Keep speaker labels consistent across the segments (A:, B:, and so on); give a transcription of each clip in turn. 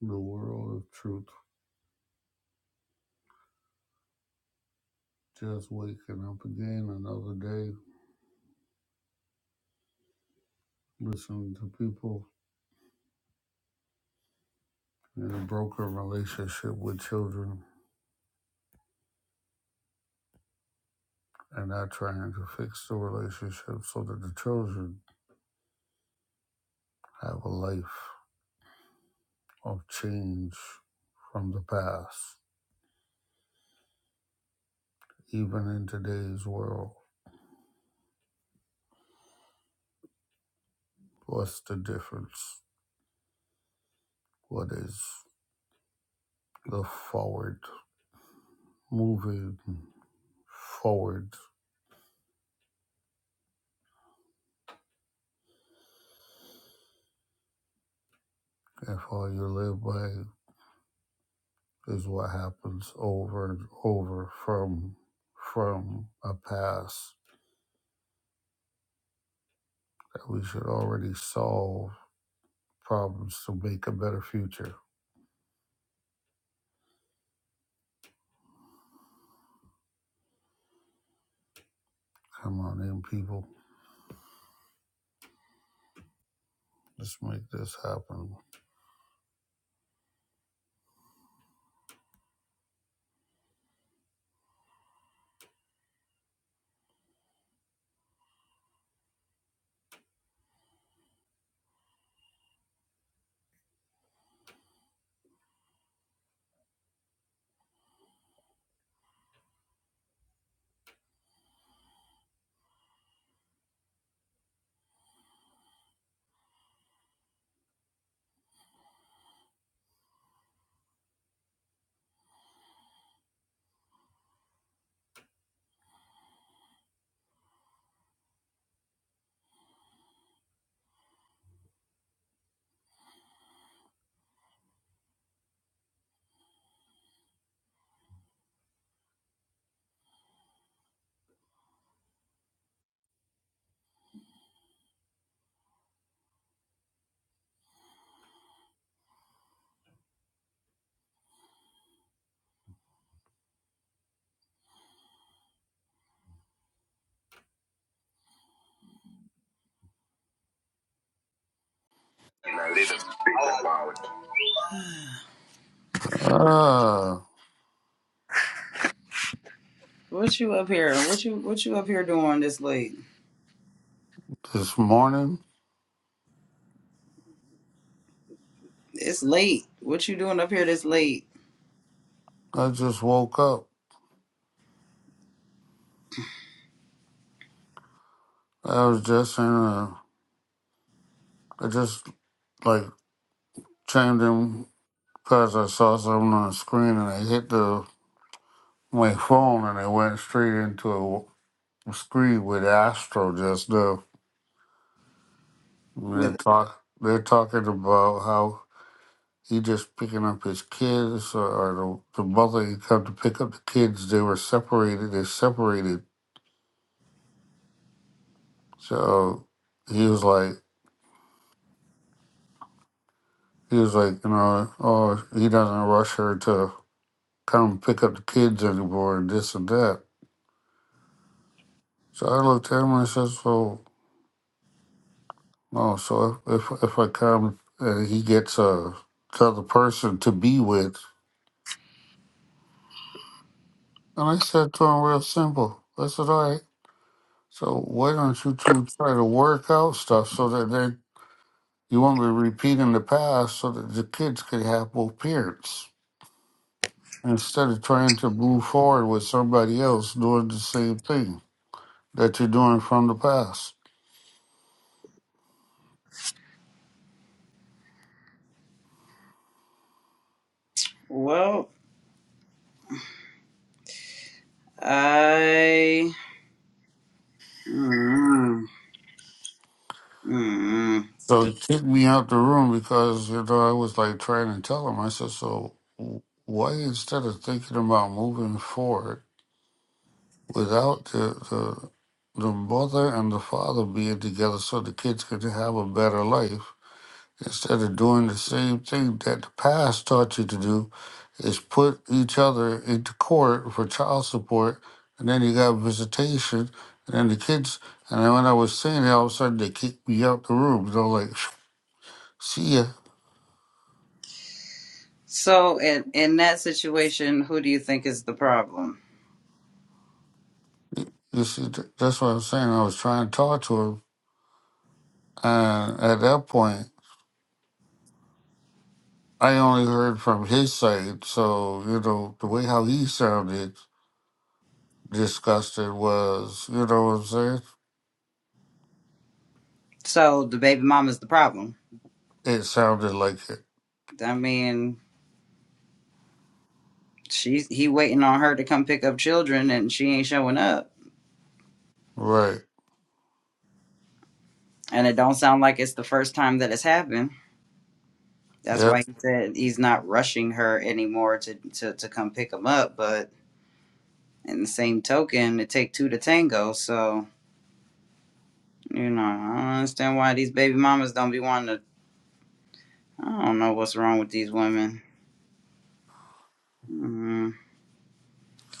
A: The world of truth just waking up again another day, listening to people in a broken relationship with children and not trying to fix the relationship so that the children have a life of change from the past. Even in today's world, what's the difference? What is the forward moving forward if all you live by is what happens over and over from from a past that we should already solve problems to make a better future. Come on in, people. Let's make this happen. Ah,
B: What you up here? What you what you up here doing this late?
A: this morning
B: It's late. What you doing up here this late
A: I just woke up. I was just in a. I just like chimed in because I saw something on the screen and I hit the my phone and I went straight into a screen with Astro just now. They're
B: with? It?
A: talk. They're talking about how he just picking up his kids, or, or the, the mother had come to pick up the kids. They were separated. They separated. So he was like, he was like, you know, oh, he doesn't rush her to come pick up the kids anymore, and this and that. So I looked at him and I said, so no. So if if, if I come and he gets a another person to be with, and I said to him real simple. I said, all right. So why don't you two try to work out stuff so that they you won't be repeating the past so that the kids can have both parents instead of trying to move forward with somebody else doing the same thing that you're doing from the past.
B: Well, I. Mm, mm.
A: So he kicked me out the room because you know I was like trying to tell him. I said, so w- why instead of thinking about moving forward without the the the mother and the father being together so the kids could have a better life Instead of doing the same thing that the past taught you to do, is put each other into court for child support, and then you got visitation, and then the kids. And then when I was saying, it, all of a sudden they kicked me out the room. They're like, "See ya."
B: So in in that situation, who do you think is the problem?
A: You see, th- that's what I'm saying. I was trying to talk to him, and at that point, I only heard from his side. So you know, the way how he sounded disgusted was, you know what I'm saying?
B: So the baby mama's the problem.
A: It sounded like it,
B: I mean, she's he waiting on her to come pick up children, and she ain't showing up.
A: right?
B: And it don't sound like it's the first time that it's happened. That's
A: Yep.
B: why he said he's not rushing her anymore to, to, to come pick him up. But in the same token, it take two to tango. So, you know, I don't understand why these baby mamas don't be wanting to. I don't know what's wrong with these women. Mm.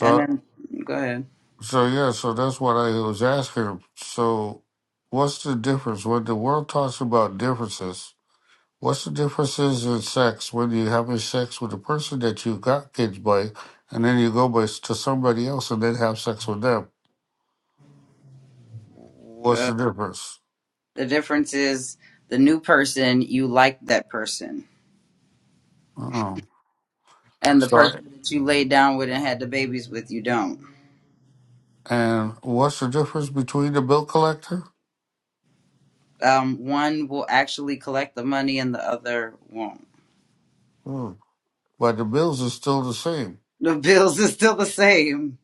B: And then, go ahead.
A: so yeah, so that's what I was asking. So, what's the difference when the world talks about differences? What's the differences in sex when you're having sex with a person that you got kids by, and then you go by s- to somebody else and then have sex with them? What's
B: Uh,
A: the difference?
B: the difference is the new person, you like that person.
A: Oh,
B: And the
A: sorry.
B: person that you laid down with and had the babies with, you don't.
A: And what's the difference between the bill collector?
B: Um, one will actually collect the money and the other won't.
A: Hmm. But the bills are still the same.
B: The bills is still the same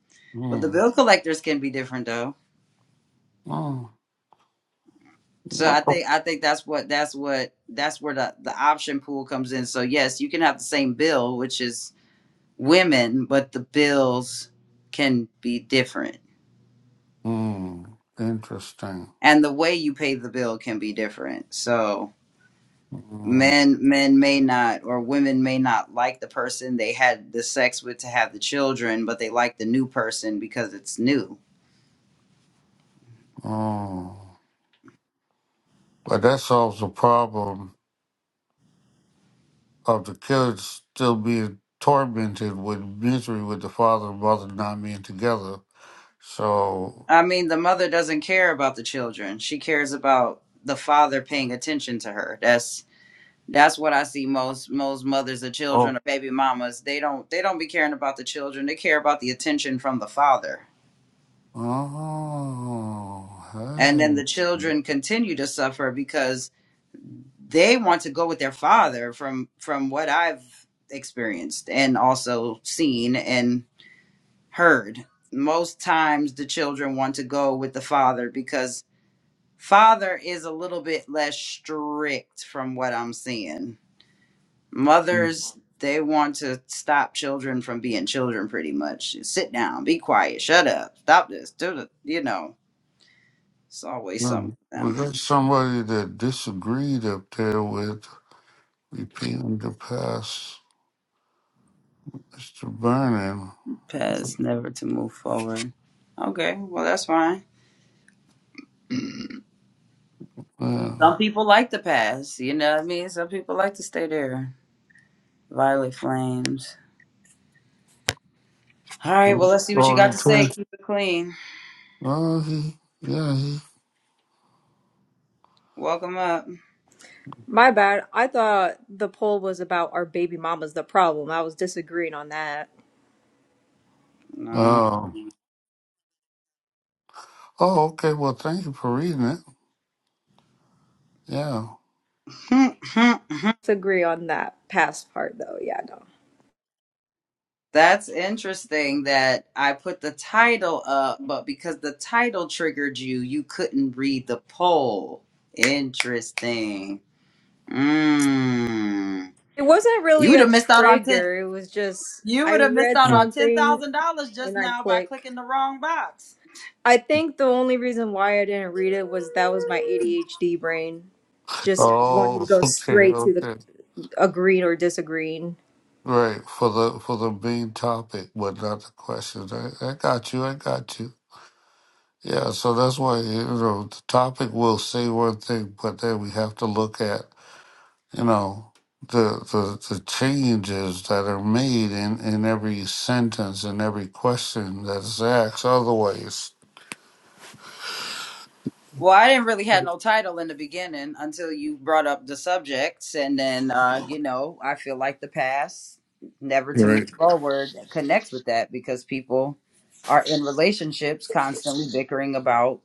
B: Well, the
A: Hmm.
B: bill collectors can be different though.
A: Oh,
B: So
A: what?
B: I think I think that's what that's what that's where the the option pool comes in. So yes, you can have the same bill, which is women, but the bills can be different,
A: Hmm. Interesting.
B: and the way you pay the bill can be different. So
A: Mm,
B: men men may not or women may not like the person they had the sex with to have the children, but they like the new person because it's new
A: mm. But that solves the problem of the kids still being tormented with misery with the father and mother not being together. So,
B: I mean, the mother doesn't care about the children. She cares about the father paying attention to her. That's that's what I see most most mothers of
A: oh,
B: children or baby mamas. They don't they don't be caring about the children. They care about the attention from the father.
A: oh,
B: And then the
A: hey.
B: children continue to suffer because they want to go with their father from from what I've experienced and also seen and heard. Most times the children want to go with the father because Father is a little bit less strict from what I'm seeing. Mothers, they want to stop children from being children pretty much. Sit down, be quiet, shut up, stop this, do the, you know, it's always something
A: Mm,
B: with
A: We
B: them.
A: got somebody that disagreed up there with repeating the past, Mr. Vernon.
B: Past, never to move forward. Okay, well, that's fine.
A: Yeah.
B: Some people like the past, you know what I mean? Some people like to stay there. Violet flames. All right, well, let's see what you
A: Oh,
B: got
A: he
B: to say.
A: turned.
B: Keep it clean.
A: Oh, he, yeah, he.
B: Welcome up.
C: My bad. I thought the poll was about our baby mama's the problem. I was disagreeing on that.
B: No.
A: Oh. Oh, okay. Well, thank you for reading it. Yeah.
C: Disagree on that past part though. Yeah, no.
B: That's interesting that I put the title up, but because the title triggered you, you couldn't read the poll. Interesting. Mm.
C: It wasn't
B: You
C: really
B: would
C: a
B: have missed out on ten.
C: trigger. It was just
B: You
C: I
B: would have missed
C: read
B: out
A: Mm.
B: on ten
C: something
B: thousand dollars just
C: and I
B: now by
C: click.
B: clicking the wrong box.
C: I think the only reason why I didn't read it was that was my ADHD brain just wanting to
A: Oh,
C: go
A: okay,
C: straight to the
A: okay.
C: agreeing or disagreeing.
A: Right for the for the main topic, but not the question. I, I got you. I got you. Yeah. So that's why you know the topic will say one thing, but then we have to look at you know the the the changes that are made in in every sentence and every question that is asked. Otherwise,
B: Well, I didn't really have no title in the beginning until you brought up the subjects, and then uh, you know I feel like the past never to move
A: right.
B: forward connects with that because people are in relationships constantly bickering about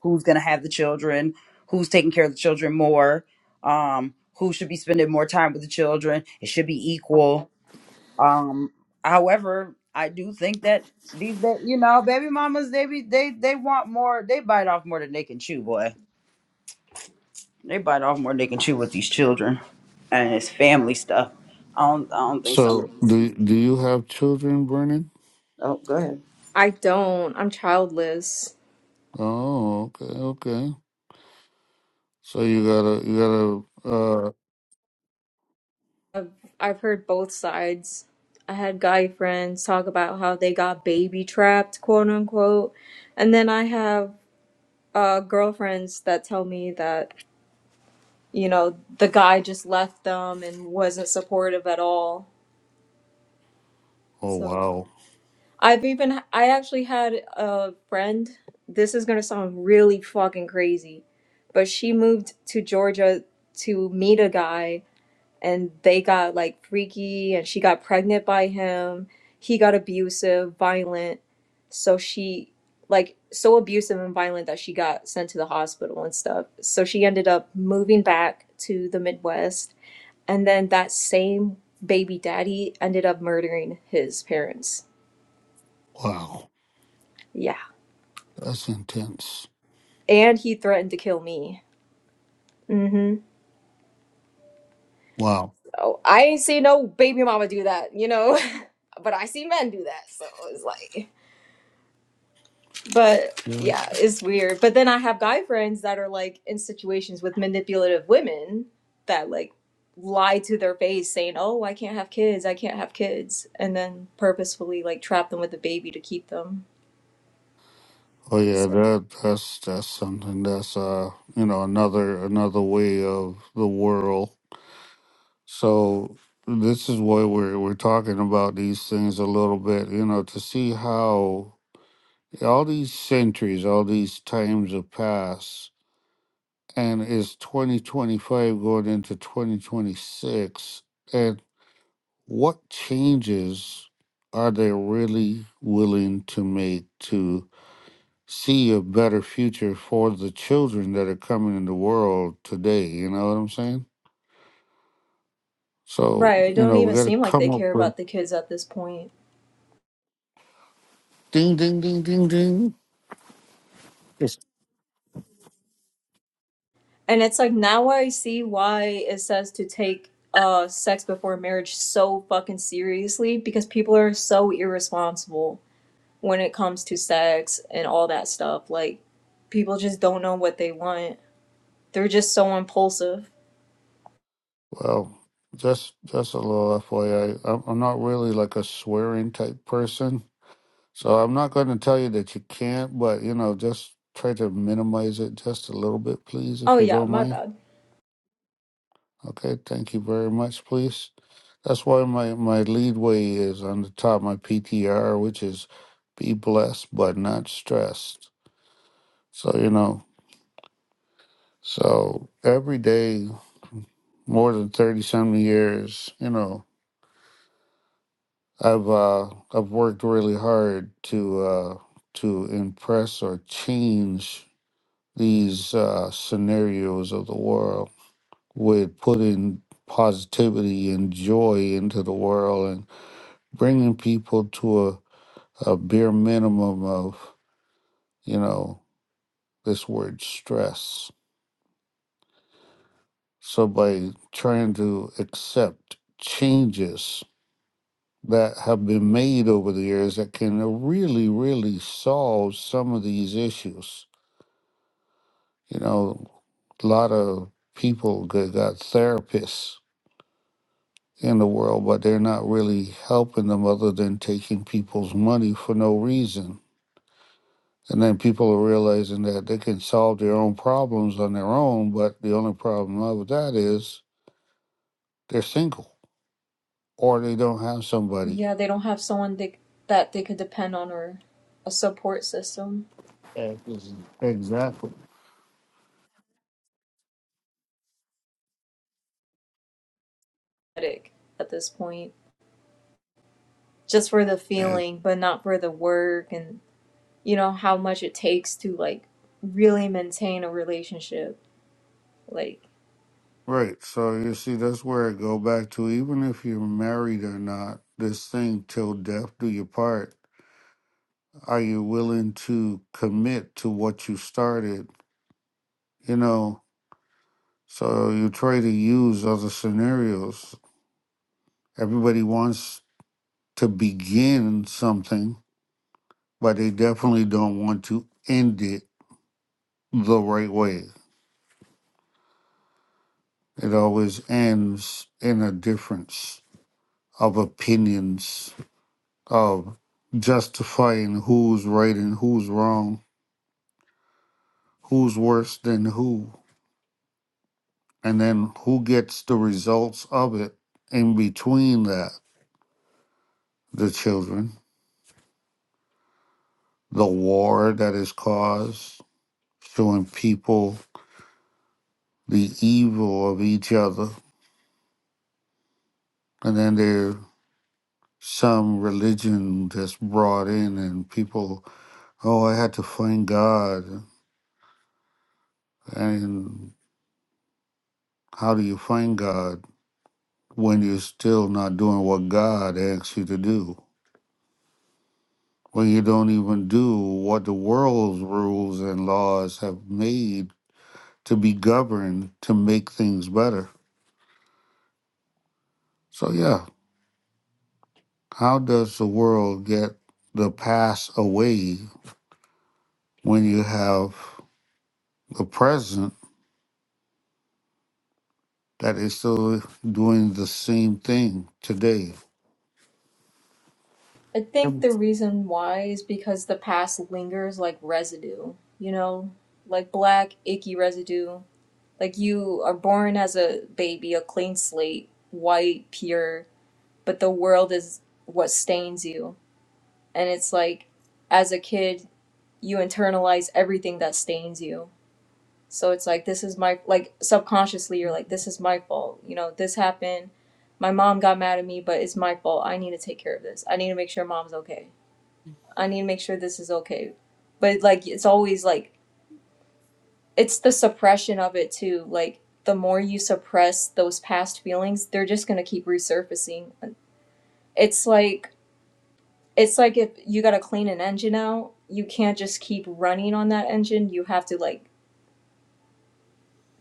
B: who's going to have the children, who's taking care of the children more, um, who should be spending more time with the children. It should be equal. Um, however, I do think that these, ba- you know, baby mamas, they be, they they want more. They bite off more than they can chew, boy they bite off more they can chew with these children, and it's family stuff. I don't. I don't think some of
A: So
B: these.
A: do do you have children, Vernon?
B: Oh, go ahead.
C: I don't. I'm childless.
A: Oh, okay, okay. So you gotta, you gotta. Uh,
C: I've, I've heard both sides. I had guy friends talk about how they got baby trapped, quote unquote. And then I have uh, girlfriends that tell me that, you know, the guy just left them and wasn't supportive at all.
A: oh
C: So
A: wow,
C: I've even, I actually had a friend, this is gonna sound really fucking crazy, but she moved to Georgia to meet a guy and they got like freaky and she got pregnant by him he got abusive violent so she like so abusive and violent that she got sent to the hospital and stuff so she ended up moving back to the midwest and then that same baby daddy ended up murdering his parents
A: wow,
C: yeah
A: that's intense.
C: and he threatened to kill me hmm
A: Wow.
C: oh i ain't seen no baby mama do that you know but i see men do that so it's like but
A: Yeah.
C: yeah, it's weird. But then I have guy friends that are like in situations with manipulative women that like lie to their face saying, "Oh, I can't have kids. I can't have kids." And then purposefully like trap them with a baby to keep them.
A: Oh yeah,
C: So,
A: that that's that's something. That's uh, you know, another another way of the world. So this is why we're we're talking about these things a little bit. You know, to see how all these centuries, all these times have passed, and it's twenty twenty five going into twenty twenty six and what changes are they really willing to make to see a better future for the children that are coming in the world today? You know what I'm saying? So,
C: right, it
A: you
C: don't
A: know, we
C: even
A: got to
C: seem like
A: come
C: they
A: up
C: care
A: with
C: about the kids at this point.
A: ding, ding, ding, ding, ding. Yes.
C: And it's like now I see why it says to take uh sex before marriage so fucking seriously because people are so irresponsible when it comes to sex and all that stuff. Like, people just don't know what they want. They're just so impulsive.
A: Well, just just a little FYI. am I'm I'm not really like a swearing type person, so I'm not going to tell you that you can't. But you know, just try to minimize it just a little bit, please, if
C: Oh,
A: you
C: yeah,
A: don't
C: my
A: mind.
C: bad.
A: Okay, thank you very much, please. That's why my, my lead way is on the top of my PTR, which is be blessed but not stressed. So, you know, so every day, more than 30 something years, you know, I've, uh, I've worked really hard to, uh, to impress or change these, uh, scenarios of the world with putting positivity and joy into the world bringing people to a, a bare minimum of, you know, this word stress. So by trying to accept changes that have been made over the years that can really, really solve some of these issues. You know, a lot of people g- got therapists in the world, but they're not really helping them other than taking people's money for no reason And then people are realizing that they can solve their own problems on their own, but the only problem with that is they're single or they don't have somebody.
C: Yeah, they don't have someone they, that they could depend on or a support system
A: Yeah, Exactly.
C: at this point, just for the
A: And,
C: feeling, but not for the work and, you know, how much it takes to, like, really maintain a relationship. Like,
A: right. So you see, that's where I go back to. Even if you're married or not, this thing till death do you part. Are you willing to commit to what you started? You know, so you try to use other scenarios. Everybody wants to begin something but they definitely don't want to end it the right way. It always ends in a difference of opinions, of justifying who's right and who's wrong, who's worse than who, and then who gets the results of it in between that. The children, the war that is caused, showing people the evil of each other, and then they're some religion that's brought in and people oh i had to find god and how do you find god when you're still not doing what god asks you to do when you don't even do what the world's rules and laws have made to be governed to make things better so yeah how does the world get the past away when you have the present that is still doing the same thing today.
C: I
A: Yep.
C: think the reason why is because the past lingers like residue, you know, like black, icky residue Like you are born as a baby, a clean slate, white, pure, but the world is what stains you. And it's like as a kid, you internalize everything that stains you. So it's like this is my like subconsciously you're like this is my fault. You know, this happened. My mom got mad at me, but it's my fault. I need to take care of this. I need to make sure mom's okay. I need to make sure this is okay. But like it's always like it's the suppression of it too. Like the more you suppress those past feelings, they're just gonna keep resurfacing. It's like it's like if you gotta clean an engine out, you can't just keep running on that engine. You have to like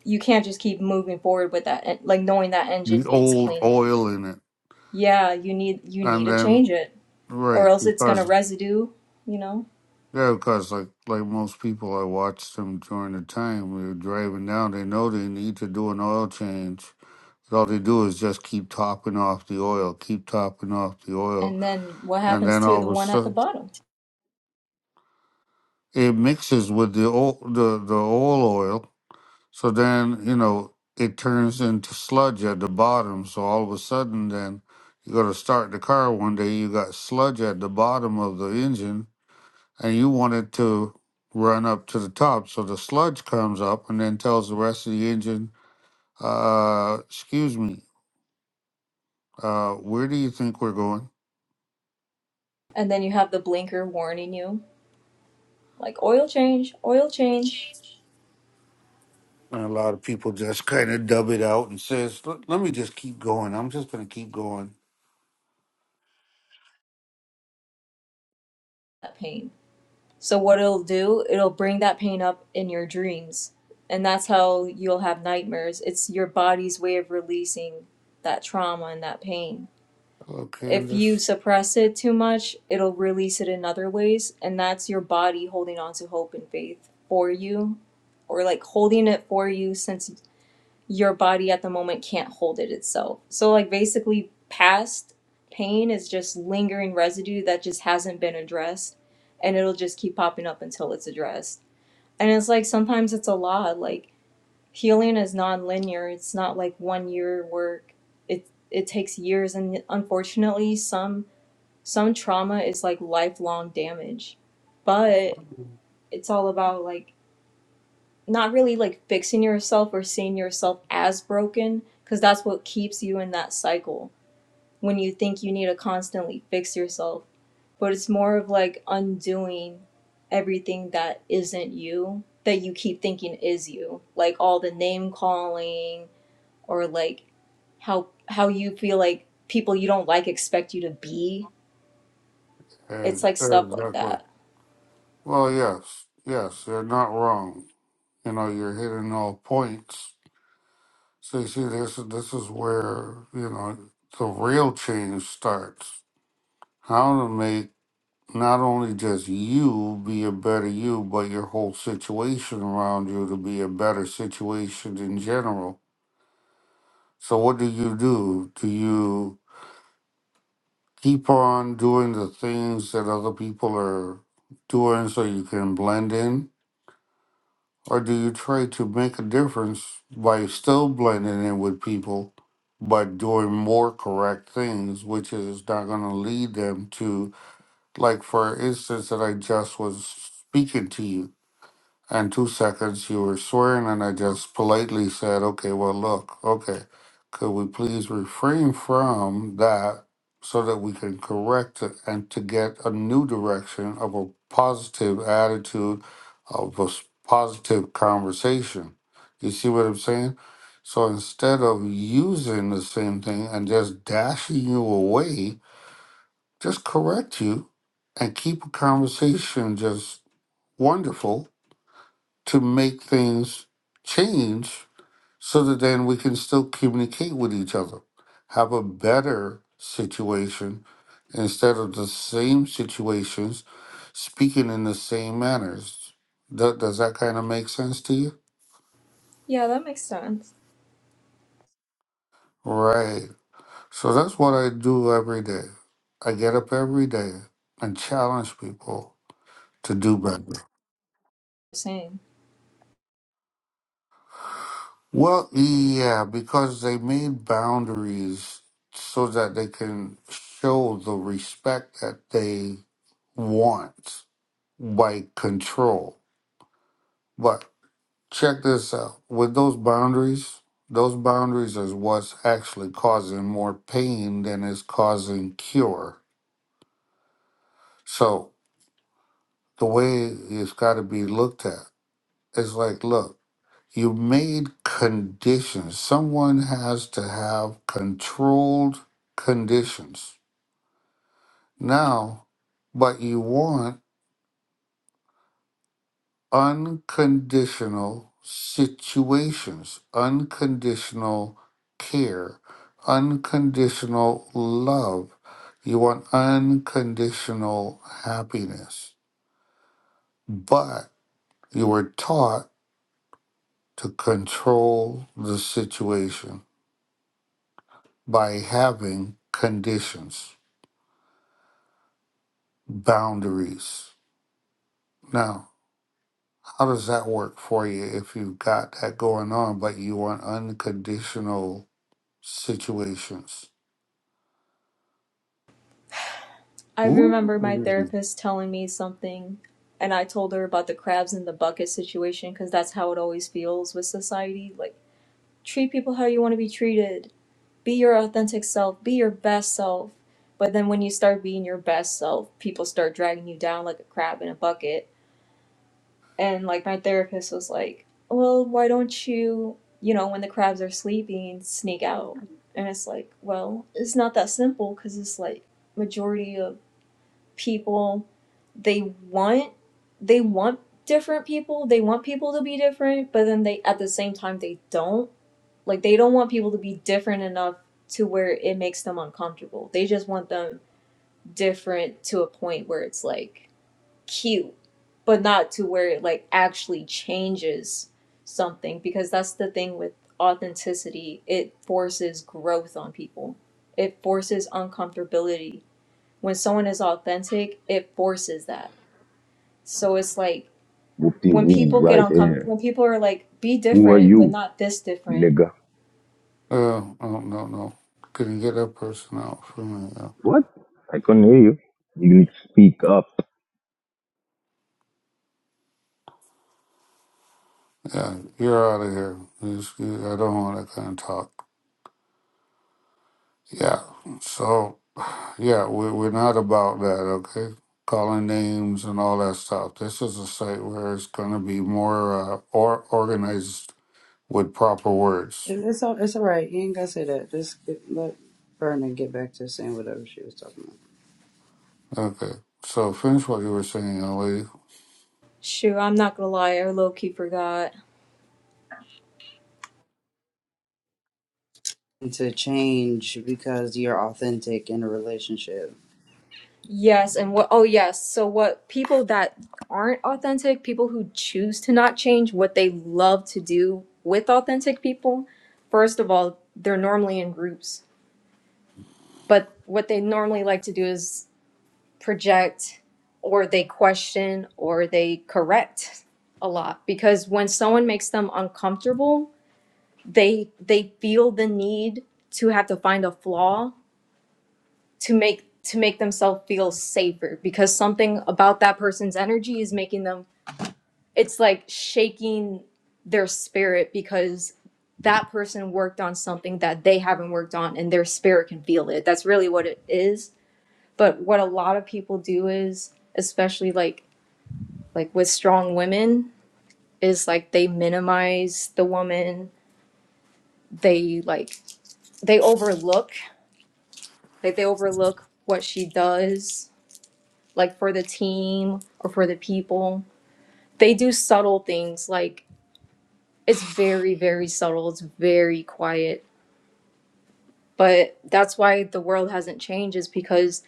C: you can't just keep moving forward with that en- like knowing that engine
A: The
C: needs
A: old
C: cleaning.
A: oil in it,
C: Yeah, you need you need
A: and
C: to
A: then
C: change it
A: right
C: or else it's gonna
A: because
C: residue, you know?
A: yeah, because like like most people, I watched them during the time we were driving down. They know they need to do an oil change. But all they do is just keep topping off the oil, keep topping off the oil,
C: And then what
A: and
C: happens
A: then
C: to
A: all
C: the
A: of a
C: one at the
A: sudden
C: bottom?
A: it mixes with the old the the oil oil. So then, you know, it turns into sludge at the bottom. So all of a sudden, then you go to start the car one day, you got sludge at the bottom of the engine and you want it to run up to the top. So the sludge comes up and then tells the rest of the engine, uh, excuse me, uh, where do you think we're going?
C: And then you have the blinker warning you like oil change, oil change.
A: And a lot of people just kind of dub it out and says, "Let let me just keep going. I'm just going to keep going."
C: That pain. So what it'll do, it'll bring that pain up in your dreams. And that's how you'll have nightmares. It's your body's way of releasing that trauma and that pain.
A: Okay, and
C: If you
A: this,
C: suppress it too much, it'll release it in other ways, and that's your body holding on to hope and faith for you or like holding it for you since your body at the moment can't hold it itself. So like basically past pain is just lingering residue that just hasn't been addressed and it'll just keep popping up until it's addressed. And it's like sometimes it's a lot. Like healing is non-linear. It's not like one year work. It it takes years and unfortunately some some trauma is like lifelong damage. But it's all about like not really like fixing yourself or seeing yourself as broken because that's what keeps you in that cycle when you think you need to constantly fix yourself but it's more of like undoing everything that isn't you that you keep thinking is you like all the name calling or like how how you feel like people you don't like expect you to be
A: uh,
C: it's like stuff like
A: exactly.
C: that
A: Well, yes, yes, you're not wrong. You know, you're hitting all points. So you see, this this is where you know the real change starts. How to make not only just you be a better you, but your whole situation around you to be a better situation in general. So what do you do? Do you keep on doing the things that other people are doing so you can blend in? Or do you try to make a difference by still blending in with people, but doing more correct things, which is not going to lead them to, like, for instance, that I just was speaking to you? and two seconds you were swearing and i just politely said okay well look okay could we please refrain from that so that we can correct it and to get a new direction of a positive attitude of a s- positive conversation you see what i'm saying so instead of using the same thing and just dashing you away just correct you and keep a conversation just wonderful to make things change so that then we can still communicate with each other, have a better situation instead of the same situations, speaking in the same manners. That, does that kind of make sense to you?
C: yeah that makes sense
A: Right. So that's what I do every day. I get up every day and challenge people to do better.
C: same
A: Well, yeah, because they made boundaries so that they can show the respect that they want by control. But check this out with those boundaries, those boundaries is what's actually causing more pain than is causing cure. So the way it's got to be looked at is like, look, You made conditions. Someone has to have controlled conditions. Now, but you want unconditional situations, unconditional care, unconditional love. You want unconditional happiness. But you were taught to control the situation by having conditions. boundaries. Now, how does that work for you if you've got that going on, but you want unconditional situations?
C: I
A: Ooh.
C: remember my therapist telling me something, and I told her about the crabs in the bucket situation because that's how it always feels with society. Like, treat people how you want to be treated, be your authentic self, be your best self. But then when you start being your best self, people start dragging you down like a crab in a bucket. And like, my therapist was like, well, why don't you, you know, when the crabs are sleeping, sneak out? And it's like, well, it's not that simple because it's like, majority of people they want they want different people they want people to be different but then they at the same time they don't like they don't want people to be different enough to where it makes them uncomfortable they just want them different to a point where it's like cute but not to where it like actually changes something because that's the thing with authenticity it forces growth on people it forces uncomfortability when someone is authentic it forces that so it's like
D: Whoopty
C: when
D: woo
C: people get
D: right
C: uncomfortable,
D: here.
C: when people are like, be
D: Who are
C: different, but
D: you,
C: not this different.
D: nigga?
A: Uh, oh, no, no. Can you get that person out for me? Yeah,
D: What? I couldn't hear you. You need to speak up.
A: yeah you're out of here. It's- I don't want that kind of talk. Yeah, so, yeah, we, we're not about that, okay? Calling names and all that stuff. This is a site where it's going to be more uh, or organized with proper words.
B: And it's all it's all right. You ain't gotta say that. Just get, let Vernon get back to saying whatever she was talking about.
A: Okay. So finish what you were saying, Ali.
C: Shoot, I'm not gonna lie, I low key forgot.
B: And to change because you're authentic in a relationship.
C: Yes, and what, oh, yes. So, what people that aren't authentic, people who choose to not change what they love to do with authentic people, first of all, they're normally in groups. But what they normally like to do is project or they question or they correct a lot because when someone makes them uncomfortable, they they feel the need to have to find a flaw to make to make themselves feel safer because something about that person's energy is making them it's like shaking their spirit because that person worked on something that they haven't worked on and their spirit can feel it that's really what it is but what a lot of people do is especially like like with strong women is like they minimize the woman they like they overlook Like they overlook what she does, like for the team or for the people. They do subtle things, like it's very, very subtle. It's very quiet. But that's why the world hasn't changed, is because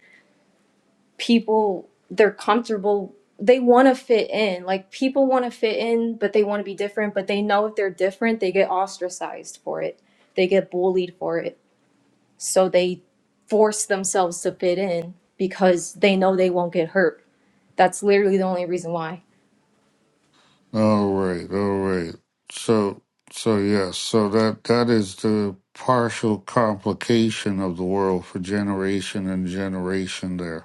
C: people, they're comfortable. They want to fit in. Like people want to fit in, but they want to be different. But they know if they're different, they get ostracized for it, they get bullied for it So they force themselves to fit in because they know they won't get hurt. That's literally the only reason why,
A: All right, all right. So so yes, so that that is the partial complication of the world for generation and generation there.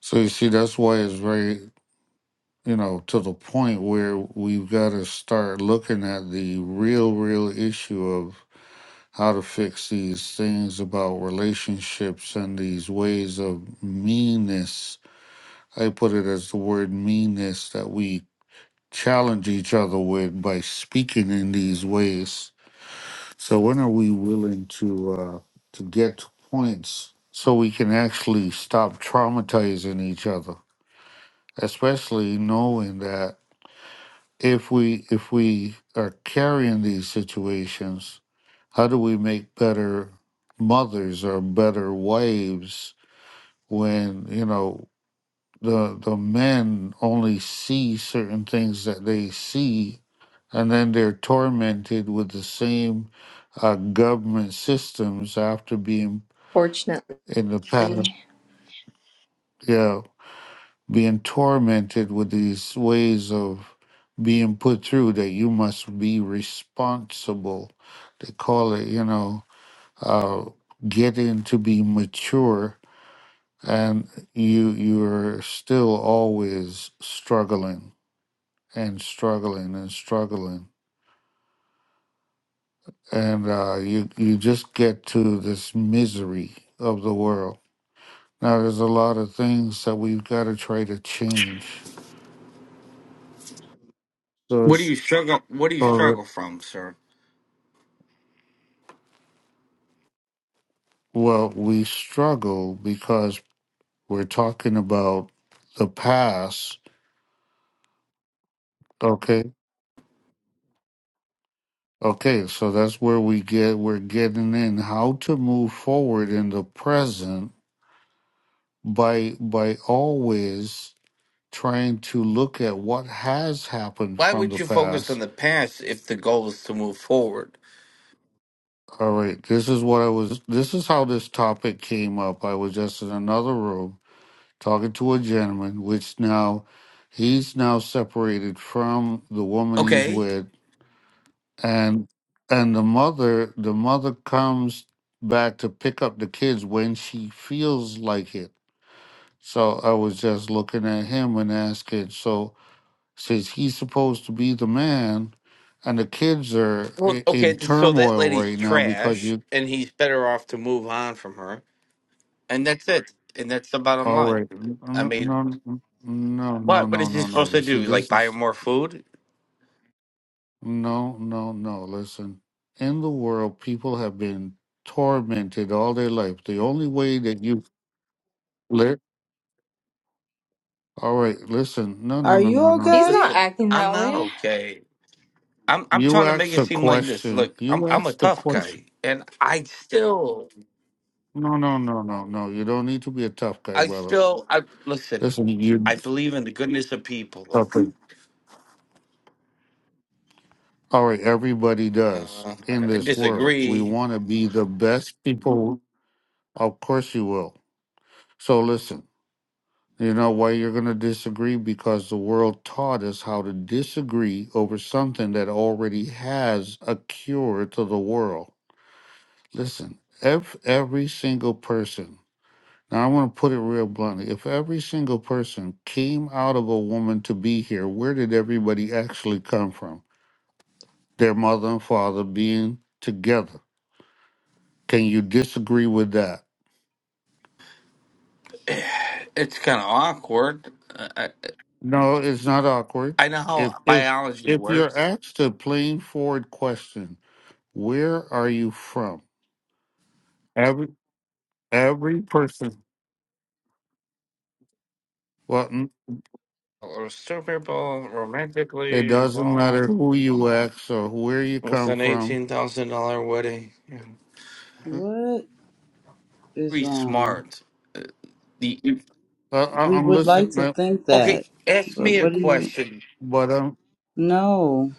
A: So you see that's why it's very you know, to the point where we've got to start looking at the real, real issue of how to fix these things about relationships and these ways of meanness I put it as the word meanness that we challenge each other with by speaking in these ways. So when are we willing to uh, to get to points so we can actually stop traumatizing each other? Especially knowing that if we if we are carrying these situations, how do we make better mothers or better wives when you know? the the men only see certain things that they see and then they're tormented with the same uh, government systems after being
C: fortunately.
A: in the past
C: He's
A: yeah being tormented with these ways of being put through that you must be responsible they call it you know uh, getting to be mature and you you're still always struggling and struggling and struggling, and uh, you you just get to this misery of the world. Now, there's a lot of things that we've got to try to change. So,
E: What do
A: it's,
E: you struggle? What do you
A: so that-
E: struggle from, sir?
A: well, we struggle because we're talking about the past. Okay, okay, so that's where we get we're getting in how to move forward in the present by by always trying to look at what has happened
E: Why
A: from
E: would
A: the
E: you focus on
A: past.
E: the past if the goal is to move forward?
A: All right, this is what I was, this is how this topic came up. I was just in another room talking to a gentleman, which now he's now separated from the woman he's
E: Okay.
A: with. And, and the mother, the mother comes back to pick up the kids when she feels like it. So I was just looking at him and asking, so since he's supposed to be the man, and the kids are
E: Well,
A: i- in
E: okay. th- So that
A: turmoil
E: lady's
A: right now because
E: trash,
A: you.
E: and he's better off to move on from her, and that's it. And that's the bottom
A: All
E: line.
A: right, n-
E: I
A: n-
E: mean,
A: no, n- no, no,
E: what? What
A: no,
E: is he
A: no,
E: supposed
A: no. You
E: to do?
A: see,
E: Like
A: this
E: buy her
A: is
E: more food?
A: no, no, no. Listen, in the world, people have been tormented all their life. The only way that you live. All right, listen, no, no,
B: Are
A: no,
B: you
A: no, no.
B: okay?
C: not
E: Listen,
C: acting
E: I'm
C: that
E: not
C: way.
E: okay. I'm I'm
A: You
E: trying to make
A: ask
E: it
A: a
E: seem like this.
A: question.
E: Look, I'm
A: You
E: I'm a
A: ask the
E: tough
A: question.
E: guy, and I still,
A: No, no, no, no, no. You don't need to be a tough guy,
E: I
A: brother.
E: still, I listen.
A: Listen, you.
E: I believe in the goodness of people.
A: Okay. All right, everybody does
E: Uh,
A: in
E: I
A: this world. We
E: disagree.
A: want to be the best people. Of course, you will. So, listen, you know why you're going to disagree? Because the world taught us how to disagree over something that already has a cure to the world. Listen, if every single person, now I want to put it real bluntly, if every single person came out of a woman to be here, where did everybody actually come from? Their mother and father being together Can you disagree with that?
E: It's kind of awkward. Uh, I,
A: No, it's not awkward.
E: I know how
A: If if
E: biology
A: if you're
E: works.
A: asked a plain forward question, where are you from? Every every person. Well, n-
E: Or Two people
A: it
E: romantically
A: doesn't matter
E: involved
A: who you ask or where you
E: with
A: come
E: an
A: from.
E: eighteen thousand dollar wedding. Yeah.
A: Mm,
B: What is
E: Be
B: wrong?
E: smart. The if-
A: I, I,
B: We
A: I'm
B: would
A: listening,
B: like to
A: uh,
B: think
E: okay.
B: that,
E: Ask
B: but
E: me a
B: what do you?
E: question.
A: but um,
B: No,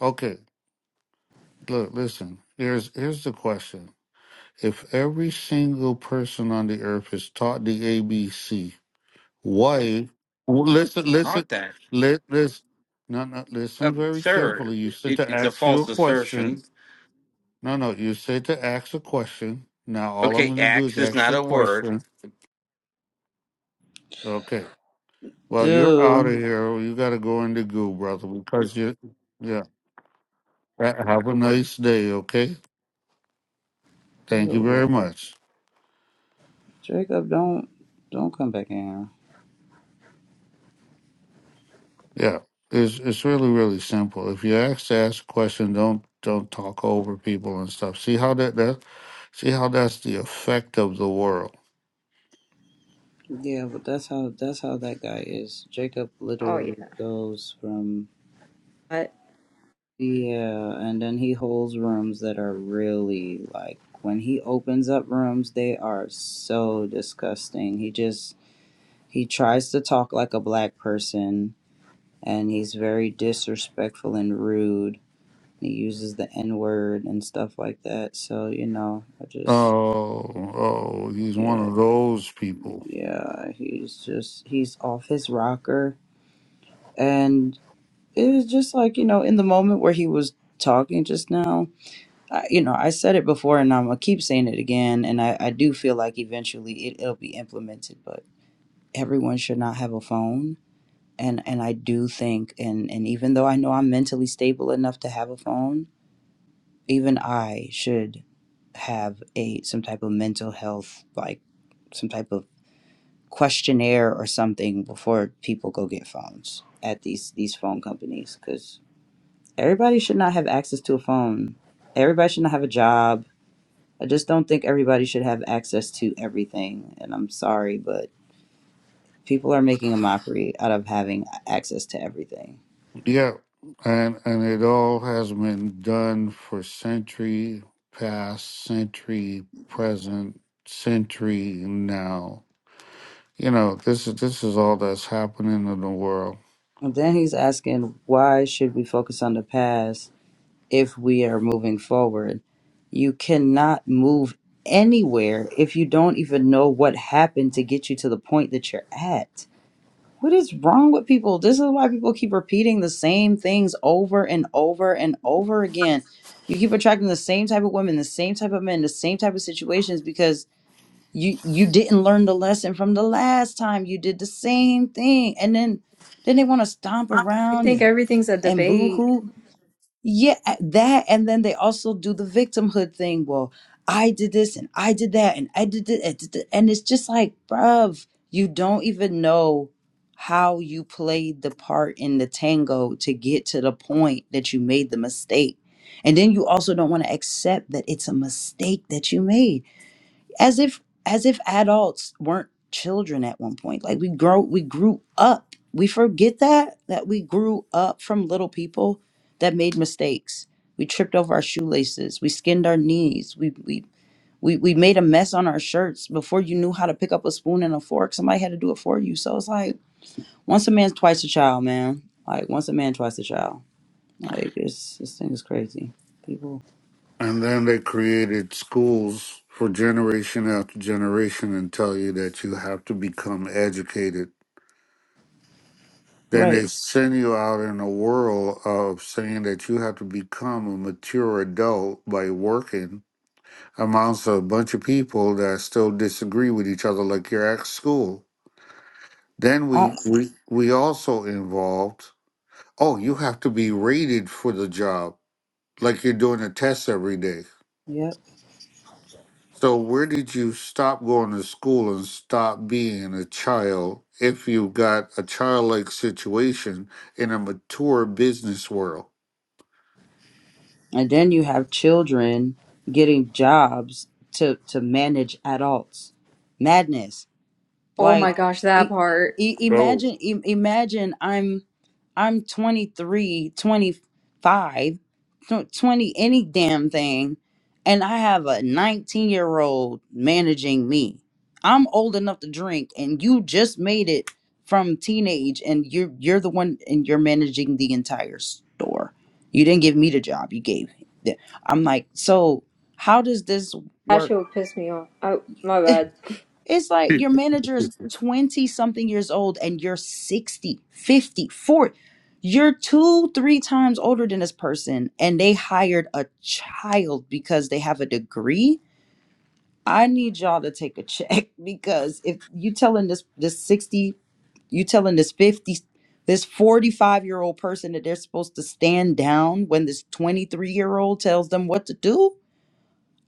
A: okay. Look, listen. Here's here's the question. If every single person on the earth is taught the ABC, wife. Well, Listen, listen,
E: Taught that,
A: let this. No, no, listen
E: um,
A: very
E: sir.
A: carefully. You said
E: It,
A: to
E: it's a
A: ask you
E: false
A: a question.
E: assertion.
A: No, no, you said to ask a question. Now, all I'm
E: Okay,
A: going to do
E: axe
A: is
E: is
A: ask
E: not
A: you
E: a
A: a
E: word.
A: question. Okay. Well, you're out of
B: dude.
A: here. You got to go into goo, brother, because you, yeah. Ha- Have a nice day, okay?
B: You
A: Thank
B: a
A: you
B: weird-
A: very much.
B: Jacob, don't don't come back in
A: Yeah. It's, it's really, really simple. If you ask to ask a question, don't don't talk over people and stuff. See how that, that see how that's the effect of the world.
B: here. Yeah, but that's how Jacob
C: Oh, yeah.
B: goes from
C: I
B: yeah, and then he holds rooms that are really like when he opens up rooms, they are so disgusting. He just he tries to talk like a black person and he's very disrespectful and rude. He uses the N word and stuff like that. So, you know, I just
A: Oh, oh, he's one
B: yeah,
A: of those people.
B: yeah, he's just he's off his rocker and it was just like, you know, in the moment where he was talking just now I, you know, I said it before and I'm going to keep saying it again. And I, I do feel like eventually it, it'll be implemented, but everyone should not have a phone. And, and I do think, and, and even though I know I'm mentally stable enough to have a phone, even I should have a some type of mental health, like some type of questionnaire or something before people go get phones at these, these phone companies. Because everybody should not have access to a phone. Everybody should not have a job I just don't think everybody should have access to everything. And I'm sorry, but people are making a mockery out of having access to everything.
A: Yeah, and and it all has been done for century past, century present, century now. You know, this is this is all that's happening in the world.
B: And then he's asking, why should we focus on the past if we are moving forward? You cannot move anywhere if you don't even know what happened to get you to the point that you're at. What is wrong with people? This is why people keep repeating the same things over and over and over again. You keep attracting the same type of women, the same type of men, the same type of situations because you you didn't learn the lesson from the last time you did the same thing. And then then they want to stomp
C: I
B: around
C: think
B: and
C: everything's a
B: and
C: debate.
B: boo-hoo. Yeah, a- that and then they also do the victimhood thing. Well, I did this and I did that and I did it and did it," and it's just like, bruv, you don't even know how you played the part in the tango to get to the point that you made the mistake. And then you also don't want to accept that it's a mistake that you made as if as if adults weren't children at one point like we grow we grew up we forget that that we grew up from little people that made mistakes we tripped over our shoelaces we skinned our knees we we we, we made a mess on our shirts before you knew how to pick up a spoon and a fork somebody had to do it for you so it's like once a man's twice a child man like once a man twice a child like it's this thing is crazy people
A: And then they created schools for generation after generation and tell you that you have to become educated then
B: right
A: they send you out in a world of saying that you have to become a mature adult by working amongst a bunch of people that still disagree with each other, like you're at school. Then we
B: I,
A: we we also involved. Oh, you have to be rated for the job, like you're doing a test every day.
B: yep
A: So where did you stop going to school and stop being a child if you got a childlike situation in a mature business world?
B: And then you have children getting jobs to to manage adults. Madness.
C: Oh my
B: Like
C: gosh, that
B: i-
C: part.
B: i-
A: So
B: imagine i- imagine I'm I'm 23, twenty-five, tw- 20, any damn thing. And I have a 19 year old managing me. I'm old enough to drink, and you just made it from teenage, and you're, you're the one, and you're managing the entire store. You didn't give me the job, you gave. the- I'm like, so how does this
C: That
B: work?
C: shit would piss me off. Oh, my bad.
B: It's like your manager is 20 something years old and you're sixty, fifty, forty. You're two, three times older than this person and they hired a child because they have a degree. I need y'all to take a check because if you telling this this 60, you telling this 50, this 45 year old person that they're supposed to stand down when this 23 year old tells them what to do,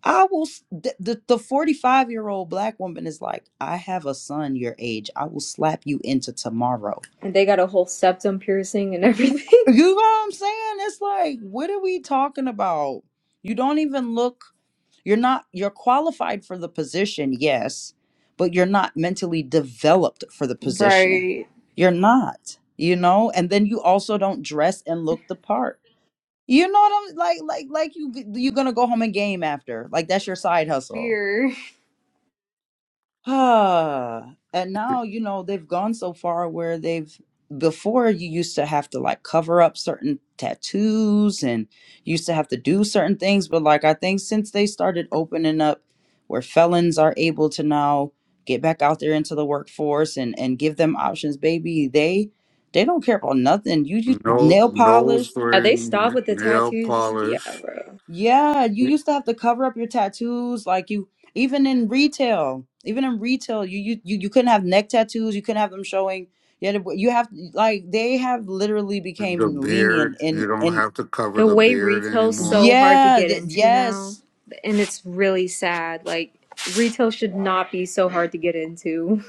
B: I will. s- th- The the forty five year old black woman is like, I have a son your age. I will slap you into tomorrow.
C: And they got a whole septum piercing and everything.
B: You know what I'm saying? It's like, what are we talking about? You don't even look. You're not. You're qualified for the position, yes, but you're not mentally developed for the position.
C: Right.
B: You're not. You know. And then you also don't dress and look the part. You know what I'm like? Like like you you're gonna go home and game after. Like that's your side hustle
C: Weird.
B: Ah, and now, you know, they've gone so far where they've before you used to have to like cover up certain tattoos and you used to have to do certain things, but like I think since they started opening up where felons are able to now get back out there into the workforce and and give them options, baby, they they don't care about nothing. You, you
A: no
B: nail polish.
A: nose
C: Yeah, they
A: ring,
C: stop
A: n-
C: with the
A: nail
C: tattoos. Yeah,
A: polish,
C: bro.
B: Yeah, you used to have to cover up your tattoos, like you even in retail, even in retail, you you you, you couldn't have neck tattoos, you couldn't have them showing. Yeah, you have like they have literally
A: the
B: became lenient
A: beard.
B: and
A: You don't
B: and
A: have to cover
C: The
A: the
C: way
A: beard
C: retail's
A: anymore.
C: so hard to
B: yeah,
C: get
B: th-
C: into now,
B: yes,
C: and it's really sad. Like, retail should not be so hard to get into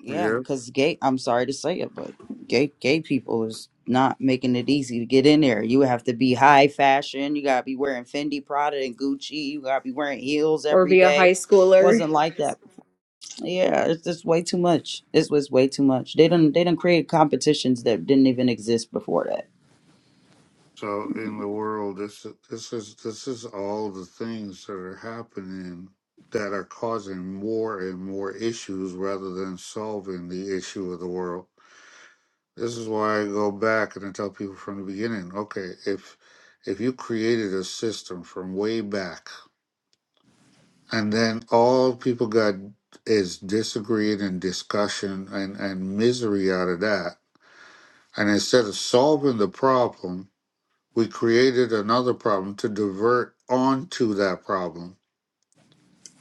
B: yeah,
A: Yeah.
B: because gay. I'm sorry to say it, but gay gay people is not making it easy to get in there. You have to be high fashion. You gotta be wearing Fendi, Prada, and Gucci. You gotta be wearing heels
C: or
B: every
C: be a high
B: day.
C: schooler.
B: Wasn't like that Yeah, it's just way too much. This was way too much. They didn't they didn't create competitions that didn't even exist before
A: So in the world, this this is this is all the things that are happening that are causing more and more issues rather than solving the issue of the world. This is why I go back and I tell people from the beginning. Okay, if if you created a system from way back and then all people got is disagreeing and discussion and, and misery out of that. And instead of solving the problem, we created another problem to divert onto that problem.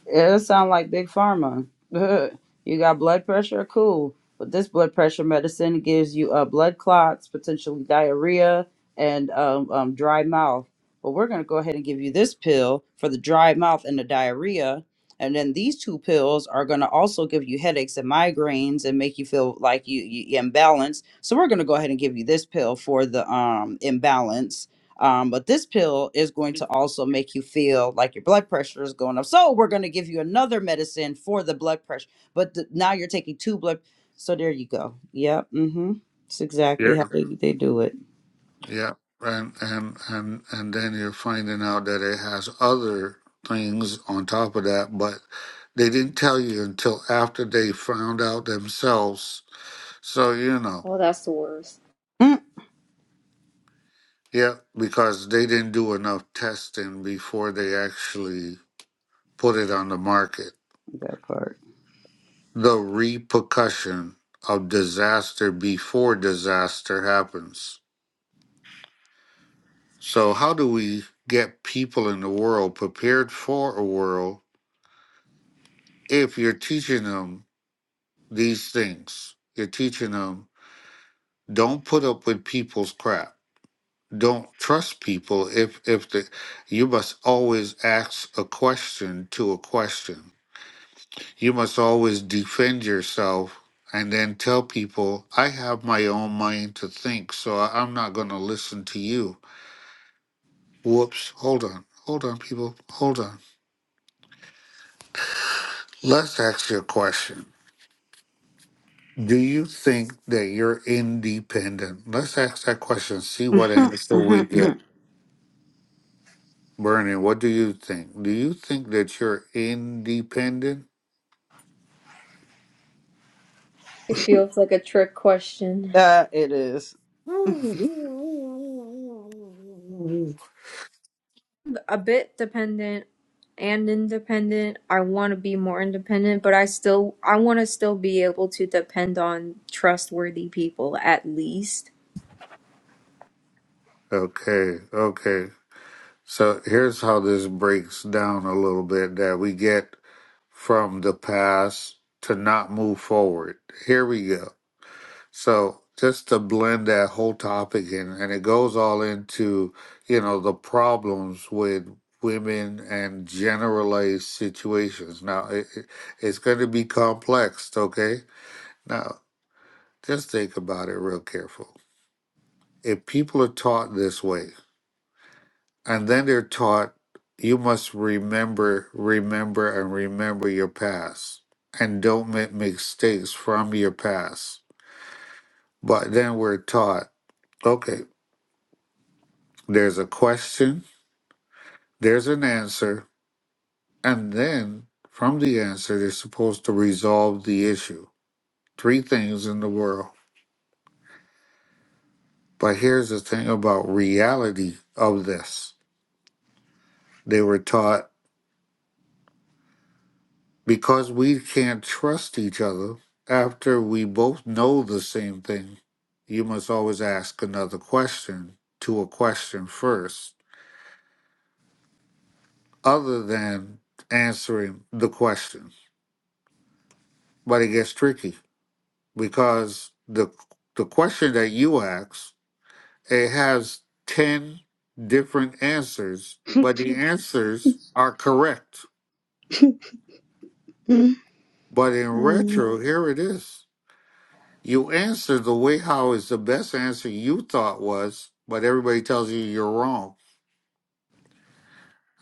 B: It sound like big pharma. you got blood pressure, cool. But this blood pressure medicine gives you uh, blood clots, potentially diarrhea, and um, um, dry mouth. But we're gonna go ahead and give you this pill for the dry mouth and the diarrhea, and then these two pills are gonna also give you headaches and migraines and make you feel like you you you imbalanced. So we're gonna go ahead and give you this pill for the um imbalance, um, but this pill is going to also make you feel like your blood pressure is going up. So we're going to give you another medicine for the blood pressure. But th- now you're taking two blood. So there you go. Yep. Mm-hmm. That's
A: Yeah.
B: exactly how they, they do it.
A: Yeah. And and and and then you're finding out that it has other things on top of that, but they didn't tell you until after they found out themselves. So you know.
C: Oh, that's the worst.
B: Mm,
A: Yeah, because they didn't do enough testing before they actually put it on the market.
B: that part.
A: The repercussion of disaster before disaster happens. So, how do we get people in the world prepared for a world if you're teaching them these things? You're teaching them don't put up with people's crap. Don't trust people if if the you must always ask a question to a question You must always defend yourself and then tell people, I have my own mind to think, so I- I'm not going to listen to you. Whoops, hold on, hold on, people, hold on. Let's ask you a question. Do you think that you're independent? Let's ask that question, see what answer
B: Mm-hmm,
A: we
B: mm
A: get. Bernie, what do you think? Do you think that you're independent?
C: It feels like a trick question.
B: it is.
C: A bit dependent and independent. I want to be more independent, but I still I want to still be able to depend on trustworthy people at least.
A: Okay, okay. So here's how this breaks down a little bit that we get from the past to not move forward. Here we go. So just to blend that whole topic in, and it goes all into, you know, the problems with women and generalized situations. Now, it, it- it's going to be complex, okay? Now, just think about it real careful. If people are taught this way, And then they're taught you must remember, remember, and remember your past and don't make mistakes from your past. But then we're taught okay, there's a question, there's an answer, and then from the answer, they're supposed to resolve the issue. Three things in the world. But here's the thing about reality of this. They were taught because we can't trust each other after we both know the same thing you must always ask another question to a question first other than answering the question but it gets tricky because the the question that you ask it has 10 different answers but the answers are correct but in retro here it is You answered the way how is the best answer you thought was, but everybody tells you you're wrong.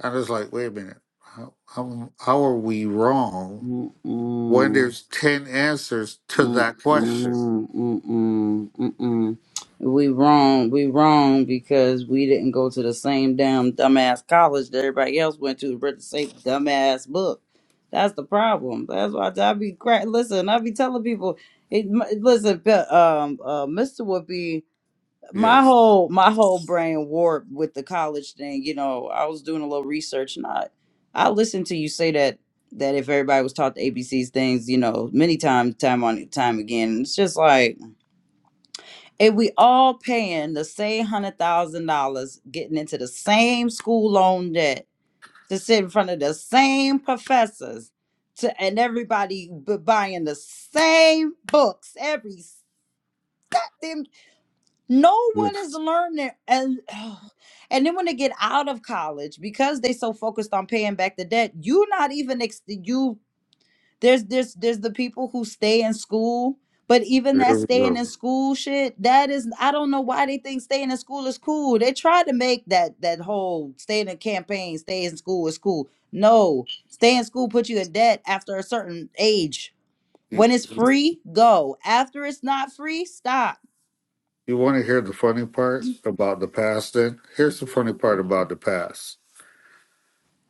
A: I was like, wait a minute, how, how, how are we wrong when
B: Mm-mm.
A: there's 10 answers to
B: Mm,
A: that question?
B: mm, mm, mm, mm, mm. We wrong. We wrong because we didn't go to the same damn dumbass college that everybody else went to. Read the same dumbass book. That's the problem. That's why I be crack. Listen, I be telling people. It, m- listen, pe- um, uh, Mister would be my
A: Yes.
B: whole my whole brain warped with the college thing you know i was doing a little research and i i listened to you say that that if everybody was taught the abcs things you know many times time on time again it's just like if we all paying the same hundred thousand dollars getting into the same school loan debt to sit in front of the same professors to and everybody b- buying the same books every No one is
A: Yes.
B: learning, and ugh. and then when they get out of college, because they so focused on paying back the debt, you're not even ex- you. There's there's there's the people who stay in school, but even
A: There
B: that
A: we
B: staying
A: go.
B: in school shit, that is I don't know why they think staying in school is cool. They tried to make that that whole staying in campaign, stay in school is cool. No, stay in school put you in debt after a certain age.
A: You,
B: When it's free, go. After it's not free, stop.
A: you want to hear the funny part about the past then? Here's the funny part about the past.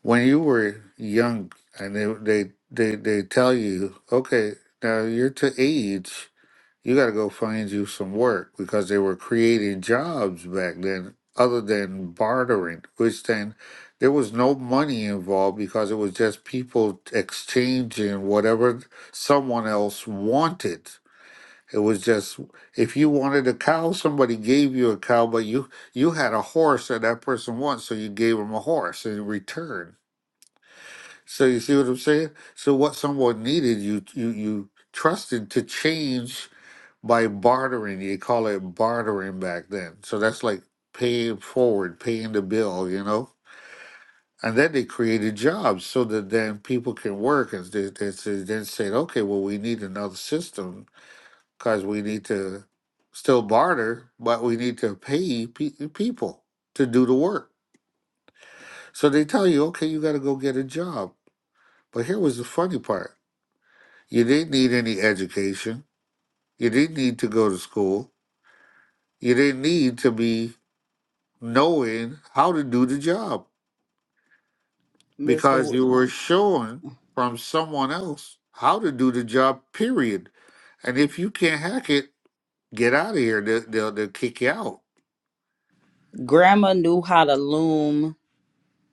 A: When you were young and they, they, they, they tell you, okay, now you're to age You got to go find you some work because they were creating jobs back then other than bartering, which then there was no money involved because it was just people exchanging whatever someone else wanted. It was just if you wanted a cow, somebody gave you a cow, but you you had a horse that that person wants, so you gave him a horse in return. So you see what I'm saying? So what someone needed, you you you trusted to change by bartering. You call it bartering back then. So that's like paying forward, paying the bill, you know? And then they created jobs so that then people can work. And they, they, they then said, okay, well, we need another system because we need to still barter, but we need to pay pe- people to do the work. So they tell you, okay, you got to go get a job. But here was the funny part you didn't need any education, you didn't need to go to school, you didn't need to be knowing how to do the job because
B: Mister.
A: you were shown from someone else how to do the job, period. And if you can't hack it, get out of here. They'll, they'll, they'll kick you out.
B: Grandma knew how to loom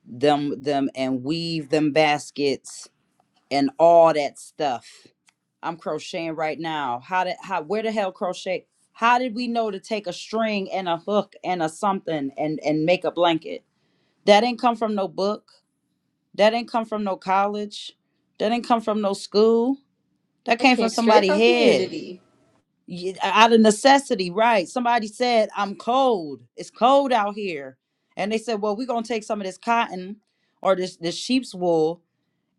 B: them them and weave them baskets and all that stuff. I'm crocheting right now. How did how where the hell crochet? How did we know to take a string and a hook and a something and and make a blanket? That didn't come from no book. That didn't come from no college. That didn't come from no school. That
C: I
B: came from
C: came straight
B: somebody's
C: from
B: head.
C: community.
B: Ye- uh, out of necessity, right? Somebody said, I'm cold. It's cold out here. And they said, Well, we're gonna take some of this cotton or this this sheep's wool.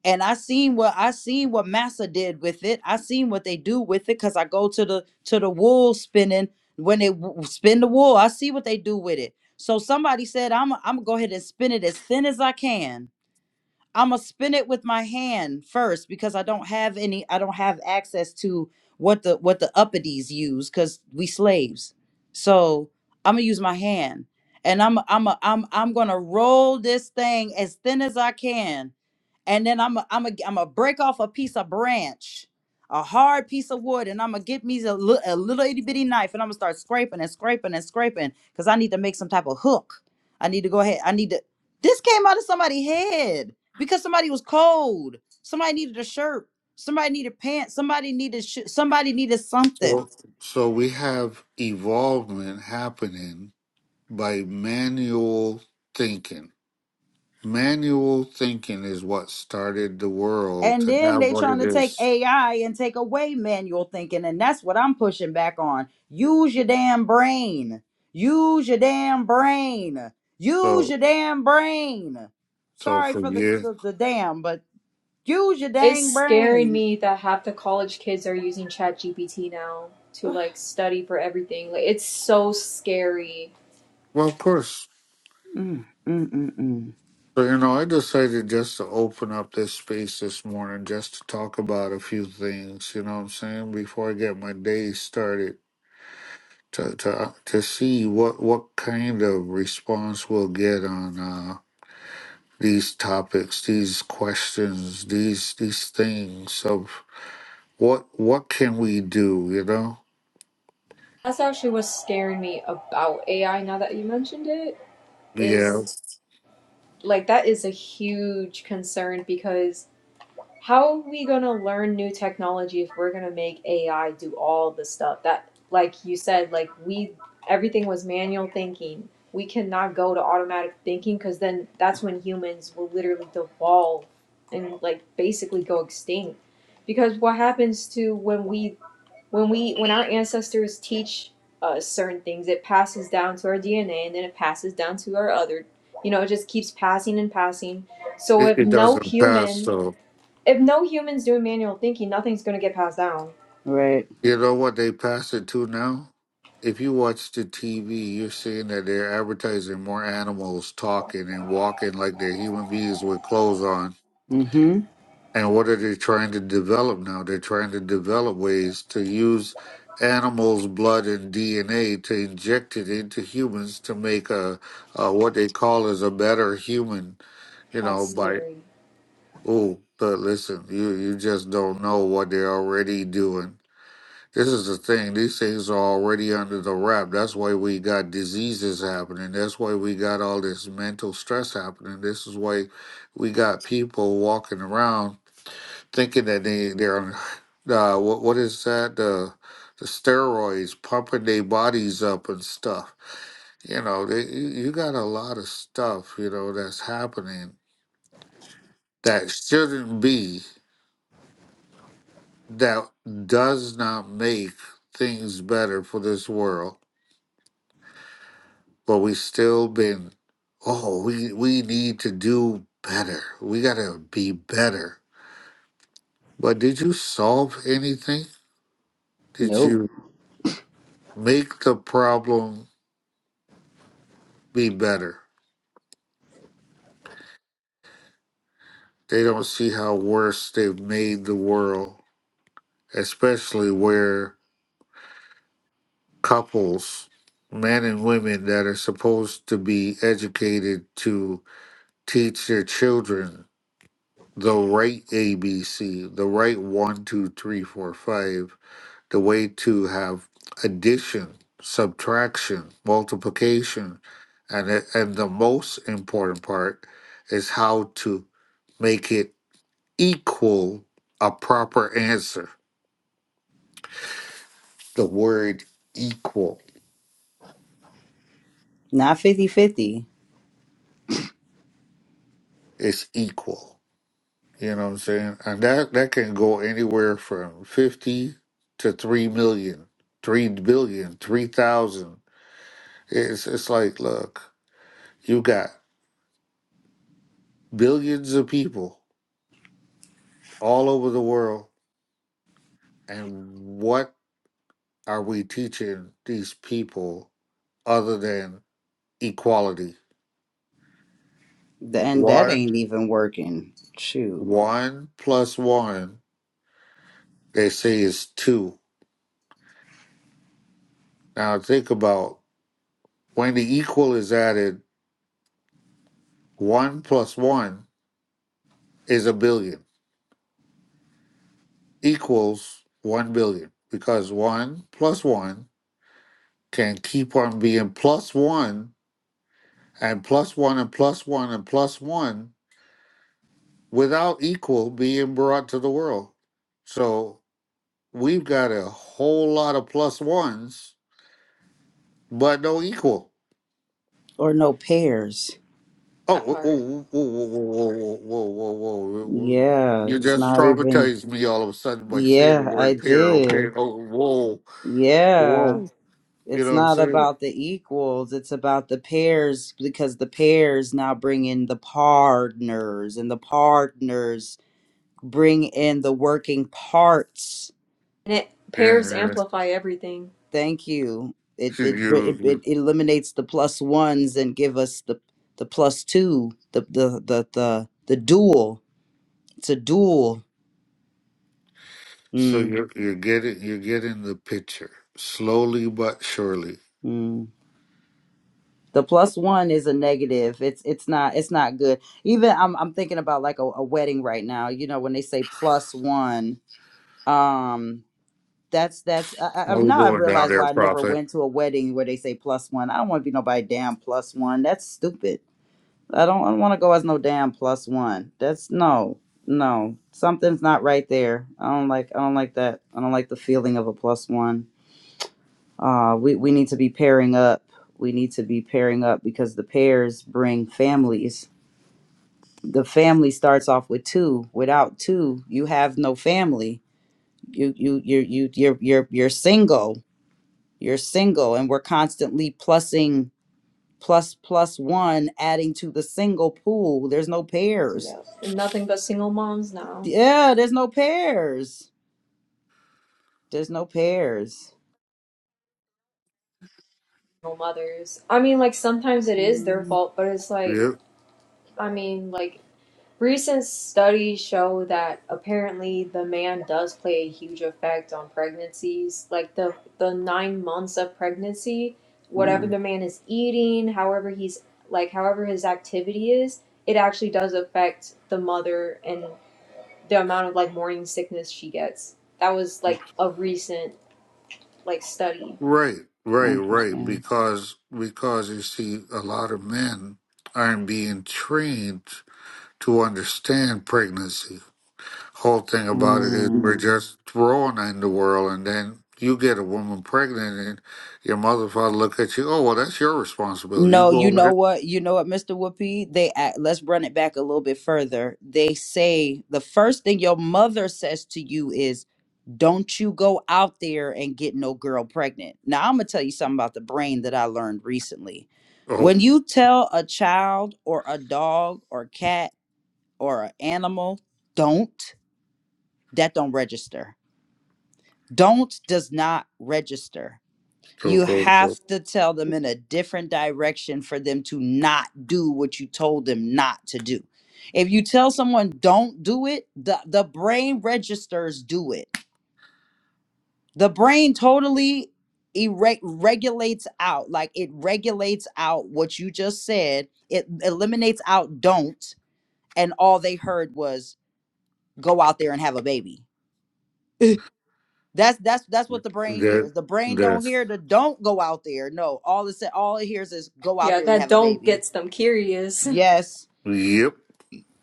B: And I seen what I seen what Massa did with it. I seen what they do with it because I go to the to the wool spinning when they w- w- spin the wool. I see what they do with it. So somebody said, I'm I'm gonna go ahead and spin it as thin as I can I'm gonna spin it with my hand first because I don't have any. I don't have access to what the what the uppities use because we slaves. So I'm gonna use my hand, and I'm I'm a, I'm I'm gonna roll this thing as thin as I can and then I'm i I'm i am ai am a break off a piece of branch, a hard piece of wood, and I'm gonna get me a, li- a little itty bitty knife, and I'm gonna start scraping and scraping and scraping because I need to make some type of hook. I need to go ahead. I need to. This came out of somebody's head because somebody was cold. Somebody needed a shirt. Somebody needed pants. Somebody needed sh- somebody needed something.
A: So, so we have evolvement happening by manual thinking. Manual thinking is what started the world
B: And
A: to
B: then
A: have
B: they
A: what
B: trying
A: it
B: to take
A: is.
B: AI and take away manual thinking, and that's what I'm pushing back on. Use your damn brain. Use your damn brain. Use
A: So,
B: your damn brain.
A: so
B: Sorry
A: for
B: for the
A: years,
B: the, the damn, but use your
C: It's
B: dang
C: scaring
B: brain.
C: me that half the college kids are using ChatGPT now to like study for everything. Like it's so scary.
A: well, of course,
B: Mm, mm, mm, mm.
A: So, you know, I decided just to open up this space this morning just to talk about a few things, you know what I'm saying, before I get my day started to to uh, to see what what kind of response we'll get on uh these topics, these questions, these these things of what what can we do, you know?
C: That's actually what's scaring me about AI now that you mentioned it
A: Yeah.
C: is like that is a huge concern because how are we going to learn new technology if we're going to make AI do all the stuff that, like you said, like we, everything was manual thinking. We cannot go to automatic thinking because then that's when humans will literally devolve and like basically go extinct. Because what happens to when we, when we, when our ancestors teach us certain things, it passes down to our DNA and then it passes down to our other, you know, it just keeps passing and passing. So
A: It,
C: if
A: it
C: no
A: doesn't pass
C: human
A: though.
C: if no humans doing manual thinking, nothing's gonna get passed down.
B: Right.
A: You know what they passed it to now? If you watch the TV, you're seeing that they're advertising more animals talking and walking like they're human beings with clothes on.
B: Mm-hmm.
A: And what are they trying to develop now? They're trying to develop ways to use animals' blood and DNA to inject it into humans to make a, a what they call as a better human. You
C: That's
A: know, by
C: scary.
A: oh, but listen, you you just don't know what they're already doing this is the thing. These things are already under the wrap. That's why we got diseases happening. That's why we got all this mental stress happening. This is why we got people walking around thinking that they they're on uh, what what is that the the steroids pumping their bodies up and stuff. You know, they, you you got a lot of stuff you know that's happening that shouldn't be that does not make things better for this world but we've still been, oh, we we need to do better. We gotta be better. But did you solve anything? Did
B: Nope.
A: you make the problem be better? They don't see how worse they've made the world, especially where couples, men and women that are supposed to be educated to teach their children the right ABC, the right one, two, three, four, five the way to have addition, subtraction, multiplication, and it- and the most important part is how to make it equal a proper answer. The word equal
B: Not fifty-fifty.
A: is equal. You know what I'm saying? And that that can go anywhere from fifty to three million, three billion, three thousand. It's it's like look, you got billions of people all over the world and what are we teaching these people other than equality?
B: 50 Th- And that
A: One
B: ain't even working. Shoot.
A: one plus one they say is two. Now think about when the equal is added, one plus one is a billion equals one billion because one plus one can keep on being plus one and plus one and plus one and plus one without equal being brought to the world. So We've got a whole lot of plus ones, but no equal.
B: Or no pairs.
A: Oh,
C: That
A: whoa,
C: part.
A: whoa, whoa, whoa, whoa, whoa, whoa, whoa. whoa, whoa.
B: Yeah,
A: You
B: it's
A: just
B: not even.
A: traumatized me all of a sudden by saying the
B: Yeah, I
A: word pair. Okay.
B: did.
A: Oh, whoa,
B: Yeah,
A: whoa. You
B: it's
A: know what I'm
B: not
A: saying?
B: about the equals, it's about the pairs because the pairs now bring in the partners and the partners bring in the working parts.
C: And it
A: Yeah.
C: pairs
A: yeah.
C: amplify everything.
B: Thank you. It
A: So
B: it br-
A: You,
B: it, it
A: you,
B: eliminates the plus ones and give us the the plus two, the the the the, the dual. It's a dual.
A: so
B: Mm,
A: you're you're getting you're getting the picture slowly but surely.
B: the plus one is a negative it's it's not it's not good even i'm, I'm thinking about like a, a wedding right now you know when they say plus one um that's that's I, I,
A: How
B: I've-
A: we
B: now i
A: doing down
B: realize
A: there,
B: why i never
A: Prophet?
B: went to a wedding where they say plus one i don't want to be nobody damn plus one that's stupid i don't, I don't want to go as no damn plus one that's no no something's not right there i don't like i don't like that i don't like the feeling of a plus one uh, we, we need to be pairing up. We need to be pairing up because the pairs bring families. The family starts off with two. Without two, you have no family. You you you you you're you're you're single. You're single, and we're constantly plussing plus plus one, adding to the single pool. There's no pairs.
C: Yeah. And nothing but single moms now.
B: Yeah, there's no pairs. There's no pairs.
C: Single mothers. I mean, like sometimes it is
B: Mm,
C: their fault, but it's like,
A: Yeah.
C: I mean, like Recent studies show that apparently the man does play a huge effect on pregnancies. Like the the nine months of pregnancy, whatever the man is eating, however he's like however his activity is, it actually does affect the mother and the amount of like morning sickness she gets. That was like a recent like study.
A: Right, right, right.
B: interesting.
A: Because because you see, a lot of men aren't being trained to understand pregnancy. Whole thing about it is we're
B: Hmm.
A: just thrown in the world, and then you get a woman pregnant, and your mother father look at you. Oh, well, that's your responsibility. You
B: No,
A: go
B: you
A: over
B: know
A: there.
B: what? You know what, Mr. Whoopi? They act, let's run it back a little bit further. They say the first thing your mother says to you is, "Don't you go out there and get no girl pregnant." Now, I'm gonna tell you something about the brain that I learned recently.
A: Oh,
B: When you tell a child or a dog or cat or an animal, "Don't," that don't register. "Don't" does not register
A: so
B: you
A: go go.
B: have to tell them in a different direction for them to not do what you told them not to do. If you tell someone don't do it, the, the brain registers do it. The brain totally erect, regulates out, like it regulates out what you just said. It eliminates out don't, and all they heard was go out there and have a baby. That's that's that's what the brain
A: That
B: hears. The brain don't
A: that's
B: hear the don't go out there. No, all it said, all it hears is go out
C: Yeah,
B: there and
C: that
B: have a
C: don't
B: baby.
C: gets them curious.
B: Yes,
A: yep,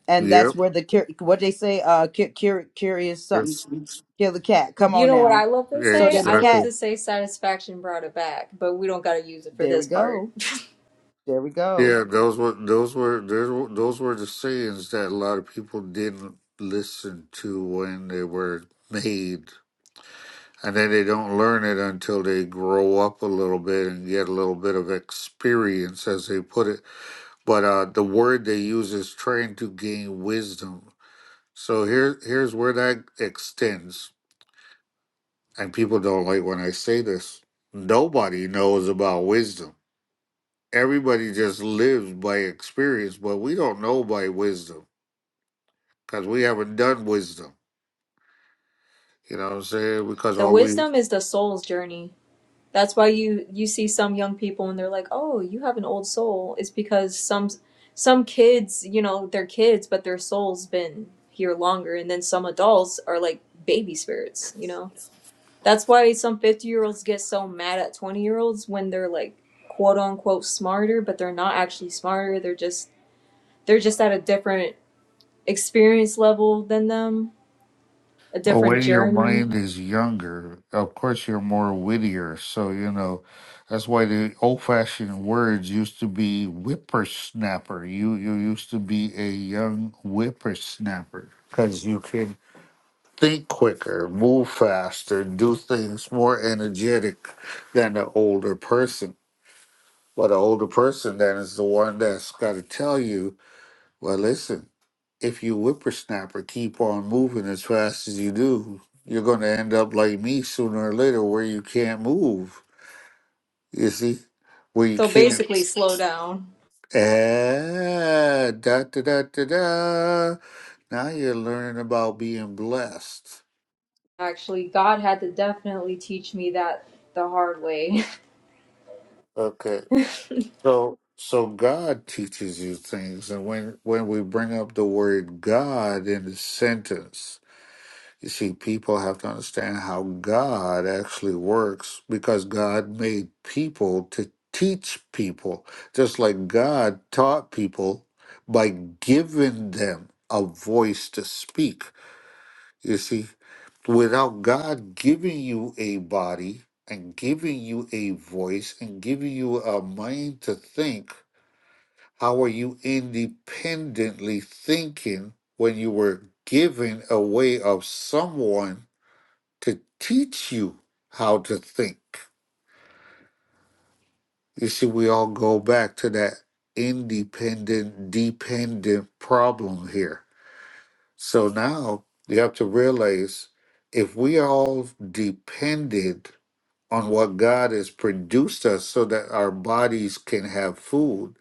B: and that's
A: yep.
B: where the cur- what they say, uh, cur- cur- curious something
A: That's
B: kill the cat. Come
C: You
B: on
C: know what
B: now.
C: I love to
B: So
C: say?
B: then the
C: I love
A: exactly
B: cat.
C: to say satisfaction brought it back, but we don't gotta use it for
B: There we
C: this part.
B: go. There we go.
A: Yeah, those were those were those were those were the sayings that a lot of people didn't listen to when they were made, and then they don't learn it until they grow up a little bit and get a little bit of experience, as they put it. But uh, the word they use is trying to gain wisdom. So here here's where that extends, and people don't like when I say this. Nobody knows about wisdom everybody just lives by experience, but we don't know by wisdom. because we haven't done wisdom. You know what I'm saying? Because
C: The
A: all we
C: wisdom is the soul's journey. That's why you you see some young people and they're like, "Oh, you have an old soul." It's because some some kids, you know, they're kids, but their soul's been here longer, and then some adults are like baby spirits, you know. That's why some 50-year-olds get so mad at 20-year-olds when they're like quote unquote smarter, but they're not actually smarter. They're just they're just at a different experience level than them, a
A: well,
C: different
A: when your
C: journey.
A: mind is younger, of course you're more wittier. So you know that's why the old-fashioned words used to be whippersnapper. You you used to be a young whippersnapper because you can think quicker, move faster, do things more energetic than the older person. But the older person then is the one that's got to tell you Well, listen, if you whippersnapper keep on moving as fast as you do, you're going to end up like me sooner or later where you can't move. You see? Where you
C: So
A: can't.
C: basically, slow down.
A: Ah, da da da da da. Now you're learning about being blessed.
C: actually. God had to definitely teach me that the hard way.
A: Okay.
C: See,
A: So so God teaches you things and when when we bring up the word God in the sentence You see, people have to understand how God actually works because God made people to teach people, just like God taught people by giving them a voice to speak. You see, without God giving you a body and giving you a voice and giving you a mind to think, how are you independently thinking when you were given a way of someone? to teach you how to think. You see, we all go back to that independent, dependent problem here. So now you have to realize if we all depended on what God has produced us so that our bodies can have food,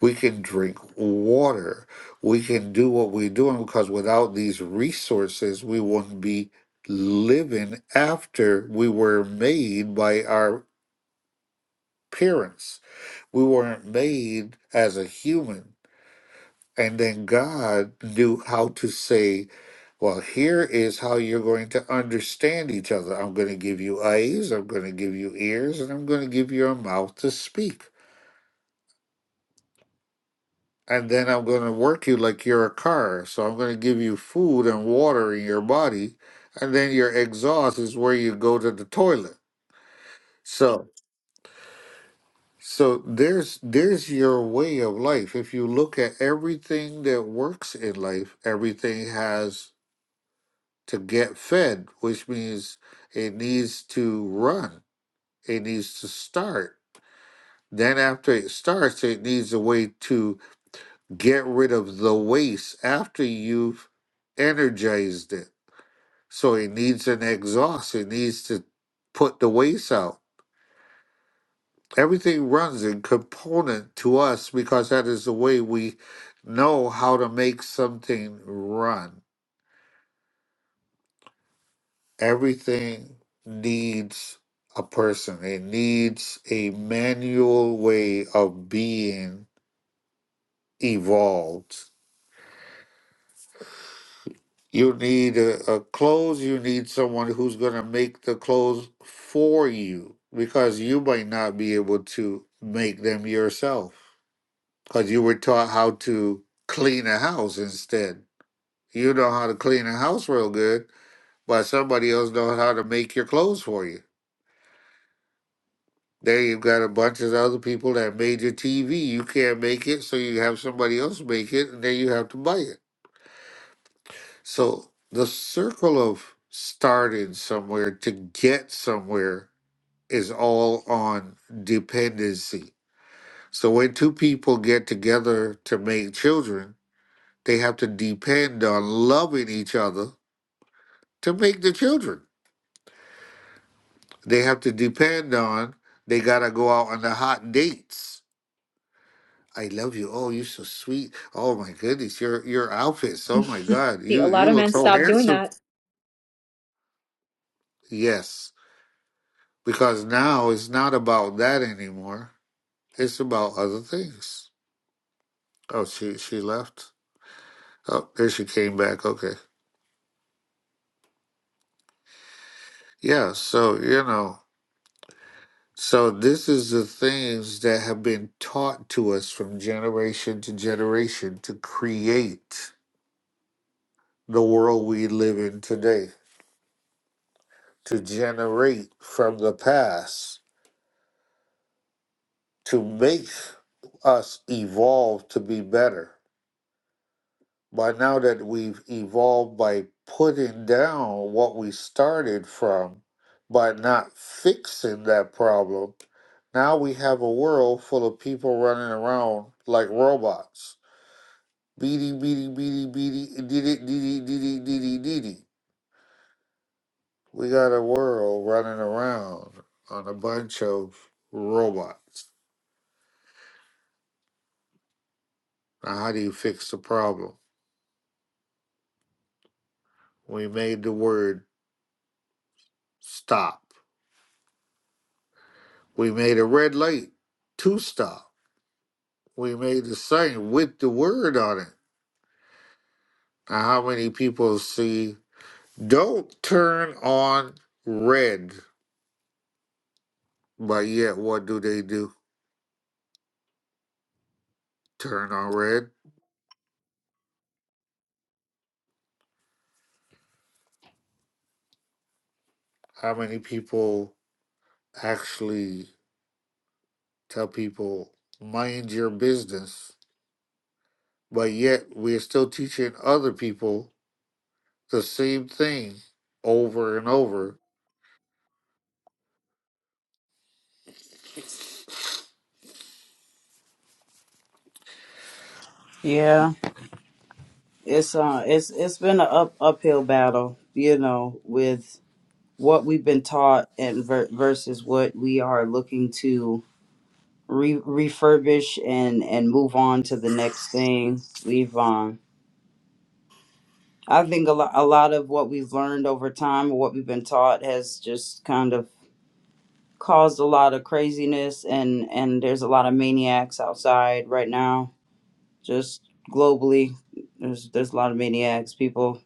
A: we can drink water, we can do what we're doing because without these resources, we wouldn't be living after we were made by our parents. We weren't made as a human. And then God knew how to say, well, here is how you're going to understand each other. I'm going to give you eyes, I'm going to give you ears, and I'm going to give you a mouth to speak. And then I'm going to work you like you're a car. So I'm going to give you food and water in your body. And then your exhaust is where you go to the toilet. So. So there's there's your way of life. If you look at everything that works in life, everything has to get fed, which means it needs to run. It needs to start. Then after it starts, it needs a way to get rid of the waste after you've energized it. So it needs an exhaust. It needs to put the waste out. Everything runs in component to us because that is the way we know how to make something run. Everything needs a person. It needs a manual way of being evolved. You need a, a clothes, you need someone who's going to make the clothes for you because you might not be able to make them yourself because you were taught how to clean a house instead You know how to clean a house real good, but somebody else knows how to make your clothes for you. There you've got a bunch of other people that made your TV. You can't make it, so you have somebody else make it, and then you have to buy it. So the circle of starting somewhere to get somewhere is all on dependency. So when two people get together to make children, they have to depend on loving each other to make the children. they have to depend on. They gotta go out on the hot dates. I love you. Oh, you're so sweet. Oh my goodness, your your outfits. Oh my God,
C: a
A: you
C: lot
A: you
C: of
A: look
C: men
A: so
C: stop doing
A: handsome.
C: that,
A: Yes, because now it's not about that anymore. It's about other things. Oh, she she left. Oh, there she came back. Okay, yeah. So you know, so this is the things that have been taught to us from generation to generation to create. the world we live in today, to generate from the past, to make us evolve to be better. By now that we've evolved by putting down what we started from, by not fixing that problem, now we have a world full of people running around like robots. Beady, beady, beady, beady, dee dee dee dee dee dee dee dee. We got a world running around on a bunch of robots. Now, how do you fix the problem? We made the word stop. We made a red light to stop. We made the sign with the word on it. Now, how many people see don't turn on red, but yet what do they do? Turn on red? How many people actually tell people mind your business but yet we're still teaching other people the same thing over and over.
B: Yeah, it's uh, it's it's been an up uphill battle, you know, with what we've been taught and ver- versus what we are looking to re- refurbish and and move on to the next thing we've um i think a, lot a lot of what we've learned over time what we've been taught has just kind of caused a lot of craziness and and there's a lot of maniacs outside right now just globally there's there's a lot of maniacs people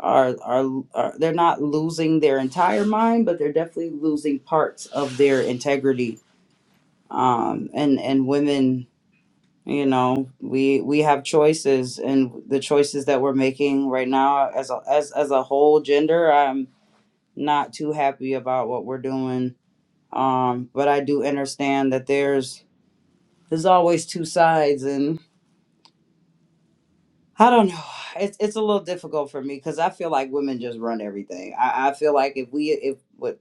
B: are, are are they're not losing their entire mind but they're definitely losing parts of their integrity um and and women you know we we have choices and the choices that we're making right now as a as, as a whole gender i'm not too happy about what we're doing um but i do understand that there's there's always two sides and i don't know it's it's a little difficult for me because i feel like women just run everything i i feel like if we if what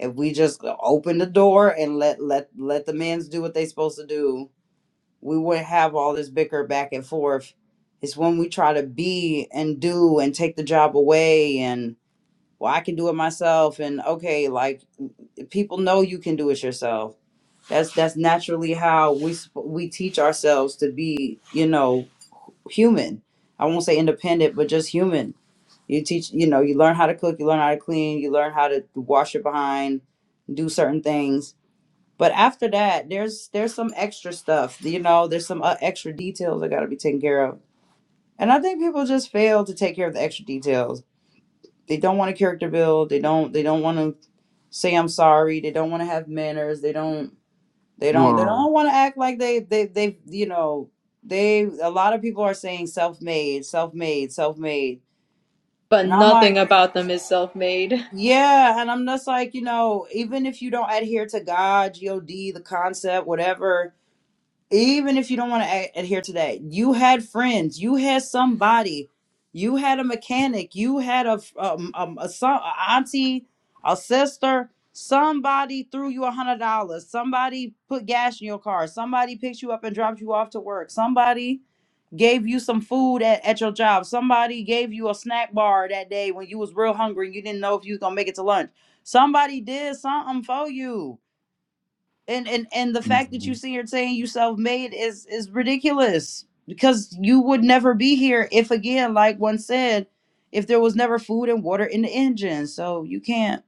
B: if we just open the door and let let let the men's do what they supposed to do we wouldn't have all this bicker back and forth. It's when we try to be and do and take the job away and well I can do it myself and okay like people know you can do it yourself. That's that's naturally how we sp- we teach ourselves to be, you know, human. I won't say independent, but just human. You teach, you know, you learn how to cook, you learn how to clean, you learn how to wash your behind, do certain things but after that, there's there's some extra stuff, you know. There's some uh, extra details that got to be taken care of, and I think people just fail to take care of the extra details. They don't want to character build. They don't. They don't want to say I'm sorry. They don't want to have manners. They don't. They don't. They
A: Well,
B: don't want to act like they. They. They. You know. They. A lot of people are saying self-made, self-made, self-made,
C: but
B: and I'm
C: nothing
B: like,
C: about them is self made.
B: yeah, and I'm just like, you know, even if you don't adhere to God, God, the concept, whatever even if you don't want to adhere to that you had friends you had somebody you had a mechanic you had a um, um, a, son, a auntie a sister somebody threw you a hundred dollars somebody put gas in your car somebody picked you up and dropped you off to work somebody gave you some food at, at your job somebody gave you a snack bar that day when you was real hungry and you didn't know if you was gonna make it to lunch somebody did something for you and and and the fact that you
A: mhm.
B: see here saying you self-made is is ridiculous because you would never be here if again like one said if there was never food and water in the engine so you can't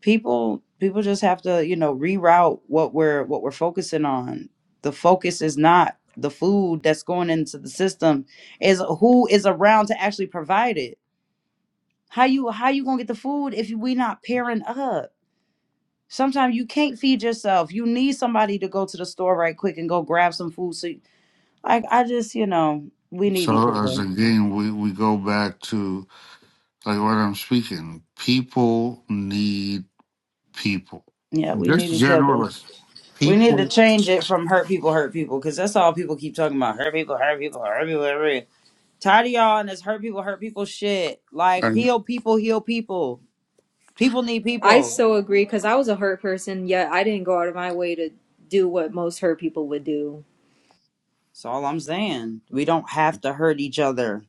B: people people just have to you know reroute what we're what we're focusing on the focus is not the food that's going into the system is who is around to actually provide it how you how you gonna get the food if we not pairing up Sometimes you can't feed yourself. You need somebody to go to the store right quick and go grab some food. So, like, I just, you know, we need each
A: so as
B: other.
A: again, we, we go back to like what I'm speaking. People need people.
B: Yeah, we need
A: Just
B: each other.
A: generalists.
B: We need to
A: People
B: change it from hurt people, hurt people, because that's all people keep talking about. Hurt people, hurt people, hurt people, hurt people. Tired of y'all and this hurt people, hurt people shit. Like,
A: and
B: heal people, heal people. People need
C: I
B: people.
C: so agree because I was a hurt person, yet I didn't go out of my way to do what most hurt people would do.
B: That's all I'm saying. We don't have to hurt each other.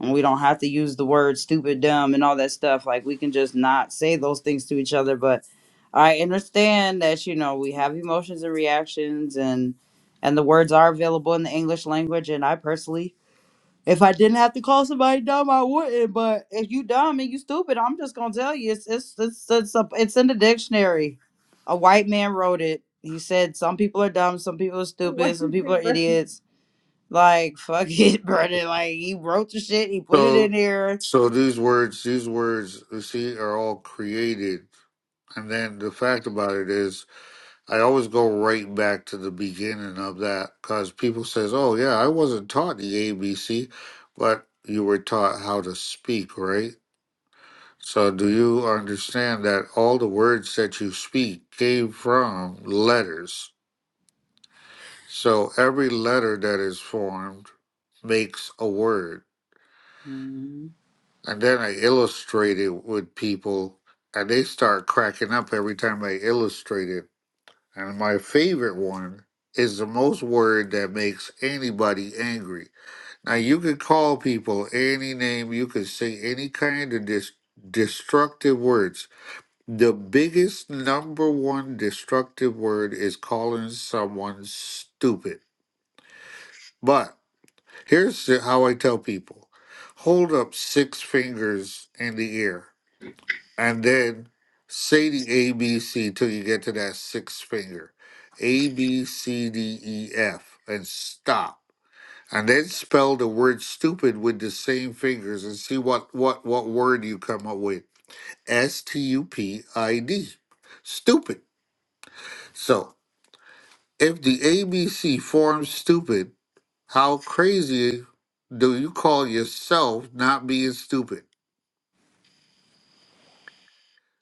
B: and we don't have to use the word stupid, dumb, and all that stuff. Like we can just not say those things to each other. But I understand that you know we have emotions and reactions, and and the words are available in the English language. And I personally, if I didn't have to call somebody dumb, I wouldn't. But if you dumb and you stupid, I'm just gonna tell you it's it's it's it's, a, it's in the dictionary. A white man wrote it. He said some people are dumb, some people are stupid, some people are
C: Whatever.
B: idiots like, fuck it, brother. Like, he wrote the shit, he put it in
A: so
B: there.
A: so these words these words you see are all created and then the fact about it is I always go right back to the beginning of that because people says, "Oh yeah, I wasn't taught the ABC, but you were taught how to speak, right?" So do you understand that all the words that you speak came from letters? So every letter that is formed makes a word.
B: Mm,
A: And then I illustrate it with people and they start cracking up every time I illustrate it And my favorite one is the most word that makes anybody angry. Now, you can call people any name, you can say any kind of dis- destructive words. The biggest number one destructive word is calling someone stupid. But here's the- how I tell people hold up six fingers in the air and then say the A B C till you get to that sixth finger, A B C D E F, and stop. And then spell the word stupid with the same fingers and see what what what word you come up with. S T U P I D, stupid. So if the A B C forms stupid, how crazy do you call yourself not being stupid?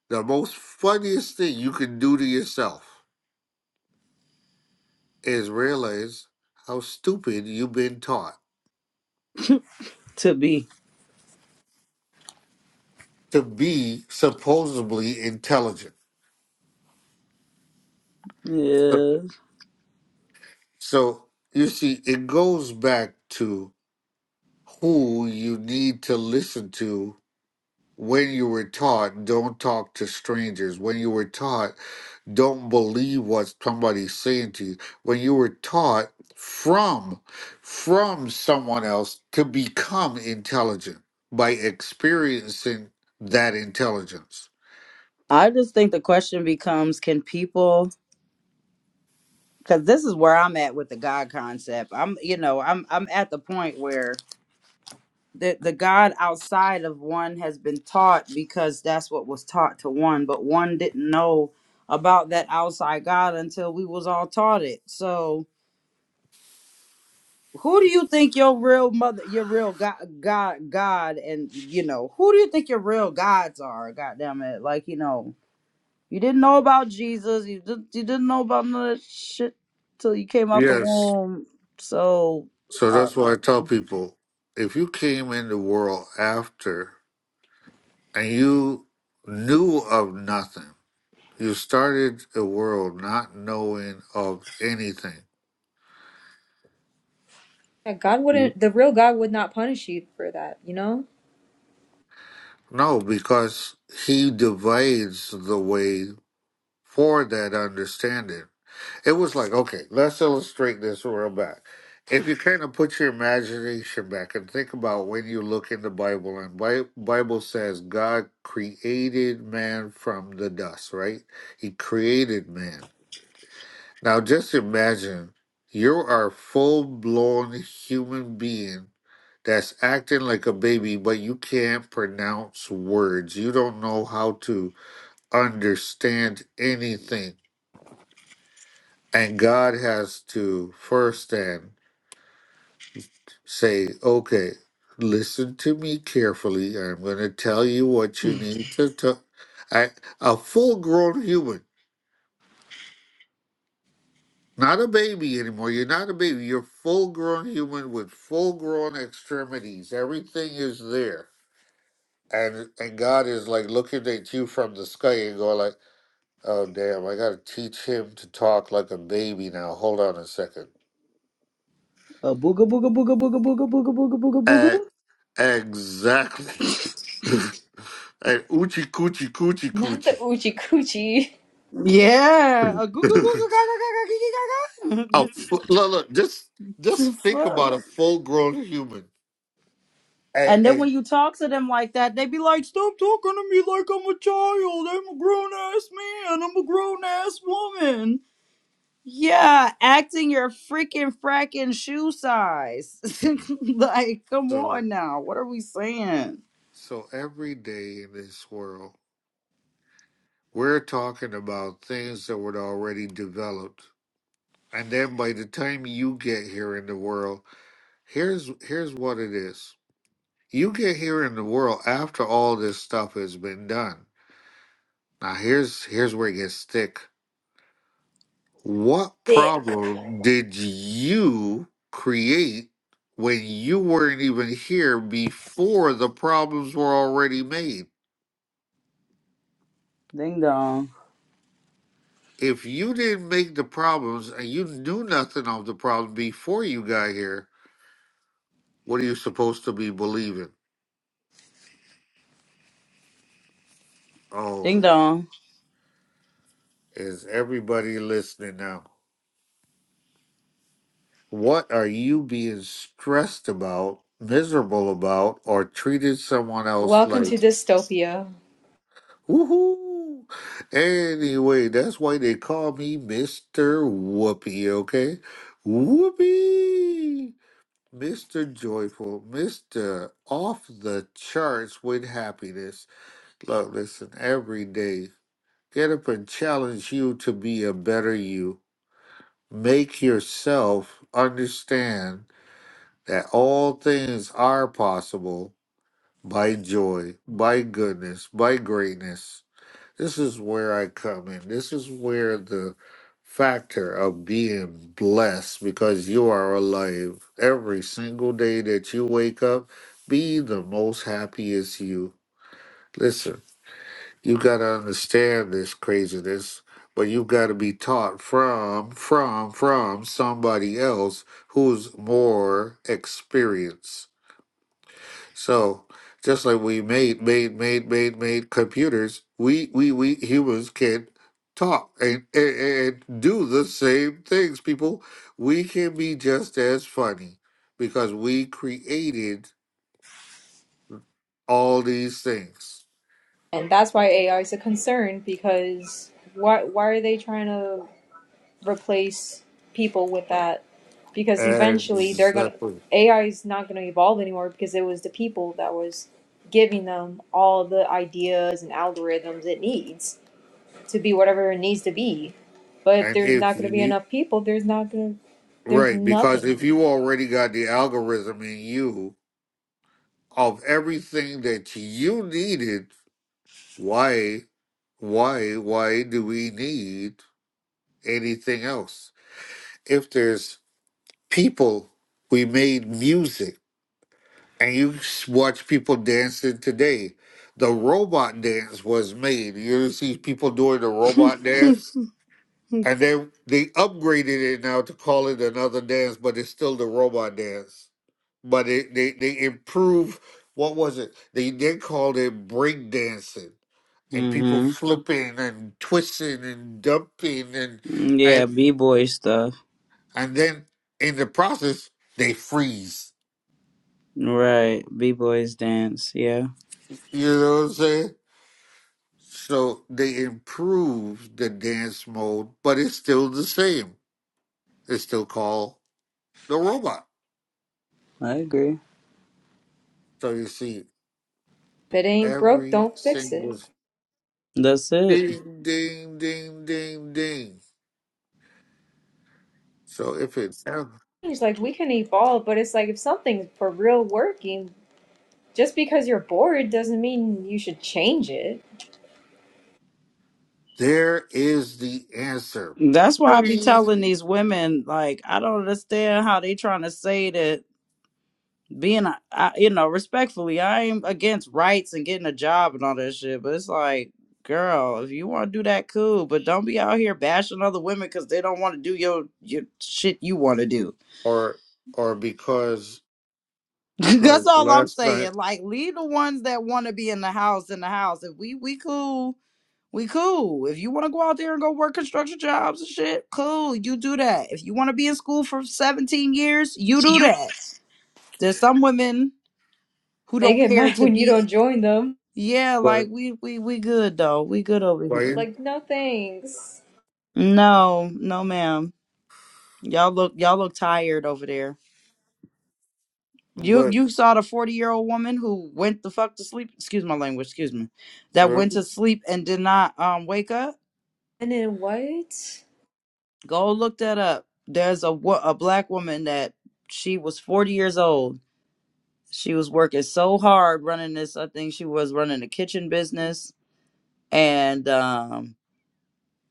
A: The most funniest thing you can do to yourself. is realize how stupid you've been taught
B: To be.
A: to be supposedly intelligent. So,
B: Yeah.
A: so you see, it goes back to who you need to listen to when you were taught don't talk to strangers, when you were taught don't believe what somebody's saying to you, when you were taught from from someone else to become intelligent by experiencing that intelligence.
B: I just think the question becomes can people because this is where I'm at with the God concept. I'm you know, I'm I'm at the point where the, the God outside of one has been taught because that's what was taught to one, but one didn't know about that outside God until we was all taught it. So who do you think your real mother your real god god god and you know who do you think your real gods are god damn it like you know you didn't know about jesus you didn't you didn't know about none of that shit till you came out the
A: Yes.
B: womb so
A: So
B: uh,
A: that's why I tell people if you came in the world after and you knew of nothing, you started the world not knowing of anything.
C: Yeah, God wouldn't, the real God would not punish you for that, you know?
A: No, because he divides the way for that understanding. It was like, okay, let's illustrate this real back. If you kind of put your imagination back and think about when you look in the Bible, and Bi- Bible says God created man from the dust, right? He created man. Now just imagine you are a full blown human being that's acting like a baby, but you can't pronounce words. You don't know how to understand anything and God has to first then say, okay, listen to me carefully. I'm going to tell you what you need to do. I, a full grown human, not a baby anymore. You're not a baby. You're full grown human with full grown extremities. Everything is there. And, and God is like looking at you from the sky and going like, oh damn, I got to teach him to talk like a baby now. Hold on a second.
B: a booga booga booga booga booga booga booga booga booga
A: E- exactly. Hey, oochie coochie coochie
C: Not the
A: coochie.
C: oochie coochie
B: yeah a googa googa gaga gaga giga
A: A
B: gaga
A: fu- look, look, just just
B: The
A: think about
B: fuck
A: a full grown human. Hey,
B: And then when
A: hey.
B: you talk to them like that, they be like, "Stop talking to me like I'm a child. I'm a grown ass man. I'm a grown ass woman." Yeah, acting your freaking fracking shoe size. like, come
A: So
B: on now. What are we saying?
A: so every day in this world, we're talking about things that were already developed. And then by the time you get here in the world, here's here's what it is. You get here in the world after all this stuff has been done. Now here's here's where it gets thick. What
C: dick.
A: problem did you create when you weren't even here before the problems were already made?
B: Ding dong.
A: If you didn't make the problems and you knew nothing of the problem before you got here, what are you supposed to be believing?
B: Ding
A: Oh,
B: dong.
A: is everybody listening now? What are you being stressed about, miserable about, or treated someone else
C: Welcome
A: like?
C: to dystopia.
A: Woohoo! Anyway, that's why they call me Mr. Whoopi, okay? Whoopi! Mr. Joyful, Mr. Off the Charts with Happiness. Look, listen, every day, get up and challenge you to be a better you. Make yourself understand that all things are possible by joy, by goodness, by greatness. This is where I come in. This is where the factor of being blessed because you are alive every single day that you wake up, be the most happiest you. Listen, you got to understand this craziness, but you got to be taught from, from, from somebody else who's more experienced. So just like we made made made made made computers, we we we humans can talk and, and and do the same things. People, we can be just as funny because we created all these things.
C: And that's why AI is a concern because why, why are they trying to replace people with that because eventually they're gonna
A: Exactly.
C: AI is not gonna evolve anymore because it was the people that was giving them all the ideas and algorithms it needs to be whatever it needs to be. But if
A: And
C: there's
A: if
C: not gonna be
A: you
C: enough people, there's not gonna there's
A: right, because
C: nothing.
A: if you already got the algorithm in you of everything that you needed, why why why do we need? anything else. If there's people, we made music, and you watch people dancing today. The robot dance was made. You ever see people doing the robot
B: mhm.
A: dance, and then they upgraded it now to call it another dance, but it's still the robot dance. But it, they they improve. What was it? They then called it break dancing, and people
B: Mm,
A: flipping and twisting and dumping and, and
B: Yeah, b-boy stuff.
A: and then in the process they freeze.
B: Right. B-boys dance. Yeah.
A: You know what I'm saying? So they improve the dance mode, but it's still the same. It's still called the robot.
B: I agree.
A: So you see
C: If it ain't broke,
A: every
C: don't fix it.
A: single
B: That's it.
A: ding, ding, ding, ding, ding. So if it's ever,
C: It's like we can evolve, but it's like if something's for real working, just because you're bored doesn't mean you should change it.
A: there is the answer.
B: That's why I be telling
A: Boing.
B: these women, like, I don't understand how they trying to say that being, a- I, you know, respectfully, I am against rights and getting a job and all that shit. But it's like, girl, if you want to do that, cool. But don't be out here bashing other women because they don't want to do your, your shit you want to do.
A: Or or because like
B: That's all I'm
A: last night,
B: saying. Like, leave the ones that want to be in the house in the house. If we we cool, We cool. If you want to go out there and go work construction jobs and shit, cool. You do that. If you want to be in school for 17 years, you do that. There's some women who
C: They
B: don't
C: get
B: care
C: mad
B: to
C: when you don't
B: be
C: join them.
B: Yeah, like
A: but
B: we we we good though. We good over
A: but
B: here.
C: Like, no thanks.
B: No, no ma'am. Y'all look y'all look tired over there. You
A: but
B: you saw the 40-year-old woman who went the fuck to sleep, excuse my language, excuse me.
A: uh,
B: That went to sleep and did not um wake up?
C: And in white?
B: Go look that up. There's a wo- a black woman that she was 40 years old. She was working so hard running this. I think she was running a kitchen business, and um,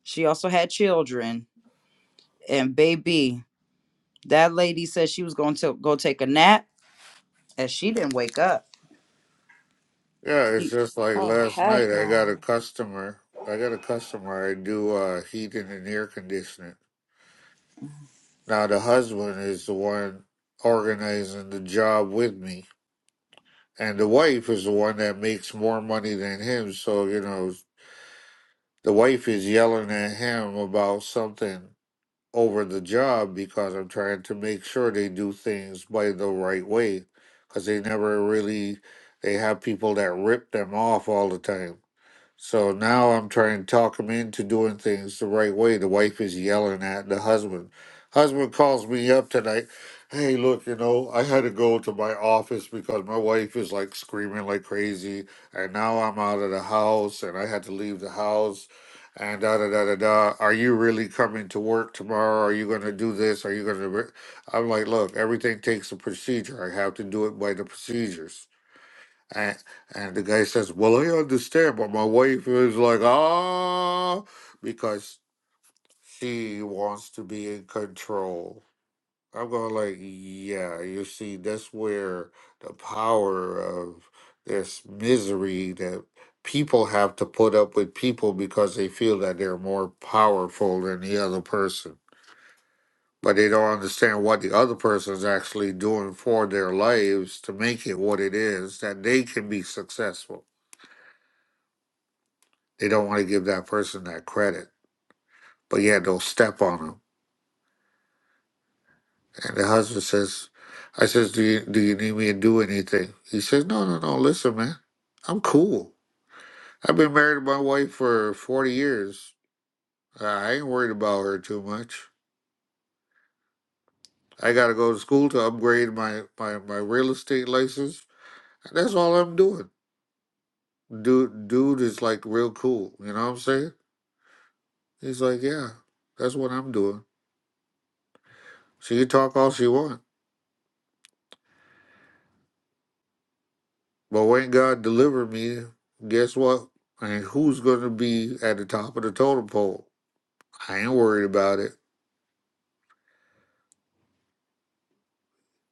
B: she also had children and baby. That lady said she was going to go take a nap, and she didn't wake up.
A: Yeah, it's
B: She,
A: just like
C: Oh,
A: last night.
C: heck
A: I got
C: no.
A: a customer. I got a customer. I do uh, heating and air conditioning. Now the husband is the one organizing the job with me, and the wife is the one that makes more money than him. So you know, the wife is yelling at him about something over the job because I'm trying to make sure they do things by the right way, because they never really. They have people that rip them off all the time So now I'm trying to talk him into doing things the right way. The wife is yelling at the husband. Husband calls me up tonight. Hey, look, you know, I had to go to my office because my wife is like screaming like crazy, and now I'm out of the house, and I had to leave the house, and da da da da da. Are you really coming to work tomorrow? Are you going to do this? Are you going to? I'm like, look, everything takes a procedure. I have to do it by the procedures. And, and the guy says, Well, I understand, but my wife is like, Ah, because she wants to be in control. I'm going, like, Yeah, you see, that's where the power of this misery that people have to put up with people because they feel that they're more powerful than the other person. But they don't understand what the other person is actually doing for their lives to make it what it is that they can be successful They don't want to give that person that credit. But yeah, they'll step on him. And the husband says, I says, do you, do you need me to do anything? He says, no, no, no. Listen, man, I'm cool. I've been married to my wife for 40 years. Uh, I ain't worried about her too much. I got to go to school to upgrade my, my, my real estate license. That's all I'm doing. Dude, dude is like real cool. You know what I'm saying? He's like, yeah, that's what I'm doing. She can talk all she wants. But when God delivered me, guess what? I mean, who's going to be at the top of the totem pole? I ain't worried about it.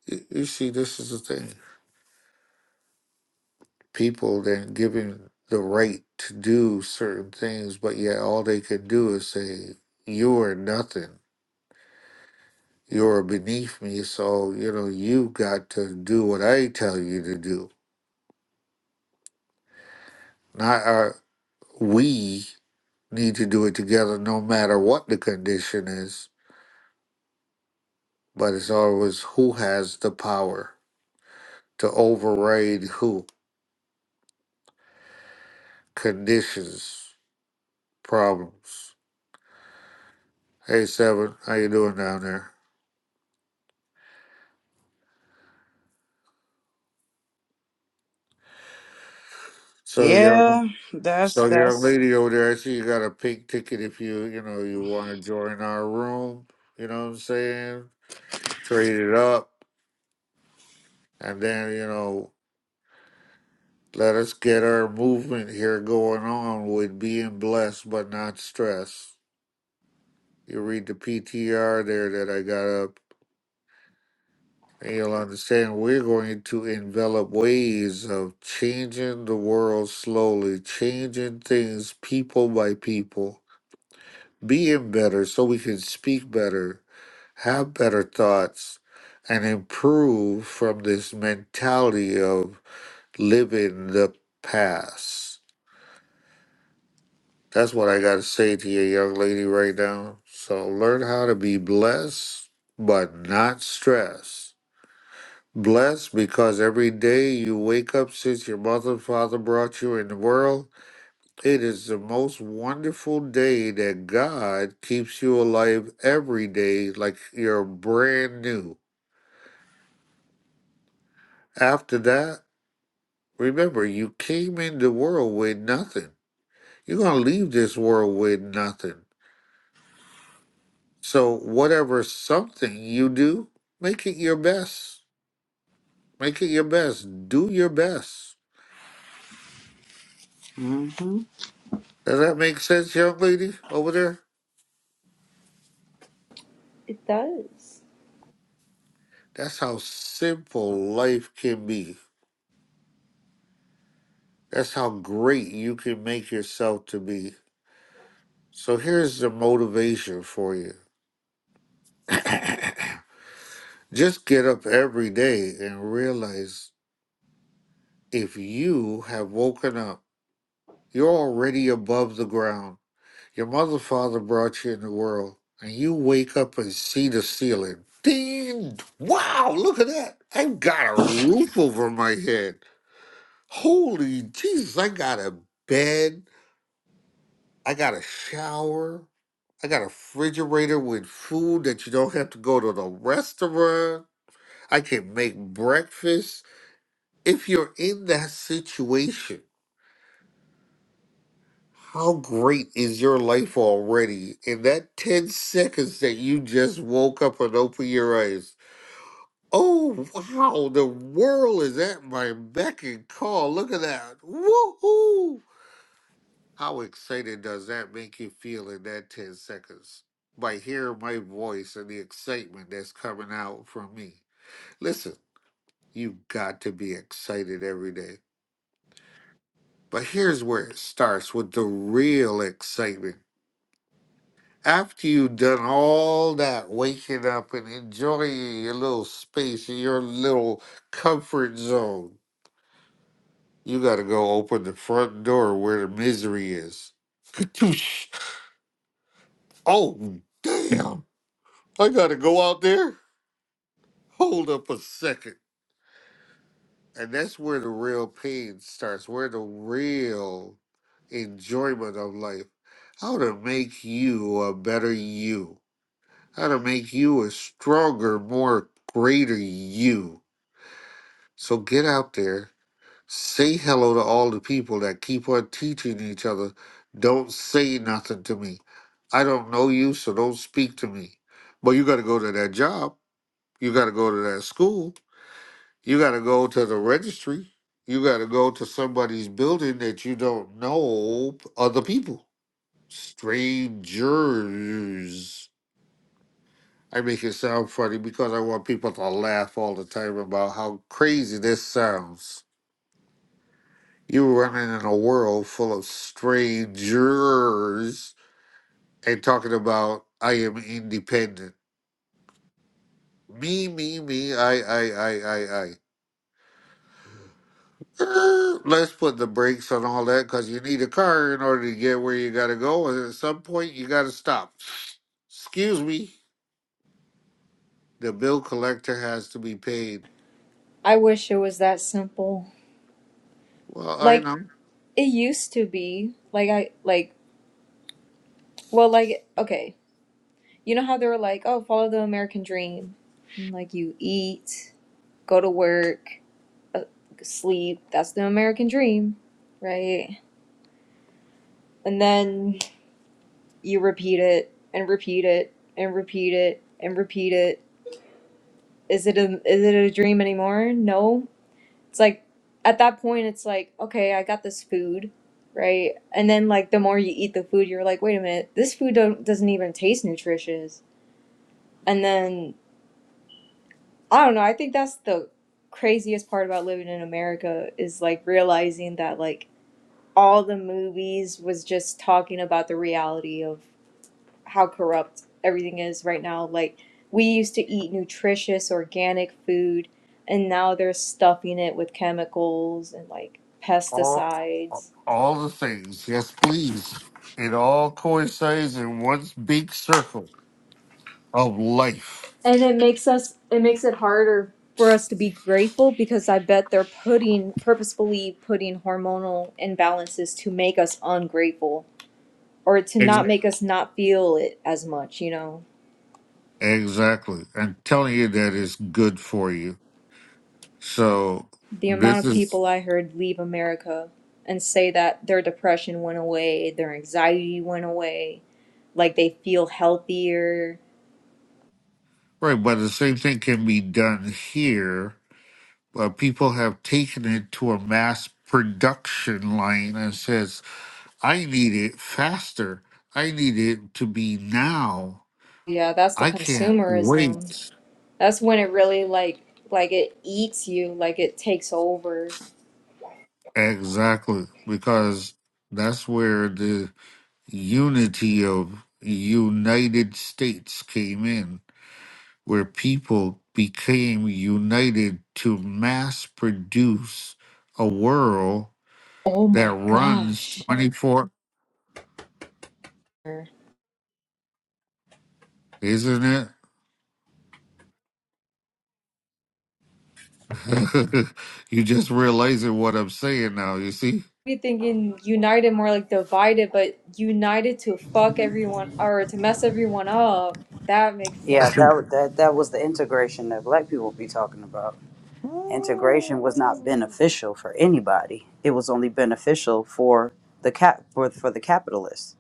A: You you see, this is the thing. People then given the right to do certain things, but yet all they can do is say, You are nothing. You're beneath me. So, you know, you got to do what I tell you to do. Not our, we need to do it together no matter what the condition is, but it's always who has the power to override who conditions problems. Hey Seven, how you doing down there? So young,
B: yeah, that's
A: so young
B: that's
A: lady over there, I see you got a pink ticket. If you you know you want to join our room, you know what I'm saying? Trade it up, and then you know let us get our movement here going on with being blessed but not stressed. You read the PTR there that I got up And you'll understand we're going to envelop ways of changing the world slowly, changing things people by people, being better so we can speak better, have better thoughts, and improve from this mentality of living the past. That's what I got to say to you, young lady, right now. So learn how to be blessed, but not stressed. Blessed because every day you wake up since your mother and father brought you in the world, it is the most wonderful day that God keeps you alive every day like you're brand new. After that, remember you came in the world with nothing. You're going to leave this world with nothing. So, whatever something you do, make it your best. Make it your best. Do your best. Does that make sense, young lady over there?
C: It does.
A: That's how simple life can be. That's how great you can make yourself to be. So here's the motivation for you. Just get up every day and realize if you have woken up, you're already above the ground. Your mother father brought you in the world, and you wake up and see the ceiling. Ding! Wow, look at that. I've got a roof over my head. Holy Jesus, I got a bed I got a shower. I got a refrigerator with food that you don't have to go to the restaurant. I can make breakfast. If you're in that situation, how great is your life already? In that 10 seconds that you just woke up and opened your eyes, oh wow, the world is at my beck and call. Look at that. Woohoo! How excited does that make you feel in that 10 seconds? By hearing my voice and the excitement that's coming out from me. Listen, you've got to be excited every day. But here's where it starts with the real excitement. After you've done all that waking up and enjoying your little space and your little comfort zone, you got to go open the front door where the misery is. Oh, damn. I gotta go out there. Hold up a second. And that's where the real pain starts, where the real enjoyment of life. How to make you a better you. How to make you a stronger, more greater you. So get out there. Say hello to all the people that keep on teaching each other. Don't say nothing to me. I don't know you, so don't speak to me. But you gotta go to that job. You gotta go to that school You got to go to the registry. You got to go to somebody's building that you don't know other people. Strangers. I make it sound funny because I want people to laugh all the time about how crazy this sounds. You running in a world full of strangers and talking about I am independent. Me, me, me, I, I, I, I, I. Uh, let's put the brakes on all that because you need a car in order to get where you got to go. And at some point, you got to stop. Excuse me. The bill collector has to be paid.
C: I wish it was that simple.
A: Well, I
C: Like,
A: know.
C: it used to be. Like, I, like, well, like, okay. You know how they were like, oh, follow the American dream. And, like, you eat, go to work, uh, sleep. That's the American dream, right? And then you repeat it and repeat it and repeat it and repeat it. Is it a, is it a dream anymore? No, It's like at that point, it's like, okay, I got this food, right? And then like the more you eat the food, you're like, wait a minute, this food don't, doesn't even taste nutritious. And then I don't know. I think that's the craziest part about living in America is like realizing that like all the movies was just talking about the reality of how corrupt everything is right now. Like we used to eat nutritious organic food and now they're stuffing it with chemicals and like
A: All,
C: pesticides.
A: all the things. Yes, please. It all coincides in one big circle of life.
C: And it makes us it makes it harder for us to be grateful because I bet they're putting purposefully putting hormonal imbalances to make us ungrateful or to
A: Ex-
C: not make us not feel it as much, you know.
A: Exactly. And telling you that is good for you. So,
C: the amount
A: this
C: of
A: is
C: people I heard leave America and say that their depression went away, their anxiety went away, like they feel healthier.
A: right, but the same thing can be done here uh, people have taken it to a mass production line and says, I need it faster. I need it to be now.
C: Yeah, that's the
A: I can't wait.
C: consumerism. That's when it really like like it eats you, like it takes over.
A: Exactly, because that's where the unity of United States came in, where people became united to mass produce a world
C: Oh
A: that
C: my
A: runs
C: gosh.
A: 24,
C: Be
A: isn't it? you just realizing what I'm saying now, you see?
C: thinking united more like divided, but united to fuck everyone or to mess everyone up. That makes sense.
B: yeah. That wa- that that was the integration that black people be talking about. integration was not
A: Ooh.
B: beneficial for anybody. It was only beneficial for the cap for, for the capitalists.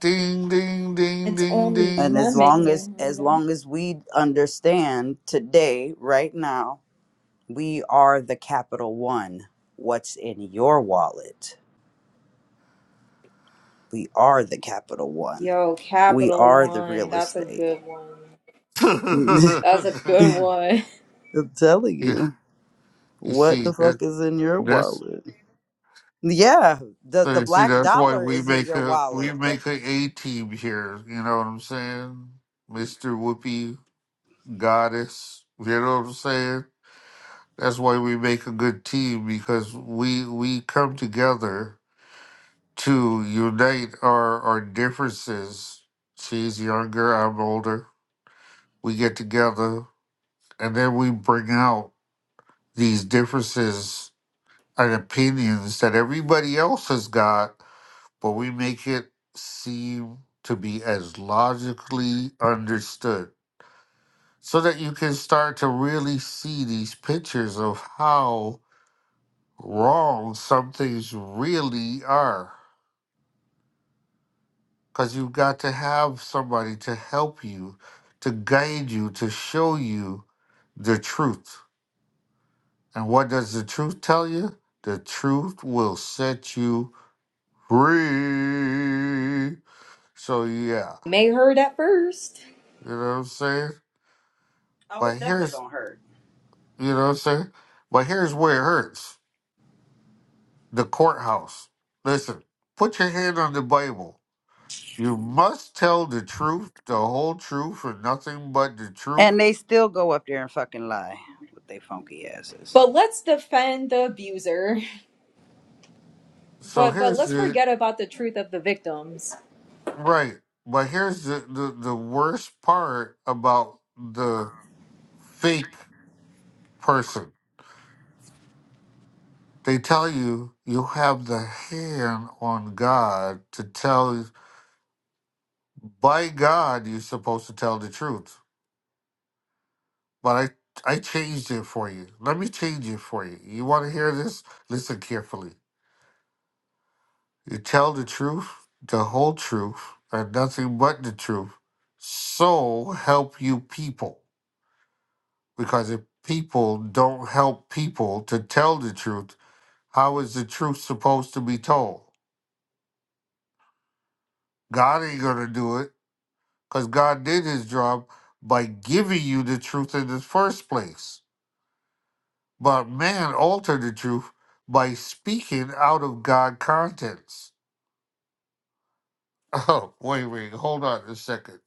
A: ding, ding, ding,
C: It's
A: ding,
C: only
B: And
A: ding.
B: as
C: them
B: long
C: making it.
B: as
C: right
B: as
C: now.
B: long as we understand today, right now, we are the capital one. What's in your wallet? We are the capital one.
C: Yo,
B: We
C: Capital
B: are the
C: One.
B: real
C: That's a
B: estate.
C: good one.
B: I'm
C: That's a good one.
B: telling
A: you,
B: you,
A: you
B: what
A: see
B: the
A: that
B: fuck is in your
A: that's
B: wallet? Yeah, the
A: so
B: the
A: you see
B: black
A: that's why
B: dollar
A: we
B: is in
A: make
B: your
A: a we
B: wallet. That
A: make a A team here. You know what I'm saying, Mister Whoopi? goddess. You know what I'm saying? That's why we make a good team because we we come together to unite our our differences. She's younger, I'm older. We get together and then we bring out these differences and opinions that everybody else has got, but we make it seem to be as logically understood so that you can start to really see these pictures of how wrong some things really are because you've got to have somebody to help you to guide you to show you the truth and what does the truth tell you the truth will set you free so yeah
C: May hurt at first.
A: you know what i'm saying
B: oh,
A: but
B: it's definitely
A: here's
B: gonna hurt.
A: you know what i'm saying but here's where it hurts the courthouse listen put your hand on the bible You must tell the truth, the whole truth, and nothing but the truth.
B: And they still go up there and fucking lie with their funky asses.
C: But let's defend the abuser.
A: So
C: But but
A: here's
C: let's
A: the
C: forget about the truth of the victims.
A: right, but here's the, the, the worst part about the fake person. They tell you you have the hand on God to tell, by God, you're supposed to tell the truth. But I, I changed it for you. Let me change it for you. You want to hear this? Listen carefully. You tell the truth, the whole truth, and nothing but the truth. So help you people. Because if people don't help people to tell the truth, how is the truth supposed to be told? God ain't going to do it because God did his job by giving you the truth in the first place. But man altered the truth by speaking out of God contents. Oh, wait, wait, hold on a second.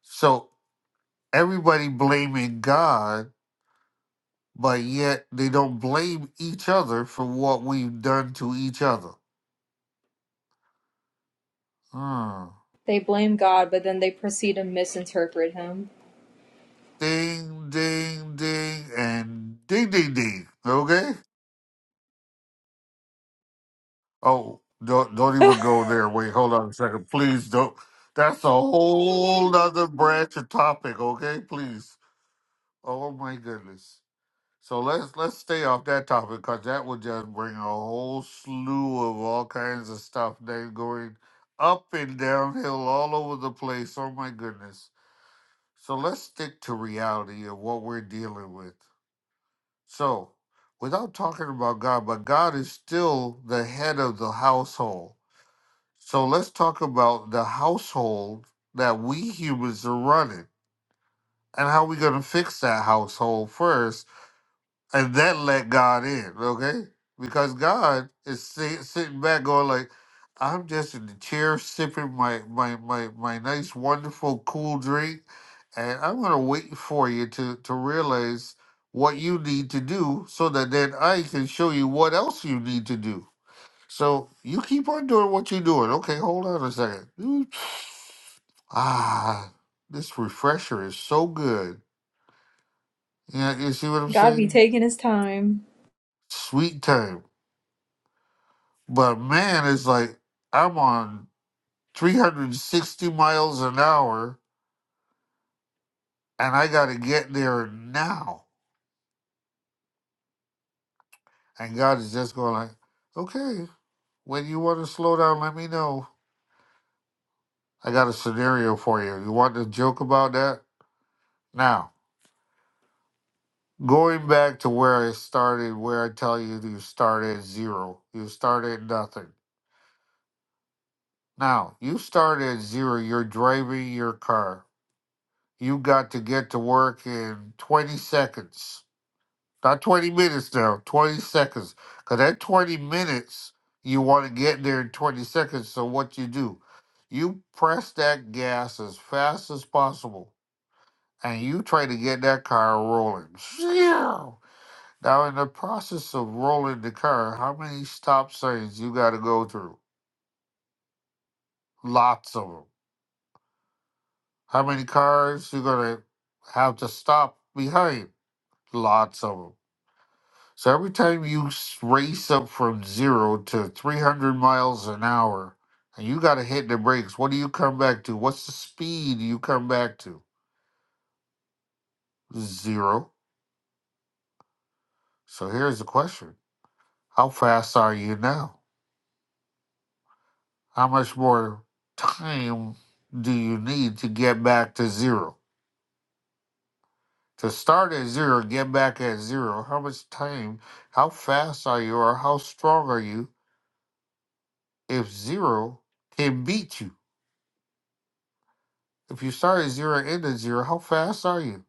A: So everybody blaming God, but yet they don't blame each other for what we've done to each other. Hmm.
C: They blame God, but then they proceed to misinterpret him.
A: Ding, ding, ding, and ding, ding, ding. Okay. Oh, don't don't even go there. Wait, hold on a second, please. Don't. That's a whole other branch of topic. Okay, please. Oh my goodness. So let's let's stay off that topic because that would just bring a whole slew of all kinds of stuff that's going up and downhill all over the place. Oh my goodness. So let's stick to reality of what we're dealing with. So without talking about God, but God is still the head of the household. So let's talk about the household that we humans are running and how we're gonna fix that household first and then let God in, okay? Because God is si- sitting back going like, I'm just in the chair sipping my, my, my, my nice, wonderful, cool drink, and I'm going to wait for you to, to realize what you need to do so that then I can show you what else you need to do. So you keep on doing what you're doing. Okay, hold on a second. Ooh, Ah, this refresher is so good. Yeah, you see what I'm
C: God be
A: saying?
C: taking his time.
A: Sweet time. But man, it's like I'm on 360 miles an hour and I got to get there now. And God is just going like, okay, when you want to slow down, let me know. I got a scenario for you. You want to joke about that? Now, going back to where I started, where I tell you you start at zero, you start at nothing. Now, you start at zero, you're driving your car. You got to get to work in 20 seconds Not 20 minutes now, 20 seconds. Because that 20 minutes, you want to get there in 20 seconds. So what you do, you press that gas as fast as possible and you try to get that car rolling. Phew! Now, in the process of rolling the car, how many stop signs you got to go through? Lots of them. How many cars you going to have to stop behind? Lots of them. So every time you s- race up from zero to 300 miles an hour and you got to hit the brakes, what do you come back to? What's the speed you come back to? Zero. So here's the question How fast are you now? How much more time do you need to get back to zero? To start at zero, get back at zero, how much time, how fast are you, or how strong are you if zero can beat you? If you start at zero and end at zero, how fast are you?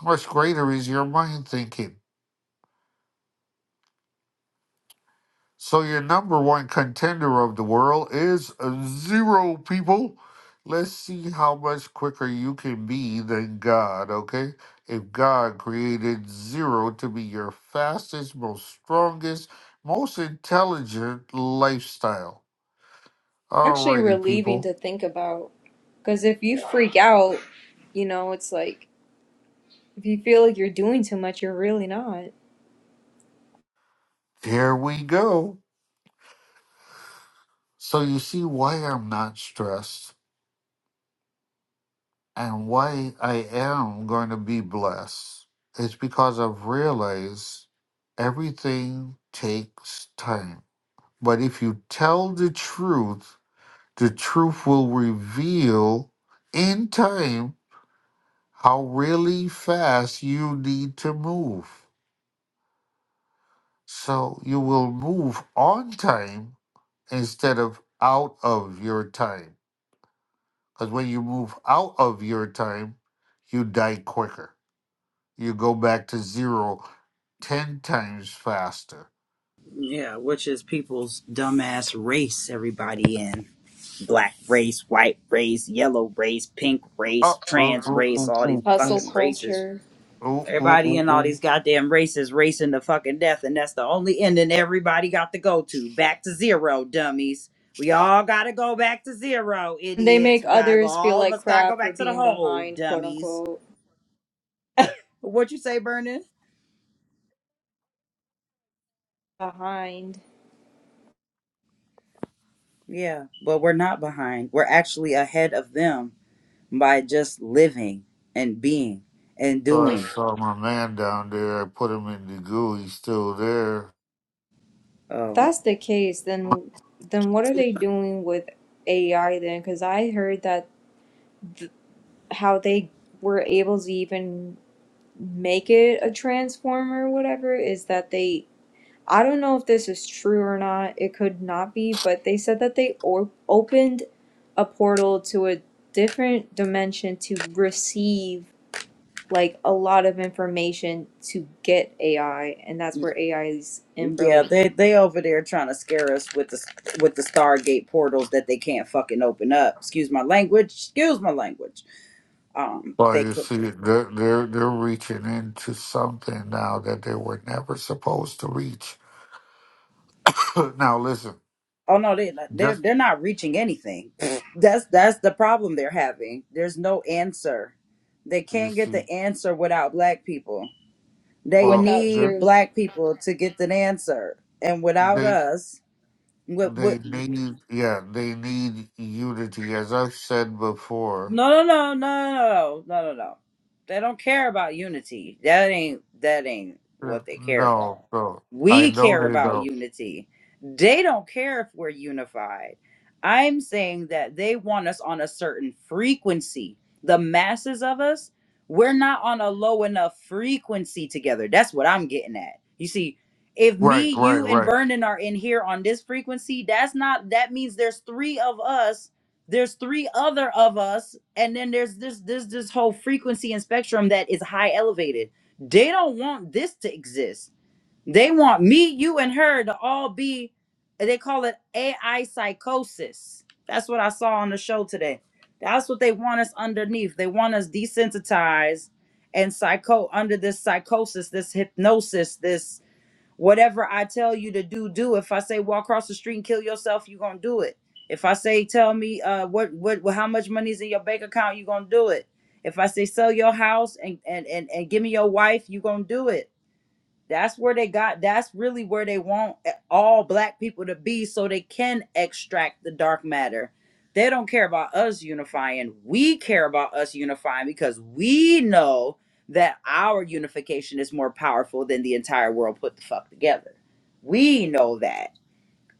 A: How much greater is your mind thinking? So your number one contender of the world is a zero, people. Let's see how much quicker you can be than God, okay? If God created zero to be your fastest, most strongest, most intelligent lifestyle.
C: Actually
A: Alrighty,
C: relieving
A: people.
C: to think about. Because if you freak out, you know, it's like if you feel like you're doing too much, you're really not.
A: Here we go. So you see why I'm not stressed. And why I am going to be blessed is because I've realized everything takes time. But if you tell the truth, the truth will reveal in time how really fast you need to move. So you will move on time instead of out of your time. Because when you move out of your time, you die quicker you go back to zero 10 times faster.
B: Yeah, which is people's dumbass race everybody in. Black race, white race, yellow race, pink race,
A: Oh, ooh,
B: trans
A: ooh,
B: race,
A: ooh,
B: all these
A: ooh,
C: Hustle
A: ooh,
B: fucking races.
C: culture.
A: ooh, ooh,
B: Everybody
A: ooh,
B: in all
A: ooh.
B: these goddamn races racing to fucking death, and that's the only ending everybody got to go to. Back to zero, dummies. We all gotta go back to zero,
C: And They make
B: idiots. We gotta go,
C: others feel
B: all of
C: like
B: us gotta go
C: crap for
B: back to the
C: being
B: hole,
C: behind, quote
B: dummies.
C: unquote.
B: What you say, Vernon?
C: Behind.
B: Yeah, but we're not behind. We're actually ahead of them by just living and being and
A: So I
B: doing.
A: saw my man down there. I put him in the goo. He's still there.
C: If
B: Um,
C: that's the case, then then what are they doing with AI then? Because I heard that th- how they were able to even make it a transformer or whatever is that they. I don't know if this is true or not. It could not be, but they said that they or- opened a portal to a different dimension to receive like a lot of information to get AI, and that's where AI's
B: yeah,
C: info
B: they they over there trying to scare us with the with the Stargate portals that they can't fucking open up. Excuse my language. Excuse my language. Um,
A: Well,
B: they
A: you
B: can.
A: see, they're, they're, they're reaching into something now that they were never supposed to reach. now, listen,
B: Oh no, they they're
A: just,
B: they're not reaching anything. That's that's the problem they're having. There's no answer. They
A: you
B: can't get
A: see,
B: the answer without black people. They
A: well,
C: without
A: they're-
B: need
C: truth,
B: black people to get an answer. And without
A: they,
B: us, with
A: they
B: with.
A: need, yeah, they need unity. As I've said before,
B: No, no, no, no, no, no, no, no. They don't care about unity. That ain't that ain't
A: Yeah.
B: what they care
A: no,
B: about.
A: no, I
B: We
A: know
B: care
A: they
B: about
A: don't.
B: unity. They don't care if we're unified. I'm saying that they want us on a certain frequency. The masses of us, we're not on a low enough frequency together. That's what I'm getting at. You see, if
A: Right,
B: me,
A: right,
B: you, and
A: right.
B: Vernon are in here on this frequency, that's not that means there's three of us there's three other of us and then there's this this this whole frequency and spectrum that is high elevated they don't want this to exist they want me you and her to all be they call it ai psychosis that's what i saw on the show today that's what they want us underneath they want us desensitized and psycho under this psychosis this hypnosis this Whatever I tell you to do, do. If I say walk across the street and kill yourself, you're gonna do it. If I say tell me uh what what how much money is in your bank account, you're gonna do it. If I say sell your house and and and, and give me your wife, you're gonna do it that's where they got that's really where they want all black people to be so they can extract the dark matter they don't care about us unifying we care about us unifying because we know that our unification is more powerful than the entire world put the fuck together we know that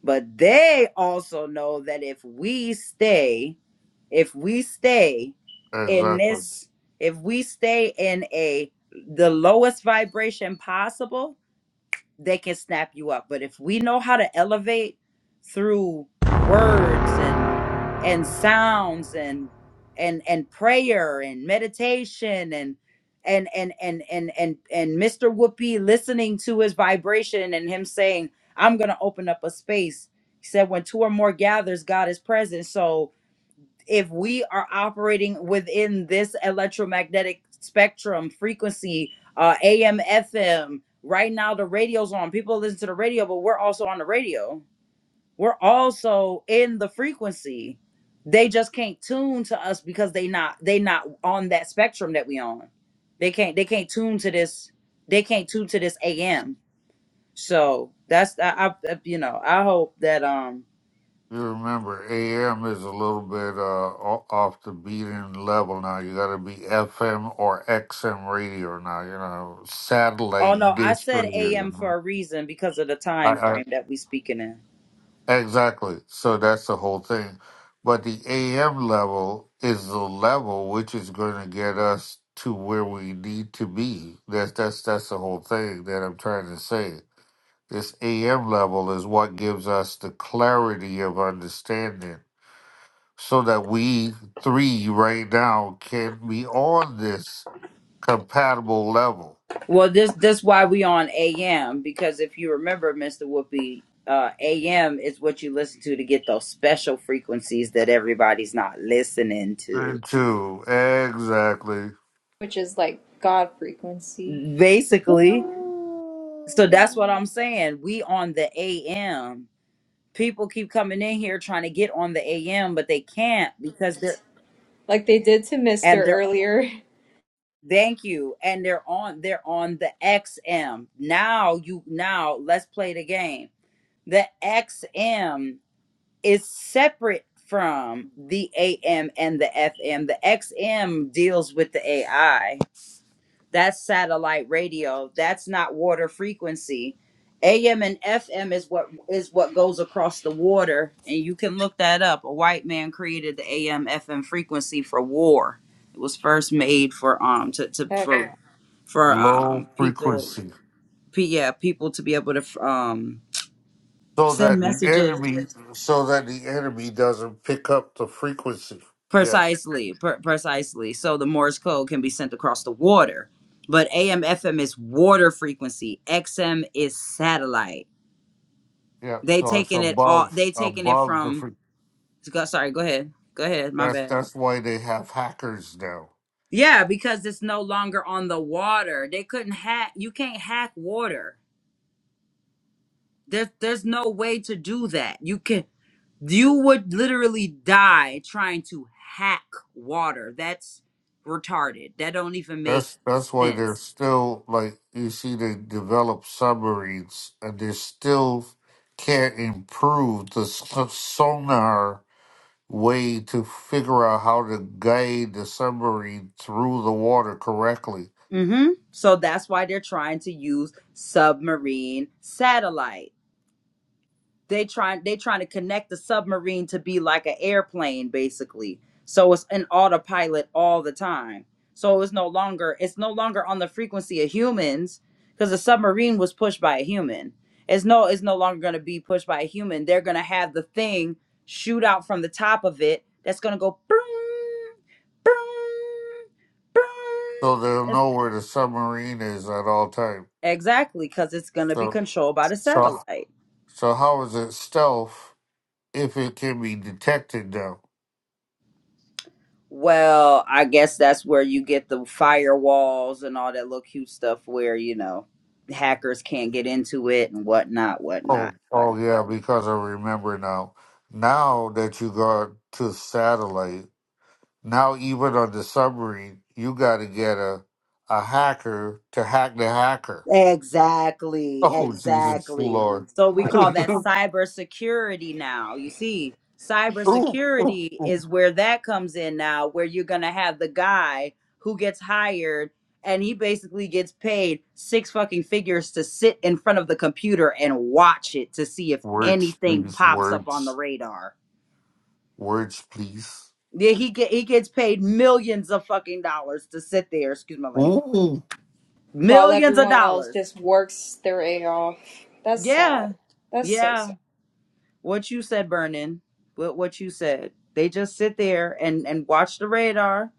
B: but they also know that if we stay if we stay in
A: Exactly.
B: this if we stay in a the lowest vibration possible they can snap you up. But if we know how to elevate through words and and sounds and and and prayer and meditation and and and and and and and Mr. Whoopi listening to his vibration and him saying, "I'm going to open up a space." He said, "When two or more gathers, God is present." So if we are operating within this electromagnetic spectrum frequency, uh, AM, FM, right now the radio's on. People listen to the radio, but we're also on the radio. We're also in the frequency. They just can't tune to us because they not they not on that spectrum that we on. They can't they can't tune to this. They can't tune to this AM. So that's I, I you know I hope that um
A: You remember, AM is a little bit uh, o- off the beaten level now. You got to be FM or XM radio now. You know,
B: Oh
A: satellite
B: no, I
A: dish
B: said AM
A: radio.
B: for a reason because of the time
A: I,
B: frame that we speaking in.
A: I, exactly. So that's the whole thing. But the AM level is the level which is going to get us to where we need to be. That's that's that's the whole thing that I'm trying to say. This AM level is what gives us the clarity of understanding so that we three right now can be on this compatible level.
B: Well, this this why we on AM because if you remember, Mister Whoopi, uh, AM is what you listen to to get those special frequencies that everybody's not listening to.
A: And two, exactly.
C: which is like God frequency,
B: Basically, so that's what I'm
A: Ooh.
B: saying. We on the AM. People keep coming in here trying to get on the AM, but they can't because they're
C: like they did to
B: and
C: Mister
B: they're
C: earlier.
B: Thank you. And they're on they're on the XM. Now you now let's play the game. The XM is separate from the AM and the FM. The XM deals with the AI. That's satellite radio. That's not water frequency. AM and FM is what is what goes across the water and you can look that up. A white man created the AM FM frequency for war. It was first made for um to, to
C: Heck
B: for
C: no!
B: for
A: Low
B: um people
A: frequency.
B: pe- yeah people to be able to um
A: So
B: send
A: that the
B: messages
A: enemy so that the enemy doesn't pick up the frequency. Yes.
B: precisely per- precisely so the morse code can be sent across the water but am fm is water frequency xm is satellite
A: Yeah.
B: they
A: So it's
B: taking it all
A: above
B: they taking it
A: above the
B: from
A: fre-
B: go, sorry go ahead go ahead my
A: that's
B: bad
A: that's why they have hackers now.
B: yeah because it's no longer on the water they couldn't hack you can't hack water there's there's no way to do that you can You would literally die trying to hack water. That's retarded. That don't even make
A: That's that's why they're
B: sense.
A: still like you see they develop submarines and they still can't improve the s- sonar way to figure out how to guide the submarine through the water correctly.
B: hmm So that's why they're trying to use submarine satellites. they trying they trying to connect the submarine to be like an airplane basically so it's an autopilot all the time so it's no longer it's no longer on the frequency of humans because the submarine was pushed by a human it's no it's no longer going to be pushed by a human they're going to have the thing shoot out from the top of it that's going to go boom boom
A: So
B: boom
A: they'll
B: It's-
A: know where the submarine is at all time.
B: exactly because it's going to be
A: So
B: controlled by the
A: so
B: satellite
A: so how is it stealth if it can be detected now?
B: Well, I guess that's where you get the firewalls and all that little cute stuff where, you know, hackers can't get into it and whatnot,
A: Oh
B: whatnot, whatnot.
A: oh yeah, because I remember now. Now that you got to satellite Now, even on the submarine, you got to get a a hacker to hack the hacker.
B: Exactly,
A: Oh, Jesus
B: exactly.
A: Lord!
B: So we
C: like
B: call that cybersecurity now. You see,
A: Ooh, ooh,
B: cybersecurity
A: ooh.
B: is where that comes in now, where you're going to have the guy who gets hired and he basically gets paid six fucking figures to sit in front of the computer and watch it to see if
A: Words,
B: anything
A: please.
B: pops up on the
A: Words,
B: radar.
A: words, please.
B: Yeah, he get he gets paid millions of fucking dollars to sit there, excuse my language.
A: Ooh,
C: while
B: Millions of
C: everyone else
B: dollars.
C: just works their A I off. That's sad.
B: Yeah.
C: That's so
B: Yeah.
C: sad.
B: What you said, Vernon. What what you said. They just sit there and and watch the radar,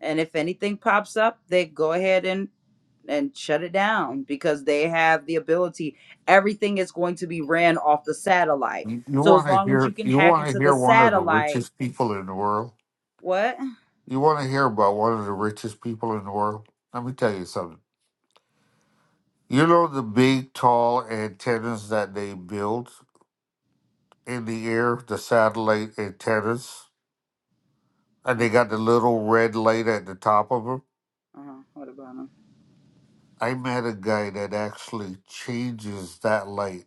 B: and if anything pops up, they go ahead and and shut it down because they have the ability. Everything is going to be ran off the satellite.
A: you, you
B: So as
A: want to
B: long as you
A: hear?
B: can
A: You
B: hack
A: want to
B: into the
A: hear one of the
B: satellite,
A: richest people in the world?
B: what?
A: You want to hear about one of the richest people in the world? Let me tell you something. You know the big, tall antennas that they build in the air, the satellite antennas. and they
B: Okay.
A: got the little red light at the top of them.
B: Uh-huh. What about them?
A: I met a guy that actually changes that light.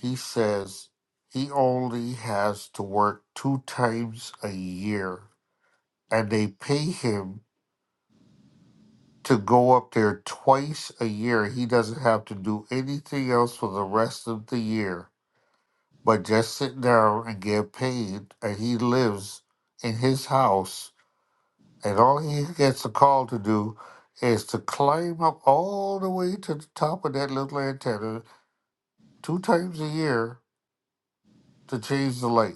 A: He says he only has to work two times a year, and they pay him to go up there twice a year. He doesn't have to do anything else for the rest of the year but just sit down and get paid. And he lives in his house And all he gets a call to do is to climb up all the way to the top of that little antenna two times a year to change the light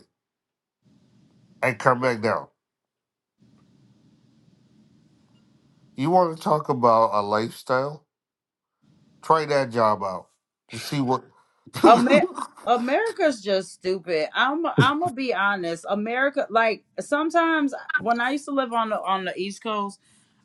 A: and come back down. You want to talk about a lifestyle? Try that job out to see what.
B: Amer- America's just stupid. I'm I'm gonna be honest. America, like sometimes when I used to live on the on the East Coast.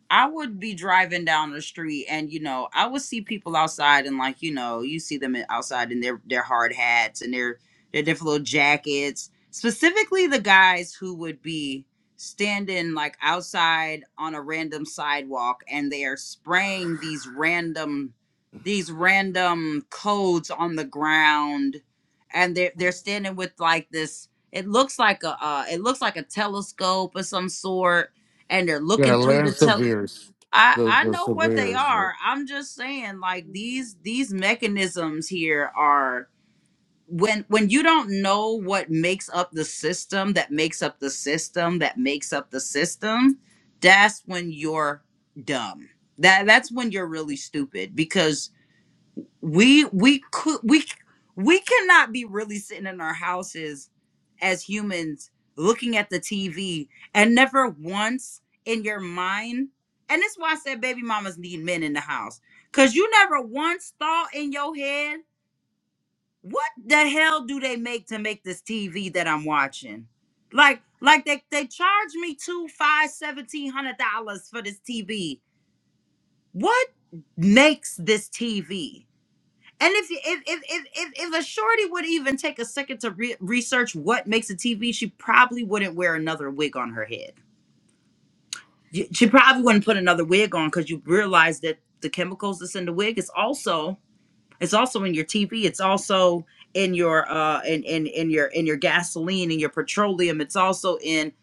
B: I would be driving down the street and you know, I would see people outside and like, you know, you see them in- outside in their their hard hats and their their different little jackets. Specifically the guys who would be standing like outside on a random sidewalk and they are spraying these random these random codes on the ground and they're they're standing with like this it looks like a uh, it looks like a telescope of some sort and they're
A: yeah,
B: looking through the
A: Lance
B: tel-
A: Severe's.
B: I
A: The,
B: I
A: the
B: know what they
A: Severe's.
B: are. I'm just saying like these these mechanisms here are when when you don't know what makes up the system that makes up the system that makes up the system, that's when you're dumb. That that's when you're really stupid because we we could we we cannot be really sitting in our houses as humans looking at the TV and never once in your mind and this is why I said baby mamas need men in the house cuz you never once thought in your head what the hell do they make to make this TV that I'm watching like like they they charge me two five seventeen hundred dollars for this TV what makes this TV and if, if if if if if a shorty would even take a second to re- research what makes a TV, she probably wouldn't wear another wig on her head. Y- She probably wouldn't put another wig on because you realize that the chemicals that's in the wig is also it's also in your TV. It's also in your uh in in in your in your gasoline and your petroleum. It's also in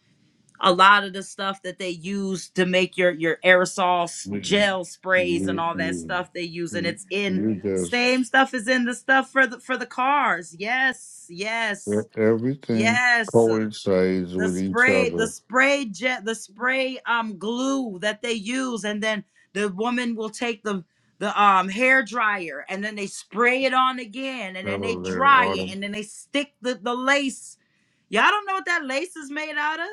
B: a lot of the stuff that they use to make your your aerosol
A: You,
B: gel sprays and
A: you,
B: all that stuff they use and
A: you,
B: it's in
A: you just,
B: same stuff is in the stuff for the for the cars yes yes
A: everything
B: yes
A: coincides
B: the
A: with each
B: spray the
A: other.
B: spray jet the spray um glue that they use and then the woman will take the the um hair dryer and then they spray it on again and then they
A: Over there,
B: dry it and then
A: Autumn.
B: they stick the the lace y'all don't know what that lace is made out of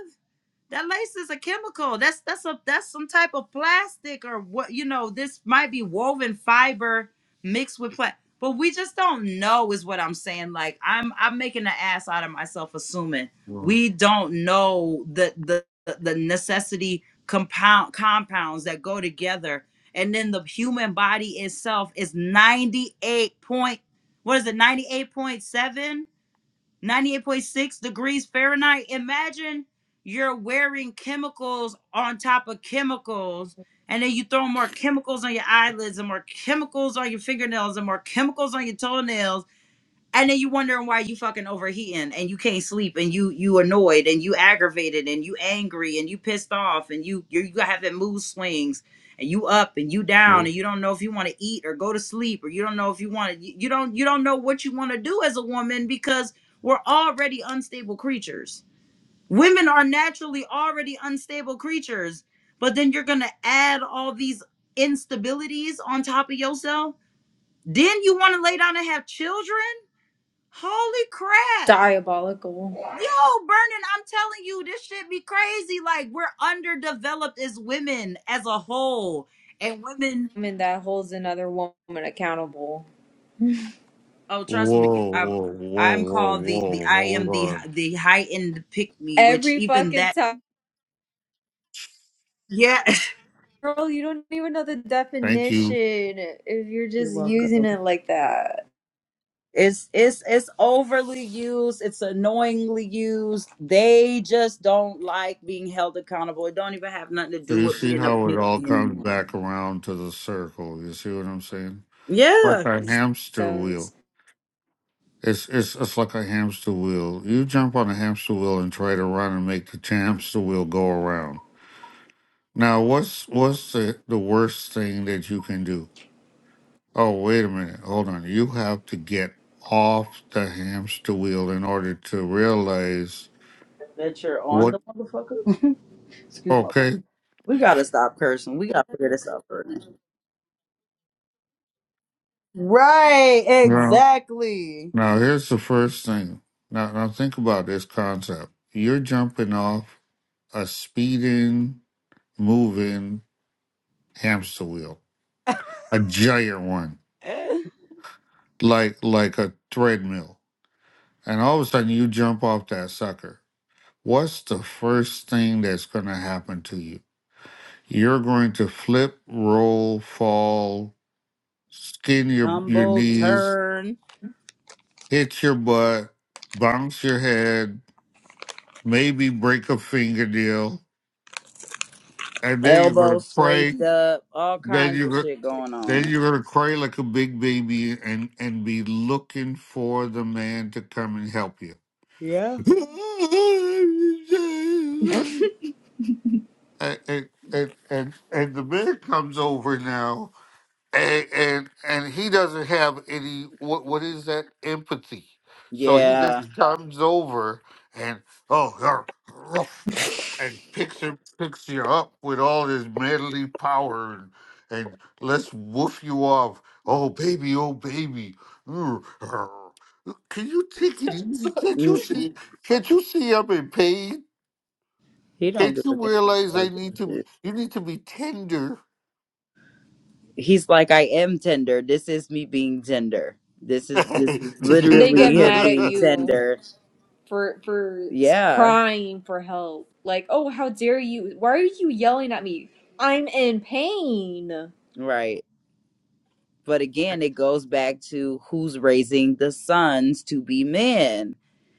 B: that lace is a chemical. That's that's a that's some type of plastic or what you know. This might be woven fiber mixed with plastic, but we just don't know. Is what I'm saying. Like I'm I'm making an ass out of myself, assuming we don't know the the the necessity compound compounds that go together, and then the human body itself is 98 point. What is it? 98.7 98.6 degrees Fahrenheit. Imagine you're wearing chemicals on top of chemicals, and then you throw more chemicals on your eyelids, and more chemicals on your fingernails, and more chemicals on your toenails and then you wondering why you fucking overheating and you can't sleep and you you annoyed and you aggravated and you angry and you pissed off and you you you having mood swings and you up and you down
A: Whoa,
B: and you don't know if you want to eat or go to sleep or you don't know if you want to you you don't you don't know what you want to do as a woman because we're already unstable creatures. Women are naturally already unstable creatures, but then you're gonna add all these instabilities on top of yourself. Then you want to lay down and have children? Holy crap.
C: Diabolical.
B: Yo, Vernon, I'm telling you, this shit be crazy. Like, we're underdeveloped as women as a whole. And women,
C: I mean that holds another woman accountable
B: oh, trust me,
A: whoa,
B: I'm,
A: whoa,
B: I'm
A: whoa,
B: called the, the,
A: whoa.
B: I
A: Hold
B: am the,
A: on.
B: the high end pick me, which
C: every
B: even
C: fucking
B: that,
C: time.
B: yeah.
C: Girl, you don't even know the
A: Thank
C: definition
A: you.
C: if you're
B: You're
C: just
B: welcome.
C: using it like that.
B: It's, it's, it's overly used. It's annoyingly used. They just don't like being held accountable. It don't even have nothing to
A: So
B: do
A: you
B: with
A: see
B: being a
A: how it
B: pick
A: all
B: me
A: comes
B: anymore.
A: back around to the circle. You see what I'm saying? It's like
B: Yeah.
A: a hamster wheel.
C: does.
A: It's it's it's like a hamster wheel. You jump on a hamster wheel and try to run and make the hamster wheel go around. Now what's what's the, the worst thing that you can do? Oh wait a minute, hold on. You have to get off the hamster wheel in order to realize
B: That you're on
A: what
B: the motherfucker. Excuse me.
A: okay.
B: We gotta stop cursing. We gotta figure this out first. Right, exactly.
A: Now, here's the first thing. Now, now think about this concept. You're jumping off a speeding, moving hamster wheel, a giant one,
B: Eh,
A: like like a treadmill, and all of a sudden you jump off that sucker. What's the first thing that's going to happen to you? You're going to flip, roll, fall, skin your your
B: Tumble,
A: knees,
B: turn,
A: hit your butt, bounce your head, maybe break a fingernail and then you're
B: elbow
A: gonna pray.
B: scraped up, all
A: Then
B: kinds
A: you're
B: of
A: gonna,
B: shit going on.
A: then you're gonna cry like a big baby and and be looking for the man to come and help you.
B: Yeah.
A: and, and, and, and, and the man comes over now and and and he doesn't have any what what is that empathy so he
B: Yeah,
A: just comes over and oh you're rough and picks her picks you up with all his manly power and and let's woof you off oh baby oh baby Ugh, ugh." can you take it easy can't you
B: Mm,
A: see can't you see i'm in pain
B: he don't
A: can't
B: give a
A: you
B: damn
A: realize i
B: about this
A: need to
B: shit.
A: you need to be tender
B: He's like, I am tender. This is me being tender. This is this is
C: And they get
B: literally him
C: mad at
B: being
C: you
B: tender.
C: for for
B: Yeah,
C: crying for help. Like, oh, how dare you? Why are you yelling at me? I'm in pain.
B: right. But again, it goes back to who's raising the sons to be men.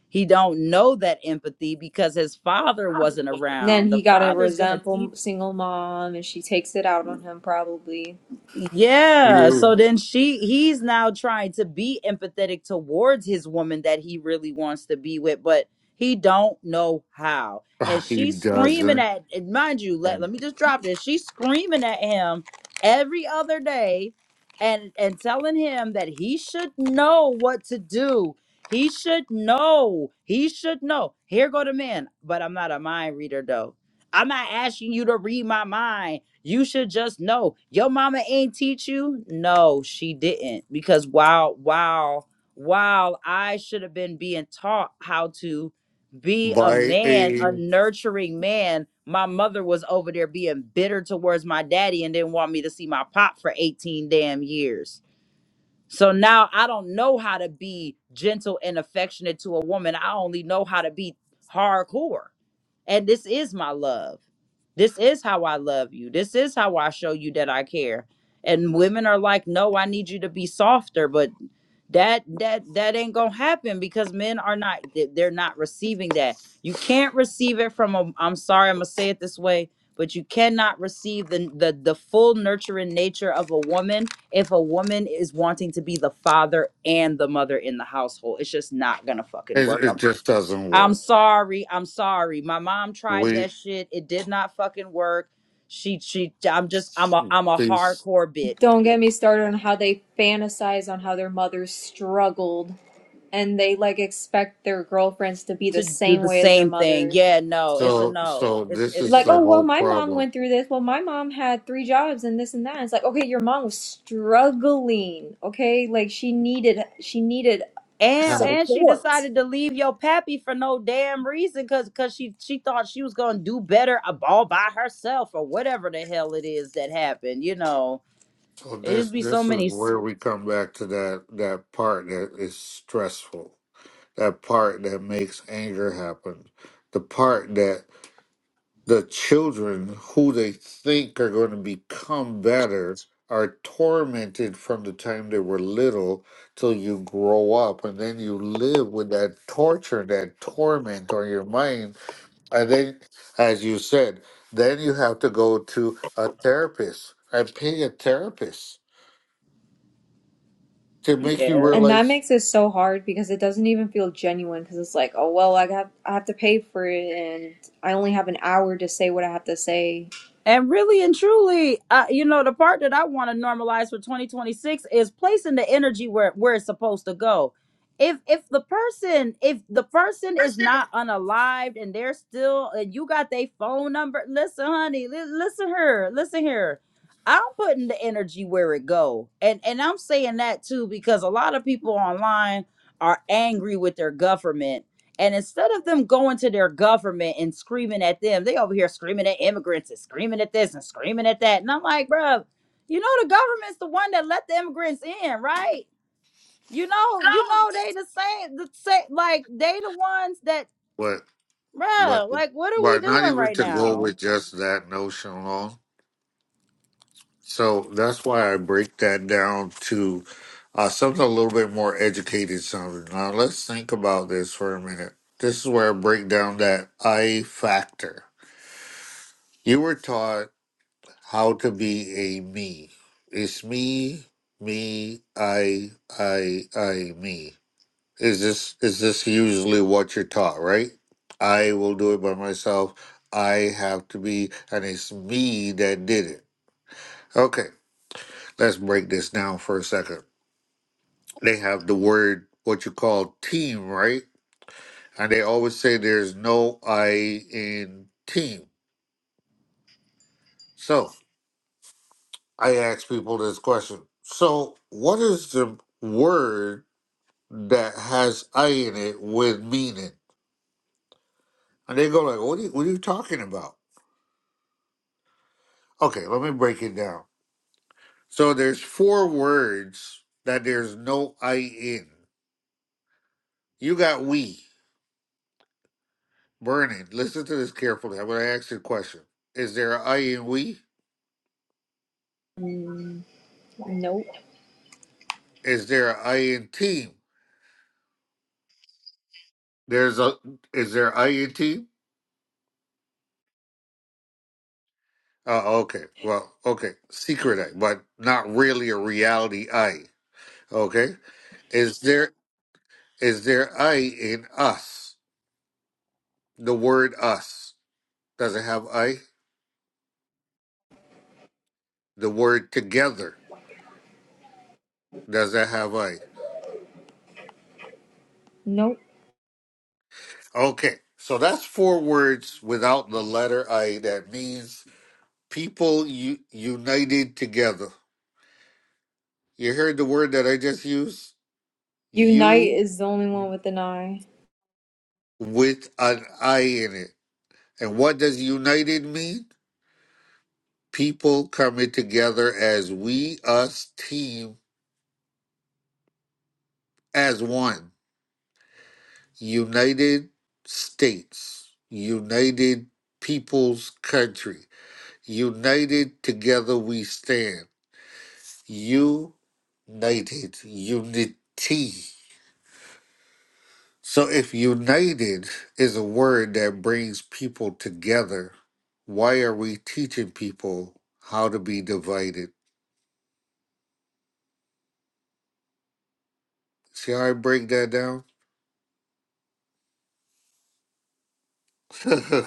B: He don't know that empathy because his father wasn't
C: And
B: around.
C: then
B: The
C: he got a
B: father's going to teach
C: resentful single mom, and she takes it out on him probably.
B: Yeah. So
A: You,
B: then she he's now trying to be empathetic towards his woman that he really wants to be with, but he don't know how. And
A: he
B: she's screaming
A: doesn't.
B: at and mind you, let,
A: And
B: let me just drop this. She's screaming at him every other day and and telling him that he should know what to do. He should know. He should know. Here go the man. But I'm not a mind reader though. I'm not asking you to read my mind. You should just know your mama ain't teach you. No, she didn't. Because while while while I should have been being taught how to be a
A: by
B: man,
A: a,
B: a
A: it,
B: nurturing man, my mother was over there being bitter towards my daddy and didn't want me to see my pop for 18 damn years. So now I don't know how to be gentle and affectionate to a woman. I only know how to be hardcore and this is my love. This is how I love you. This is how I show you that I care. And women are like, "No, I need you to be softer," but that that that ain't going to happen because men are not they- are not receiving that. You can't receive it from a I'm sorry, I'm going to say it this way, but you cannot receive the the the full nurturing nature of a woman if a woman is wanting to be the father and the mother in the household. It's just not going to fucking work.
A: it
B: I'm
A: just doesn't
B: I'm
A: work.
B: sorry. I'm sorry. My mom tried
A: We
B: that shit. It did not fucking work. She she I'm just I'm a I'm a
A: these
B: hardcore bit
C: Don't get me started on how they fantasize on how their mothers struggled, and they like expect their girlfriends to be
B: to
C: the
B: do
C: same
B: the
C: way as their
B: same thing.
C: mother
B: Yeah, no. It's a
A: so
B: no.
A: so
B: It's
A: this
B: it's
A: is
B: a
C: like,
A: the
C: oh, well,
B: no.
A: whole
C: my mom
A: problem.
C: went through this. Well, my mom had three jobs and this and that. It's like, okay, your mom was struggling, okay? Like she needed she needed
B: And
A: Help.
B: and she
C: support.
B: decided to leave your pappy for no damn reason cuz cuz she she thought she was going to do better ab- all by herself or whatever the hell it is that happened, you know.
A: So
B: It
A: this
B: just be so
A: this is
B: many s-
A: where we come back to that that part that is stressful. That part that makes anger happen. The part that the children who they think are going to become better are tormented from the time they were little till you grow up and then you live with that torture that torment on your mind and then as you said then you have to go to a therapist and pay a therapist to make you
B: yeah.
C: And that
A: realize
C: makes it so hard because it doesn't even feel genuine because it's like, oh, well, I got I have to pay for it and I only have an hour to say what I have to say.
B: And really and truly, uh, you know, the part that I want to normalize for 2026 is placing the energy where where it's supposed to go. If if the person if the person is not unalived and they're still and you got their phone number, listen, honey, li- listen here, listen here. I'm putting the energy where it go, and and I'm saying that too because a lot of people online are angry with their government and instead of them going to their government and screaming at them, they over here screaming at immigrants and screaming at this and screaming at that. And I'm like, bro, you know the government's the one that let the immigrants in, right? You know, you know they the same, the same, like they the ones that,
A: what but
B: bro.
A: but
B: like what are we
A: but not
B: doing
A: even
B: right
A: to go
B: now?
A: with just that notion alone So that's why I break that down to uh, something a little bit more educated sounding. Now let's think about this for a minute. This is where I break down that I factor. You were taught how to be a me. It's me, me, I, I, I, me. Is this is this usually what you're taught, right? I will do it by myself. I have to be, and it's me that did it. Okay, let's break this down for a second. They have the word what you call team, right? And they always say there's no I in team. So I ask people this question. So what is the word that has I in it with meaning? And they go like, what are you, what are you talking about? Okay, let me break it down. So there's four words that there's no I in. You got we, burning. Listen to this carefully. I'm going to ask you a question. Is there an I in we?
C: Nope.
A: Is there an I in team? There's a is there I in team? Oh, okay. Well, okay. Secret I, but not really a reality I. Okay. Is there is there I in us? The word us. Does it have I? The word together. Does it have I?
C: Nope.
A: Okay. So that's four words without the letter I that means people u- united together. You heard the word that I just used?
C: Unite is the only one with an eye.
A: with an I in it. And what does united mean? People coming together as we, us, team, as one. United States, United People's Country, United Together We Stand. United, unity. So if united is a word that brings people together, why are we teaching people how to be divided? See how I break that down?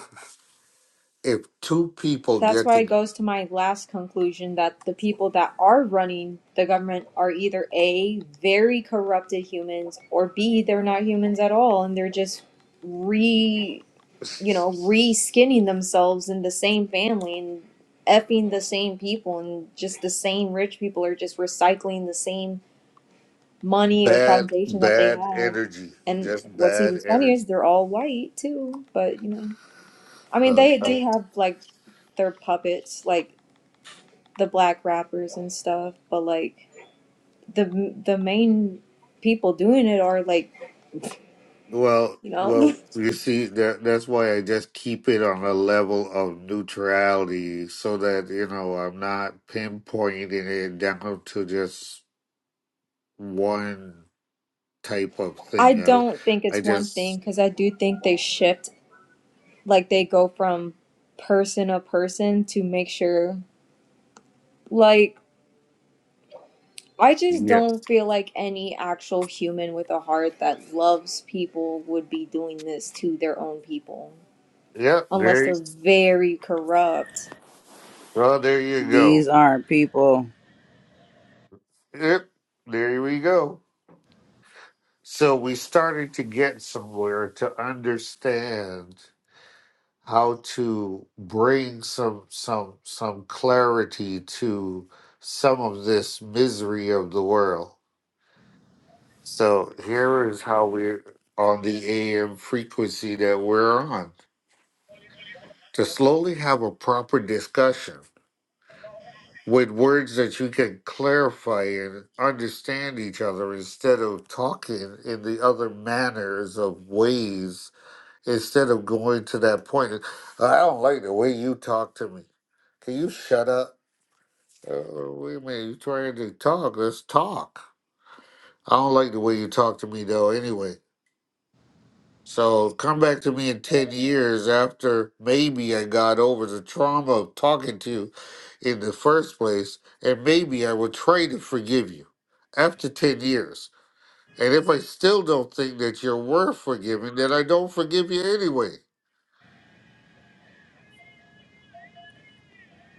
A: if two people
C: that's
A: get
C: why
A: the
C: it goes to my last conclusion that the people that are running the government are either a very corrupted humans or b they're not humans at all and they're just re you know re skinning themselves in the same family and effing the same people and just the same rich people are just recycling the same money or
A: bad,
C: foundation that they
A: bad
C: have
A: energy,
C: and
A: just
C: what's
A: bad
C: even funnier
A: energy.
C: is they're all white too but you know i mean
A: Uh,
C: they
A: uh,
C: do have like their puppets like the black rappers and stuff, but like the the main people doing it are like,
A: well,
C: you
A: well,
C: know,
A: you see, that that's why I just keep it on a level of neutrality, so that you know I'm not pinpointing it down to just one type of
C: I
A: thing.
C: don't think
A: I, I
C: it's one
A: just,
C: thing cuz I do think they shift like they go from person to person to make sure like I just
A: yeah,
C: don't feel like any actual human with a heart that loves people would be doing this to their own people
A: yeah,
C: unless
A: there, you-
C: they're very corrupt.
A: well, there you
B: These
A: go.
B: aren't people.
A: Yep, there we go. So we started to get somewhere to understand how to bring some some some clarity to some of this misery of the world. So here is how we're on the AM frequency that we're on. To slowly have a proper discussion with words that you can clarify and understand each other instead of talking in the other manners of ways instead of going to that point. I don't like the way you talk to me. Can you shut up? Uh, wait a minute, you trying to talk? Let's talk. I don't like the way you talk to me though. Anyway, so come back to me in ten years after maybe I got over the trauma of talking to you in the first place, and maybe I will try to forgive you after ten years. And if I still don't think that you're worth forgiving, then I don't forgive you anyway.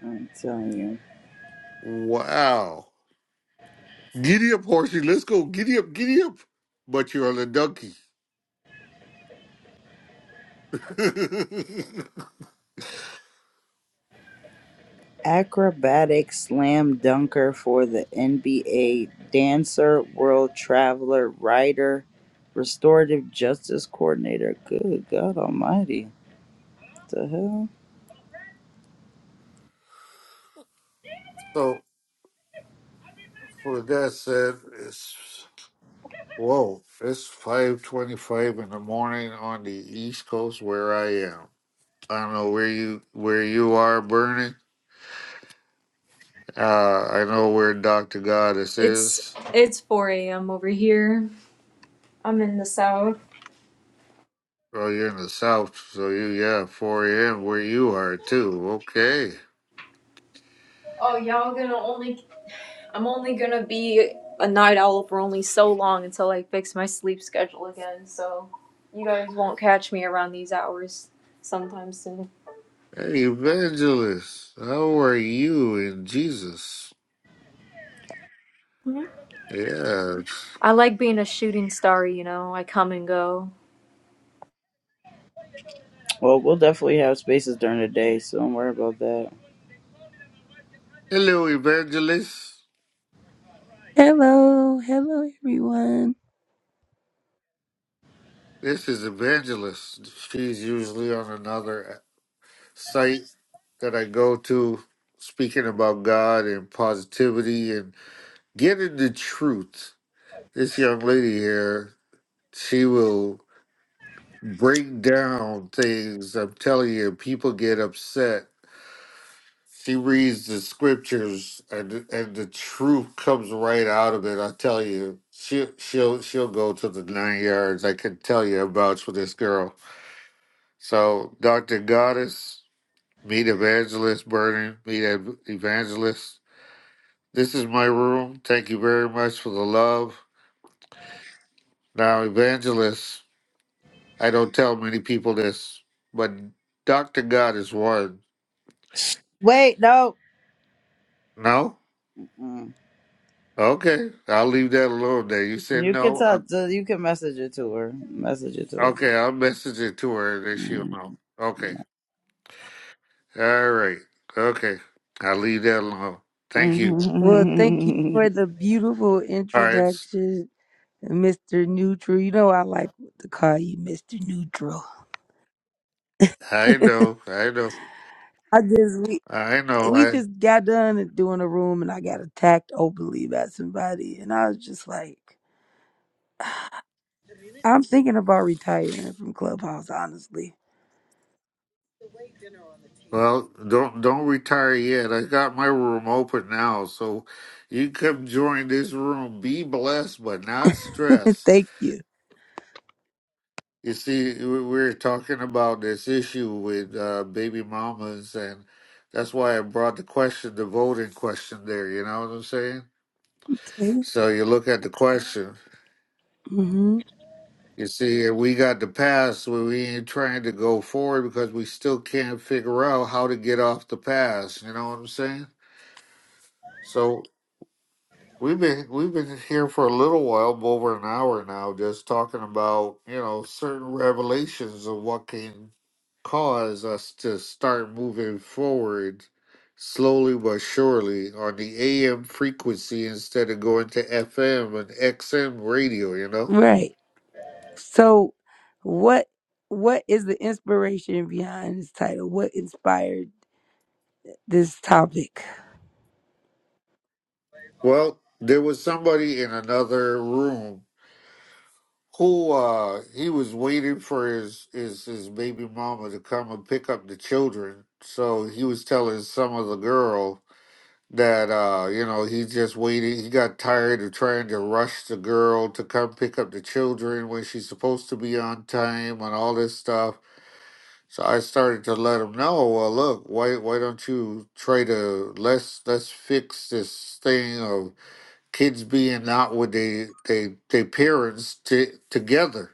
B: I'm telling you.
A: Wow. Giddy up, horsey. Let's go. Giddy up, giddy up. But you're on a donkey.
B: Acrobatic slam dunker for the NBA, dancer, world traveler, writer, restorative justice coordinator. Good God Almighty. What The hell?
A: so, for that said, it's whoa. It's five twenty-five in the morning on the East Coast where I am. I don't know where you where you are, Bernie. Uh, I know where Doctor Goddess
C: It's
A: is.
C: it's 4 a.m. over here. I'm in the south.
A: Oh, you're in the South, so you yeah, four a.m. where you are too. Okay.
C: Oh, y'all gonna only. I'm only gonna be a night owl for only so long until I fix my sleep schedule again, so you guys won't catch me around these hours sometime soon.
A: Hey, Evangelist, how are you in Jesus?
C: hmm
A: Yeah.
C: I like being a shooting star, you know, I come and go.
B: Well, we'll definitely have spaces during the day, so don't worry about that.
A: Hello, Evangelist.
F: Hello, hello everyone.
A: This is Evangelist. She's usually on another site that I go to speaking about God and positivity and getting the truth. This young lady here, she will break down things. I'm telling you, people get upset. She reads the scriptures and and the truth comes right out of it. I tell you, she she'll she'll go to the nine yards. I can tell you about with this girl. So, Dr. Goddess, meet Evangelist Burden, meet Ev- Evangelist. This is my room. Thank you very much for the love. Now, Evangelist, I don't tell many people this, but Dr. God is one.
B: Wait, no.
A: No?
B: Mm.
A: Okay. I'll leave that alone there. You said
B: You can
A: no?
B: tell.
A: I'm-
B: So you can message it to her. Message it to her.
A: okay, I'll message it to her and then she'll
B: Mm.
A: know. Okay. All right. Okay. I'll leave that alone. Thank you.
F: Well, thank you
B: Mhm.
F: for the beautiful
A: All right.
F: introduction, Mr. Neutral. You know I like to call you Mr. Neutral.
A: I
F: I
A: know. I know.
F: just we
A: I
F: we
A: know.
F: just got done doing a room and I got attacked openly by somebody and I was just like, I'm thinking about retiring from Clubhouse, honestly.
A: Well, don't don't retire yet. I got my room open now, so you come join this room. Be blessed, but not stressed.
F: thank you.
A: You see, we we we're talking about this issue with uh, baby mamas, and that's why I brought the question, the voting question, there. You know what I'm saying?
F: mm
A: So you look at the question.
F: hmm
A: You see, and we got the past where we ain't trying to go forward because we still can't figure out how to get off the past. You know what I'm saying? So We've been we've been here for a little while, over an hour now, just talking about, you know, certain revelations of what can cause us to start moving forward slowly but surely on the AM frequency instead of going to FM and XM radio, you know?
F: Right. So what what is the inspiration behind this title? What inspired this topic.
A: Well, there was somebody in another room who uh he was waiting for his his his baby mama to come and pick up the children so he was telling some of the girl that uh you know he just waited he got tired of trying to rush the girl to come pick up the children when she's supposed to be on time and all this stuff so i started to let him know well look why why don't you try to let's let's fix this thing of kids being out with they they, they parents t- together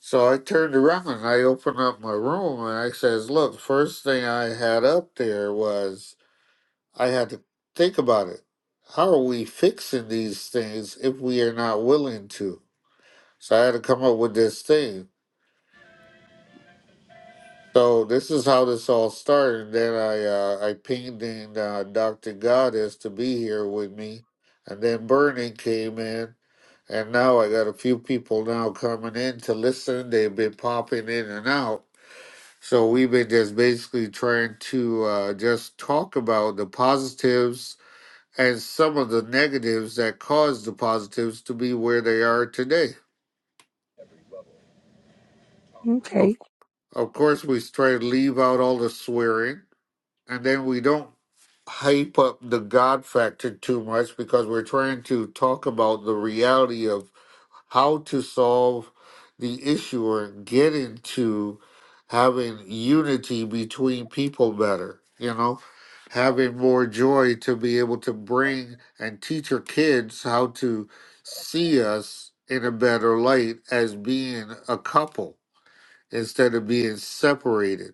A: so I turned around and I opened up my room and I says, Look, first thing I had up there was I had to think about it. How are we fixing these things if we are not willing to? So I had to come up with this thing. So this is how this all started. Then I uh, I pinged in uh, Dr. Goddess to be here with me, and then Bernie came in, and now I got a few people now coming in to listen. They've been popping in and out, So we've been just basically trying to uh, just talk about the positives and some of the negatives that caused the positives to be where they are today. Of,
F: Okay.
A: of course, we try to leave out all the swearing and then we don't hype up the God factor too much because we're trying to talk about the reality of how to solve the issue or get into having unity between people better, you know, having more joy to be able to bring and teach your kids how to see us in a better light as being a couple instead of being separated.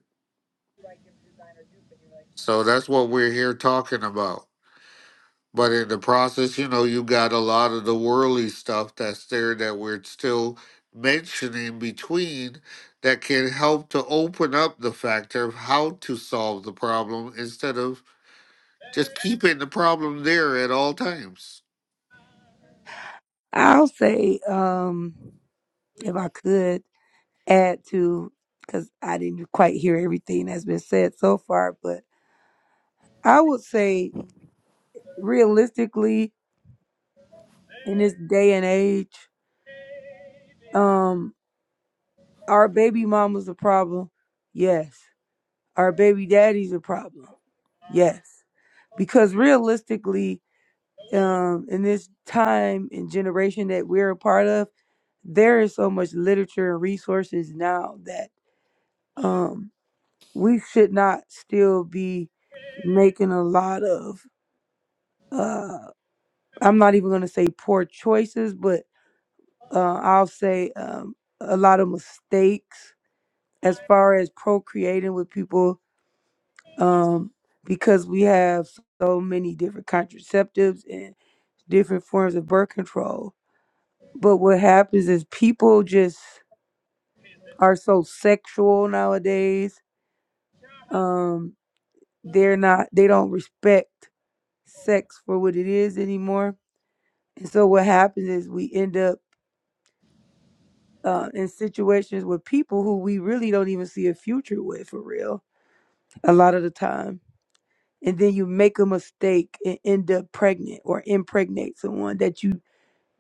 A: So that's what we're here talking about. But in the process, you know, you got a lot of the worldly stuff that's there that we're still mentioning between that can help to open up the factor of how to solve the problem instead of just keeping the problem there at all times.
F: I'll say, um, if I could add to, because I didn't quite hear everything that's been said so far, but I would say realistically, in this day and age, um, our baby mama's a problem. Yes. Our baby daddy's a problem. Yes. Because realistically, um, in this time and generation that we're a part of, there is so much literature and resources now that um we should not still be making a lot of uh I'm not even going to say poor choices but uh I'll say um a lot of mistakes as far as procreating with people um because we have so many different contraceptives and different forms of birth control but what happens is people just are so sexual nowadays um they're not they don't respect sex for what it is anymore and so what happens is we end up uh, in situations with people who we really don't even see a future with for real a lot of the time and then you make a mistake and end up pregnant or impregnate someone that you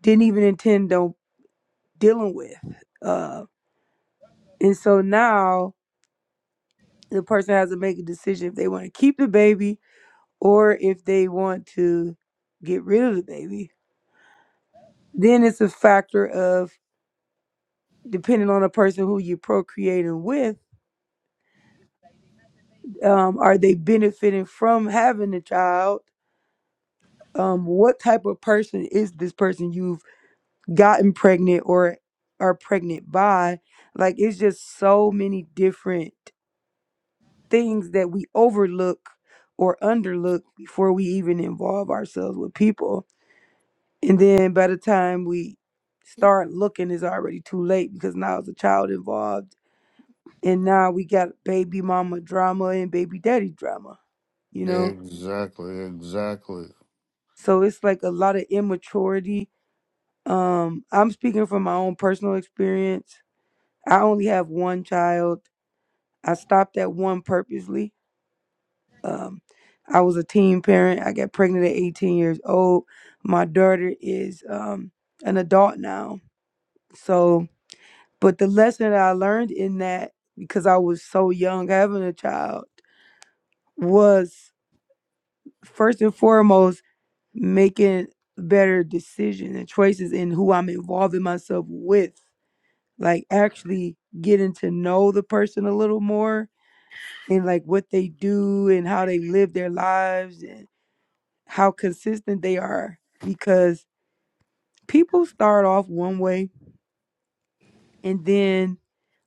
F: didn't even intend on dealing with uh, and so now the person has to make a decision if they want to keep the baby or if they want to get rid of the baby Then it's a factor of depending on the person who you're procreating with, um, are they benefiting from having a child? Um, what type of person is this person you've gotten pregnant or are pregnant by? Like it's just so many different things that we overlook or underlook before we even involve ourselves with people. And then by the time we start looking, it's already too late because now it's a child involved and now we got baby mama drama and baby daddy drama you know
A: Exactly, exactly.
F: so it's like a lot of immaturity um i'm speaking from my own personal experience i only have one child i stopped at one purposely um i was a teen parent i got pregnant at 18 years old my daughter is um an adult now so but the lesson that i learned in that because i was so young having a child was first and foremost making better decisions and choices in who I'm involving myself with. Like actually getting to know the person a little more and like what they do and how they live their lives and how consistent they are. Because people start off one way and then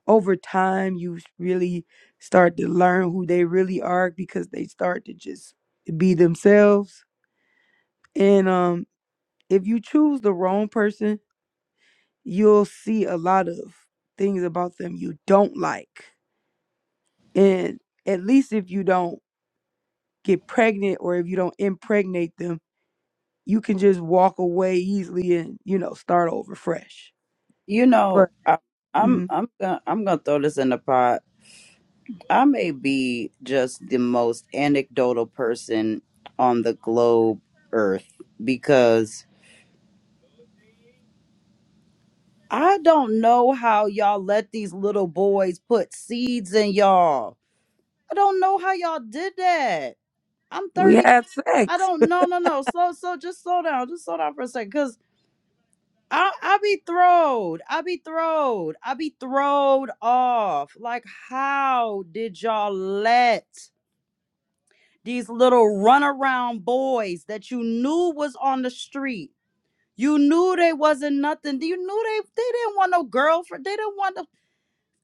F: over time you s- really start to learn who they really are because they start to just be themselves. And um if you choose the wrong person you'll see a lot of things about them you don't like. And at least if you don't get pregnant or if you don't impregnate them, you can just walk away easily and, you know, start over fresh.
B: you know,
F: But
B: I, I'm
F: mhm,
B: I'm gonna I'm gonna throw this in the pot. I may be just the most anecdotal person on the globe earth because I don't know how y'all let these little boys put seeds in y'all. I don't know how y'all did that. I'm
F: we
B: 30.
F: had
B: I
F: sex.
B: don't no no no. Slow slow just slow down. Just slow down for a second. Cause I I be throwed. I be throwed. I be throwed off. Like how did y'all let? these little runaround boys that you knew was on the street. You knew they wasn't nothing. You knew they they didn't want no girlfriend. They didn't want no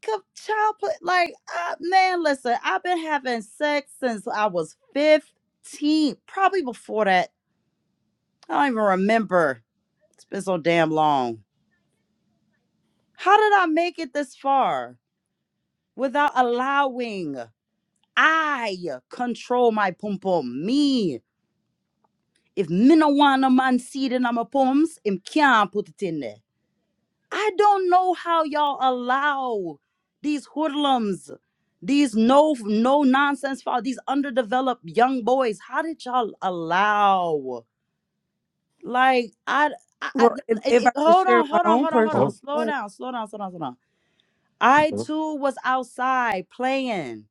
B: co- child play. Like uh, man, listen, I've been having sex since I was fifteen, probably before that. I don't even remember. It's been so damn long. How did I make it this far without allowing I control my pum pum? Me If me no want a man seed in my poems, him can't put it in there. I don't know how y'all allow these hoodlums, these no no nonsense foul, these underdeveloped young boys. How did y'all allow? Like I, I, I-
F: Well, if,
B: it,
F: if
B: it-
F: I could
B: hold
F: share
B: on,
F: my
B: hold on,
F: own
B: hold on, hold on.
A: Oh,
F: personal
B: Slow
F: story,
B: down, slow down, slow down, slow down. I
A: oh,
B: too was outside playing,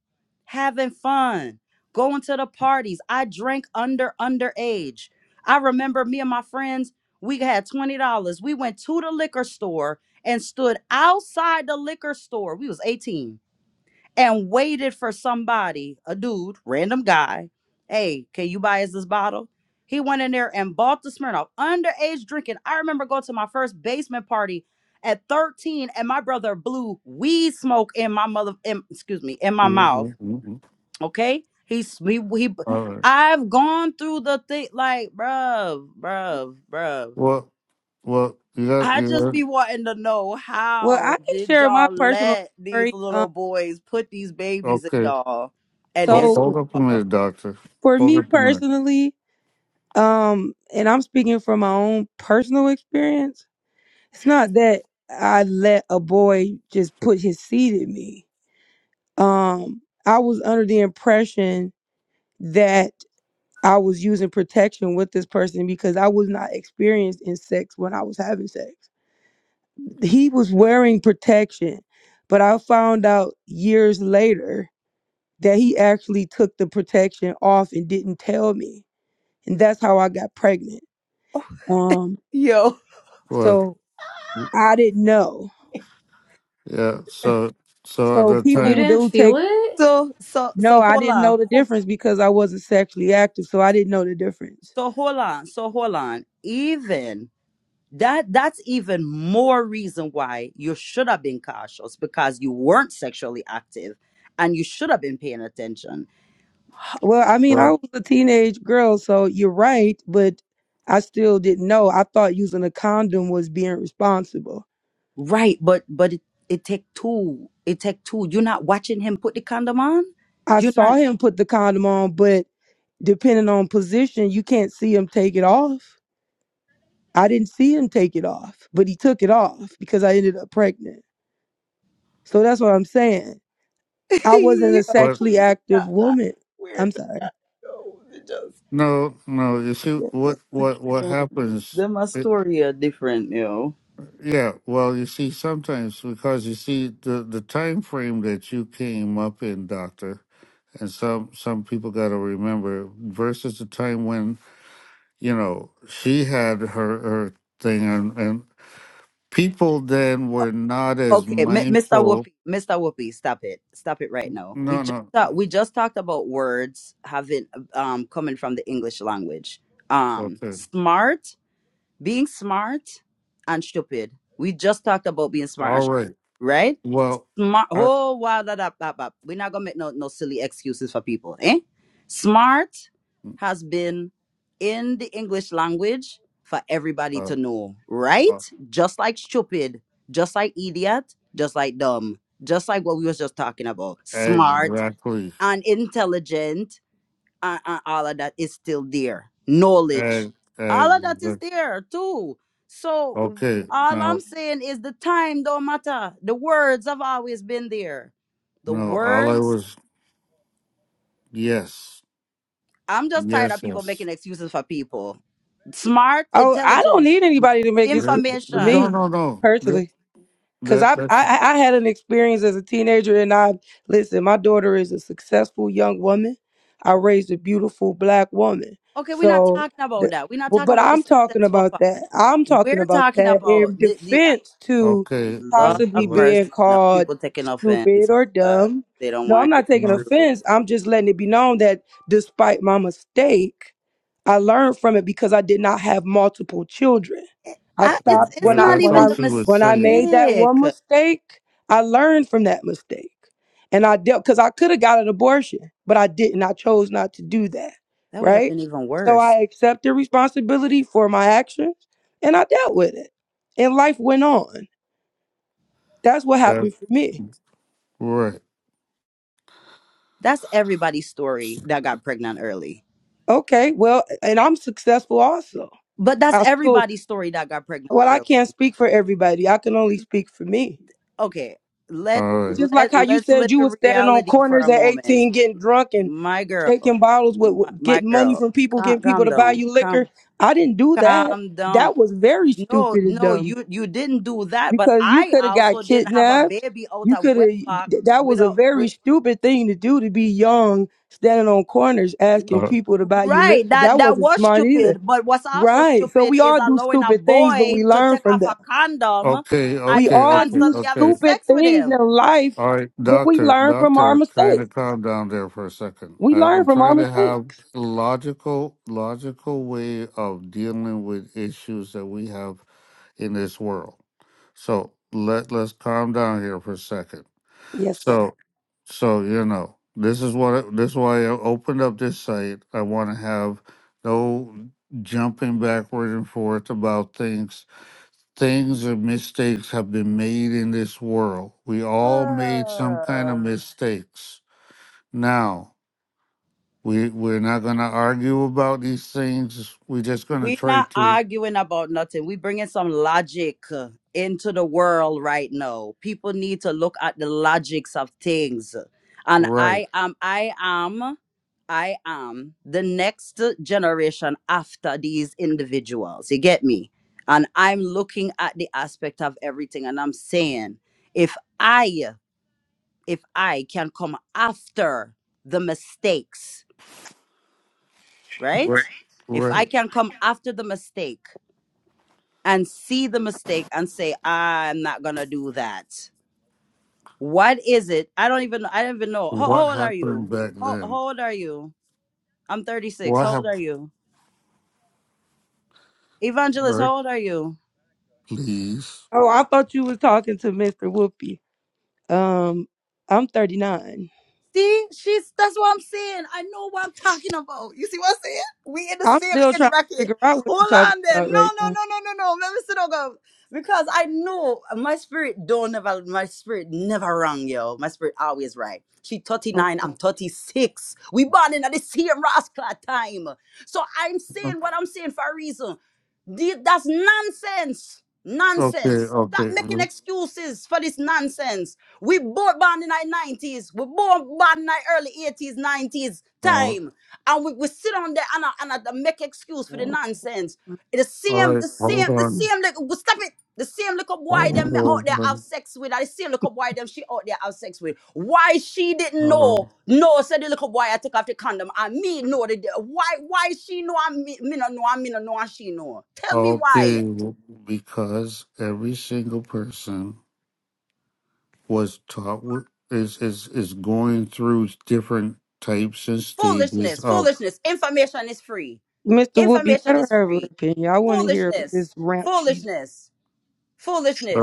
B: having fun, going to the parties. I drank under underage. I remember me and my friends, we had $20. We went to the liquor store and stood outside the liquor store. We was 18 and waited for somebody, a dude, random guy. Hey, can you buy us this bottle? He went in there and bought the Smirnoff. Underage drinking. I remember going to my first basement party at 13, and my brother blew weed smoke in my mother, in, excuse me, in my
A: mm,
B: mouth.
A: mm, mm, mm.
B: Okay, he's he, he. he-
A: all right.
B: I've gone through the thing, like, bruv, bruv, bruv.
A: Well, well, you got,
B: I
A: you
B: just
A: got,
B: be wanting to know
F: well,
B: how
F: I can
B: did
F: share my
B: y'all
F: personal
B: let these
F: story.
B: little
F: Um,
B: boys put these babies in
A: okay.
B: y'all and
A: Hold,
B: then
F: so
A: hold
B: scoot
A: up a
B: off?
A: minute, doctor.
F: for
A: Hold
F: me
A: up a minute.
F: personally, um, and I'm speaking from my own personal experience It's not that I let a boy just put his seed in me. Um, I was under the impression that I was using protection with this person because I was not experienced in sex when I was having sex. He was wearing protection, but I found out years later that he actually took the protection off and didn't tell me. And that's how I got pregnant. Um,
B: Yo,
A: What?
F: so I didn't know.
A: Yeah. So so at
F: So
A: that
C: You
F: people
A: time,
C: didn't
F: do take
C: feel it?
B: so so so
F: No, I
B: hold
F: didn't
B: on,
F: know the
B: ho-
F: difference because I wasn't sexually active, so I didn't know the difference.
B: so hold on, so hold on. Even that that's even more reason why you should have been cautious because you weren't sexually active and you should have been paying attention.
F: Well, I mean, I
A: well,
F: was a teenage girl, so you're right, but I still didn't know. I thought using a condom was being responsible.
B: Right, but but it, it take two. It take two. You're not watching him put the condom on?
F: I
B: You're not
F: saw him put the condom on, but depending on position, you can't see him take it off. I didn't see him take it off, but he took it off because I ended up pregnant. So that's what I'm saying. I wasn't
B: Yo,
F: a
A: what?
F: sexually
B: yeah,
F: active
B: I
F: woman.
B: swear
F: I'm
B: to
F: sorry.
B: God, yo, it just
A: No, no. You see,
B: yeah.
A: what
B: we
A: what what
B: can't.
A: happens?
B: Them a
A: It,
B: story are different, yo.
A: yeah. Well, you see, sometimes because you see the the time frame that you came up in, Doctor, and some some people got to remember versus the time when you know she had her her thing, and and people then were not as
B: Okay, M- Mr.
A: mindful.
B: Whoopi, Mr. Whoopi, stop it, stop it right now. We
A: No,
B: just
A: no.
B: talked, we just talked about words having um coming from the English language. Um,
A: Okay.
B: smart, being smart, and stupid. We just talked about being smart and
A: All
B: stupid,
A: right.
B: right?
A: Well,
B: smart.
A: I.
B: Oh wow, da, da, da, da. we're not gonna make no no silly excuses for people, eh? Smart has been in the English language for everybody
A: Uh,
B: to know, right?
A: uh,
B: Just like stupid, just like idiot, just like dumb, just like what we was just talking about. Smart
A: Exactly.
B: and intelligent and, and all of that is still there. Knowledge,
A: Ex.
B: all of that
A: and
B: is there too. So
A: okay,
B: w- all I'm
A: no,
B: saying is the time don't matter. The words have always been there. The
A: no. All I
B: words.
A: was yes,
B: I'm just tired
A: yes,
B: of people
A: yes.
B: making excuses for people. Smart,
F: Oh, I don't
B: intelligent,
F: need anybody to make
A: Re-
F: excuses for
B: information.
A: No,
F: me
A: no, no. That,
F: personally, because
A: that
F: I,
A: that's
F: I I had an experience as a teenager, and I listen. My daughter is a successful young woman. I raised a beautiful black woman.
B: Okay, we're not
F: So,
B: talking about
F: the,
B: that. We're not
F: but,
B: talking
F: but
B: about the
F: I'm talking
B: successful
F: about
B: part.
F: that. I'm talking
B: We're
F: about
B: talking
F: that
B: about
F: in
B: the the uh,
F: defense to
A: okay.
B: Lord
A: re-
B: of
F: possibly
A: relax.
F: being
B: mercy. No
F: called
B: people taking
F: stupid
B: offense
F: or
B: because
F: dumb.
B: they don't
F: No, I'm
B: want to
F: not taking
B: hear
A: No,
B: the truth
F: offense. I'm just letting it be known that despite my mistake. I learned from it because I did not have multiple children. I
B: I,
A: uh,
B: it's
F: stopped
B: it's
A: uh,
F: when I
B: not
A: that's
F: when
A: all
B: even
F: I
B: the
A: she was
F: when I
A: saying.
F: made that
B: mistake.
F: one mistake, I learned from that mistake. And I dealt because I could have got an abortion, but I didn't. I chose not to do that.
B: That would have
F: Right?
B: been even
F: So I
B: worse.
F: accepted responsibility for my actions and I dealt with it. And life went on. That's what
A: That's
F: happened for me.
A: right.
B: That's everybody's story that got pregnant early.
F: Okay, well, and I'm successful also.
B: But that's
F: I still
B: everybody's story that got pregnant
F: well, I
B: early.
F: can't speak for everybody. I can only speak for me
B: Okay, let
A: All right.
F: Just like
B: let
F: how you
B: let's
F: said
B: live
F: you was
B: in
F: standing on
B: reality for
F: corners
B: a
F: at
B: moment.
F: 18 getting drunk and
B: My girl,
F: shaking bottles with,
B: my,
F: with
B: my
F: getting money
B: girl,
F: from people,
B: calm,
F: getting people
B: calm
F: to buy
B: down,
F: you liquor.
B: calm
F: I didn't do that.
B: calm down.
F: That was very
B: No,
F: stupid and
B: no,
F: dumb
B: you you didn't do that. But
F: because you
B: I
F: could have got
B: also didn't have a
F: kidnapped.
B: baby out
F: You
B: of
F: could
B: wedlock
F: have, that was a
B: without.
F: very stupid thing to do to be young, standing on corners asking
A: Uh,
F: people to buy you
B: Right.
F: liquor.
B: That
F: That
B: that
F: wasn't
B: was
F: smart either.
B: stupid. But what's also
F: Right. So
B: stupid
F: we
B: is
F: all do
B: allowing a
F: stupid things, but we
B: boy to
F: learn
B: take
F: from
B: off
F: them.
B: a condom
A: okay,
F: We
B: and
A: okay,
B: you
F: all
A: okay,
F: do
B: constantly
A: okay.
B: having
F: stupid
B: sex with
F: things
B: him.
F: in life,
A: All right,
F: but we
A: doctor,
F: learn from our
A: doctor, kind of
F: mistakes.
A: calm down there for a second.
F: We
A: I,
F: learn
A: I'm
F: from our
A: trying to have
F: mistakes.
A: logical, logical way of dealing with issues that we have in this world. So let let's calm down here for a second.
F: Yes, sir.
A: So, so you know, this is what I- this is why I opened up this site. I want to have no jumping backward and forth about things things and mistakes have been made in this world. We all made some kind of mistakes. Now, we we're not going to argue about these things. We're just going to
B: We're
A: try
B: not
A: to
B: arguing about nothing. we bringing some logic uh, into the world right now. People need to look at the logics of things. And
A: right,
B: I am, I am, I am the next generation after these individuals. You get me? And I'm looking at the aspect of everything and I'm saying, if I, if I can come after the mistakes, right?
A: right,
B: If I
A: right.
B: can come after the mistake, and see the mistake and say, I'm not gonna do that. What is it? I don't even I don't even know. How,
A: What
B: how old are
A: happened
B: you?
A: back
B: How, how
A: then?
B: old are you? I'm 36.
A: What
B: How old
A: happened?
B: are you? Evangelist,
A: Right,
B: how old are you?
A: please.
F: Oh, I thought you was talking to Mr. Whoopi. Um, I'm 39.
B: See, she's that's what I'm saying. I know what I'm talking about. You see what I'm saying? We in the
F: I'm
B: same
F: still
B: age
F: trying to
B: bracket.
F: figure out what you're
B: Hold
F: talking
B: on there.
F: about
B: No,
F: right
B: no,
F: now.
B: no, no, no, no. Let me sit down. Because I know my spirit don't never my spirit never wrong, yo. My spirit always right. She 39,
F: Okay.
B: I'm 36. We born in the same rascal time. So I'm saying what I'm saying for a reason. The- That's nonsense.
A: Okay,
B: Nonsense. Stop
A: okay.
B: making excuses for this nonsense. We born born in the nineties. We born born in the early eighties, nineties
A: Uh, all
B: time, and we, we sit on there and I, and I make excuse for the
F: so,
B: nonsense. The same,
A: right.
B: the
A: Hold
B: same, the
A: on.
B: same. Like, stop it. The same little boy them
A: Hold
B: me out there have
A: on.
B: sex with, and the same little boy them she out there have sex with. Why she didn't know?
A: Um,
B: No, said the little boy. I took off the condom. And me know the why? Why she know? And me, me no know. And me no know. And she know. Tell me why?
A: okay, because every single person was taught w- is is is going through different types and stages
B: Foolishness,
A: of.
B: foolishness. Information is free.
F: Mr. Whoopi, let
B: Information
F: her
B: is
F: have her
B: free.
F: opinion. I want to hear
B: foolishness
F: this ramp she's
B: foolishness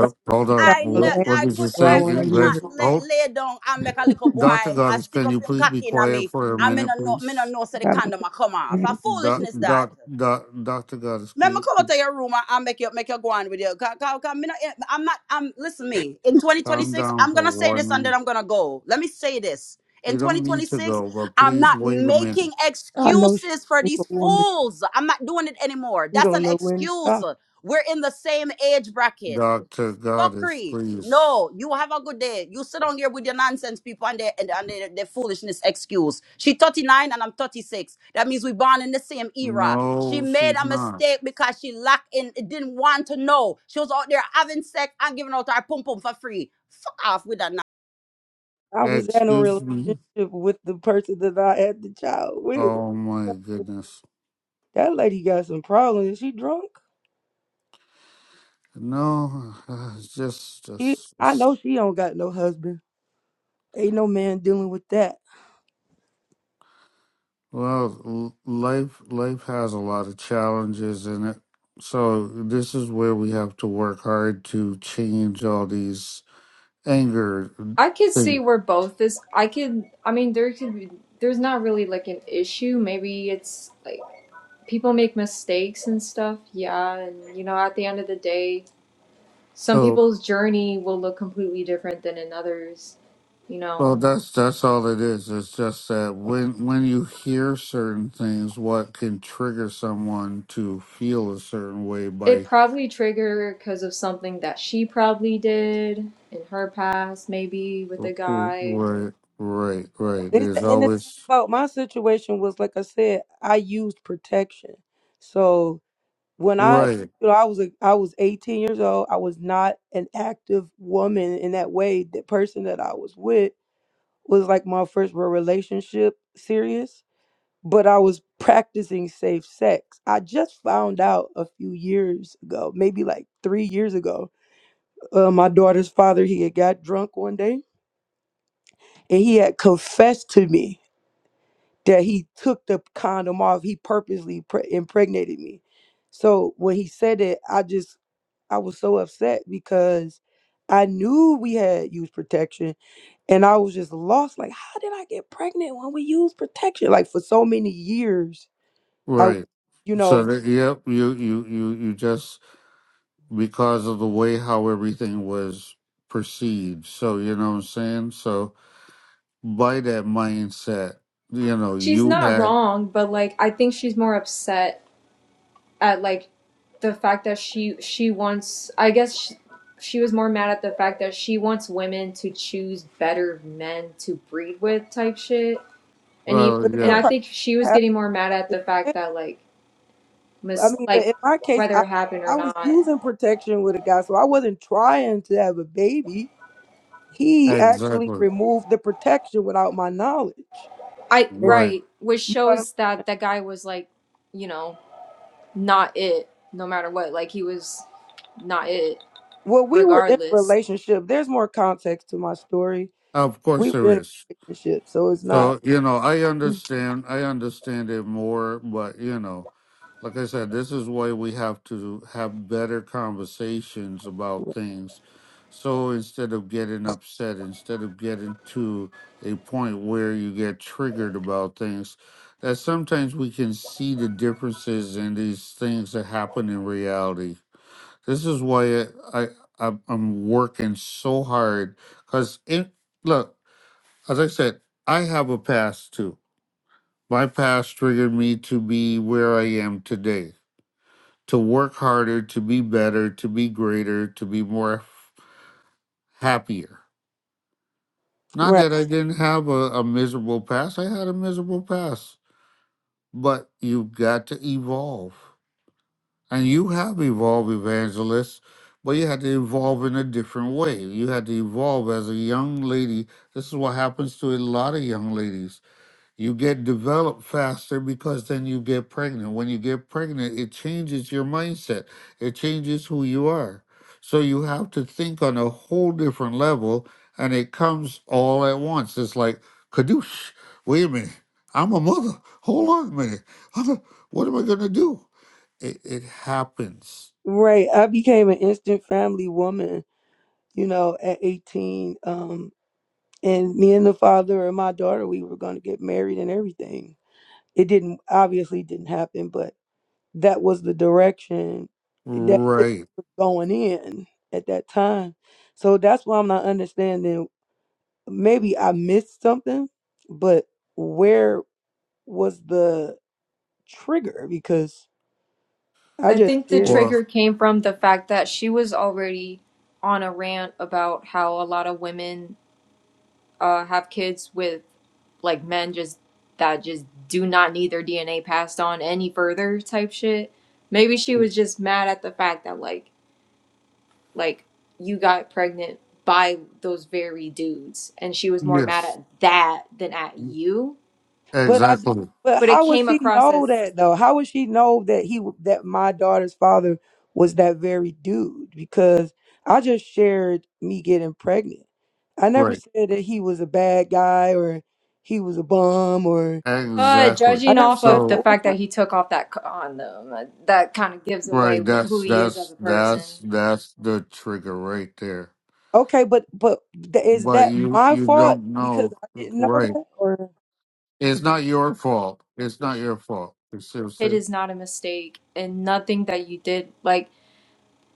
F: like,
A: hold
F: she
A: on.
F: got
B: i ne-
F: all the
A: What, what
B: i
A: did
F: answers,
A: you
B: could
F: so I
B: i
A: say,
F: want
B: could
F: to hear
B: not
A: Vance?
F: her.
B: let
A: Hold,
B: lay down and make a little boy
A: Doctor
B: i
A: Goddess,
B: stick
A: can
B: up
A: you
B: him
A: please be
B: cocky in
A: quiet
B: me
A: for a
B: i mean
A: minute,
B: no me no
A: please?
B: know say the
F: I don't
B: condom a come off a
F: think
A: Doc,
B: foolishness that
A: doc, doc, Doctor Goddess, can
B: let me
A: you
B: come out
A: please
B: of your room and, and make you make you go on with you. Cause, cause, 'cause me not, eh, I'm not. I'm listen me. In
A: calm
B: 2026,
A: down
B: I'm
A: for
B: gonna say
A: one
B: this and then
A: minute?
B: I'm gonna go. Let me say this. In
A: You don't need to
B: 2026,
A: go, but
B: I'm
A: please
B: not
A: wait a minute,
B: making
F: I know she's
B: excuses for
F: a
B: these
F: woman.
B: fools. I'm not doing it anymore.
F: You
B: That's
F: don't
B: an
F: know when to
B: excuse.
F: stop.
B: We're in the same age bracket.
A: Doctor Goddess,
B: Fuckery.
A: please.
B: No, you have a good day. You sit on here with your nonsense people and their and, and their, their foolishness excuse. She 39 and I'm 36. That means we born in the same era. She
A: No,
B: made
A: she's
B: a
A: not.
B: mistake because she lacked in didn't want to know. She was out there having sex and giving out her pum pum for free. Fuck off with that nonsense.
F: I was in a
A: Excuse
F: relationship
A: me.
F: with the person that I had the child with.
A: Oh my goodness.
F: That lady got some problems. She drunk.
A: No, uh, it's just,
F: She,
A: just,
F: I
A: just
F: know she don't got no husband. Ain't no man dealing with that.
A: well, l- life, life has a lot of challenges in it. So this is where we have to work hard to change all these anger
C: I could see
A: things.
C: where both is. I could. I mean, there could be. There's not really like an issue. Maybe it's like people make mistakes and stuff. Yeah, and you know, at the end of the day, some
A: So,
C: people's journey will look completely different than in others you
A: well,
C: know
A: that's that's all it is. It's just that when when you hear certain things, what can trigger someone to feel a certain way
C: it
A: by
C: probably triggered because of something that she probably did in her past maybe with a
A: r- r-
C: guy
A: right, right, right.
F: It's
A: There's
F: the, and the thing
A: always
F: about my situation was, like I said, I used protection. So when I,
A: right.
F: you know, I was a, I was 18 years old. I was not an active woman in that way. The person that I was with was like my first real relationship, serious. but I was practicing safe sex. I just found out a few years ago, maybe like three years ago. Uh, my daughter's father, he had got drunk one day and he had confessed to me that he took the condom off. He purposely pre- impregnated me. So when he said it, I just, I was so upset because I knew we had used protection and I was just lost. Like, how did I get pregnant when we used protection? Like, for so many years, I
A: Right.
F: you
A: So
F: know,
A: that, yep, you you you you just because of the way how everything was perceived. So you know what I'm saying. So by that mindset, you know,
C: she's
A: you
C: not
A: had
C: wrong but like i think she's more upset at like the fact that she she wants i guess she, she was more mad at the fact that she wants women to choose better men to breed with type shit and he,
A: well,
F: But if
C: and
F: a
A: yeah,
C: i
F: person
C: think she was
F: has
C: getting more mad at
F: protective
C: the fact
F: stance,
C: that like
F: I
C: mis-
F: mean, but
C: like
F: in my case, I
C: whether it happened
F: I
C: or
F: was
C: not.
F: using protection with a guy, so I wasn't trying to have a baby. He actually
A: exactly
F: removed the protection without my knowledge,
C: I
F: and
A: right.
C: right, which
F: you know what I'm.
C: shows that that guy was like, you know, not it no matter what. Like he was not it
F: Well, we were in a
C: regardless.
F: relationship. There's more context to my story.
A: Of course,
F: We were
A: there
F: in a
A: is.
F: relationship, so it's not
A: So, you know, I understand I understand it more, but you know, like I said, this is why we have to have better conversations about things. So instead of getting upset, instead of getting to a point where you get triggered about things, that sometimes we can see the differences in these things that happen in reality. This is why I, I I'm I'm working so hard because it look as I said, I have a past too. My past triggered me to be where I am today, to work harder, to be better, to be greater, to be more happier. Not
F: right.
A: that I didn't have a, a miserable past, I had a miserable past, but you've got to evolve. And you have evolved, evangelist, but you had to evolve in a different way. You had to evolve as a young lady. This is what happens to a lot of young ladies You get developed faster because then you get pregnant. When you get pregnant, it changes your mindset, it changes who you are. So you have to think on a whole different level, and it comes all at once. It's like, Kadoosh, wait a minute. I'm a mother. Hold on a minute. I'm a- what am I going to do? It, it happens.
F: Right. I became an instant family woman, you know, at 18. Um, and me and the father of my daughter, we were going to get married and everything It didn't obviously didn't happen, but that was the direction that it
A: Right.
F: was going in at that time. So that's why I'm not understanding. Maybe I missed something, but where was the trigger? Because I
C: I
F: just
C: think the
F: did.
A: Or,
C: trigger came from the fact that she was already on a rant about how a lot of women uh, have kids with like men just that just do not need their DNA passed on any further type shit. Maybe she was just mad at the fact that like like you got pregnant by those very dudes and she was more mad
A: yes,
C: at that than at you
F: But I,
A: exactly.
F: but
C: but it
F: how would
C: came
F: she
C: across
F: know
C: as
F: that though? How would she know that he, w- that my daughter's father was that very dude? Because I just shared me getting pregnant. I never
A: Right.
F: said that he was a bad guy or he was a bum or
C: uh
A: Exactly.
F: I
C: judging
F: never
C: off
F: said
C: of the
F: that
A: So,
F: one
C: fact
F: time.
C: that he took off that condom uh, that kind of gives away
A: Right,
C: wh- who
A: that's
C: he is as a
A: that's
C: person
A: that's that's the trigger right there.
F: Okay, but but th- is
A: But
F: that
A: you
F: my
A: you
F: fault
A: don't
F: because
A: know,
F: I didn't know
A: right?
F: that or
A: It's not your fault. It's not your fault. You see what I'm
C: it
A: saying?
C: is not a mistake and nothing that you did like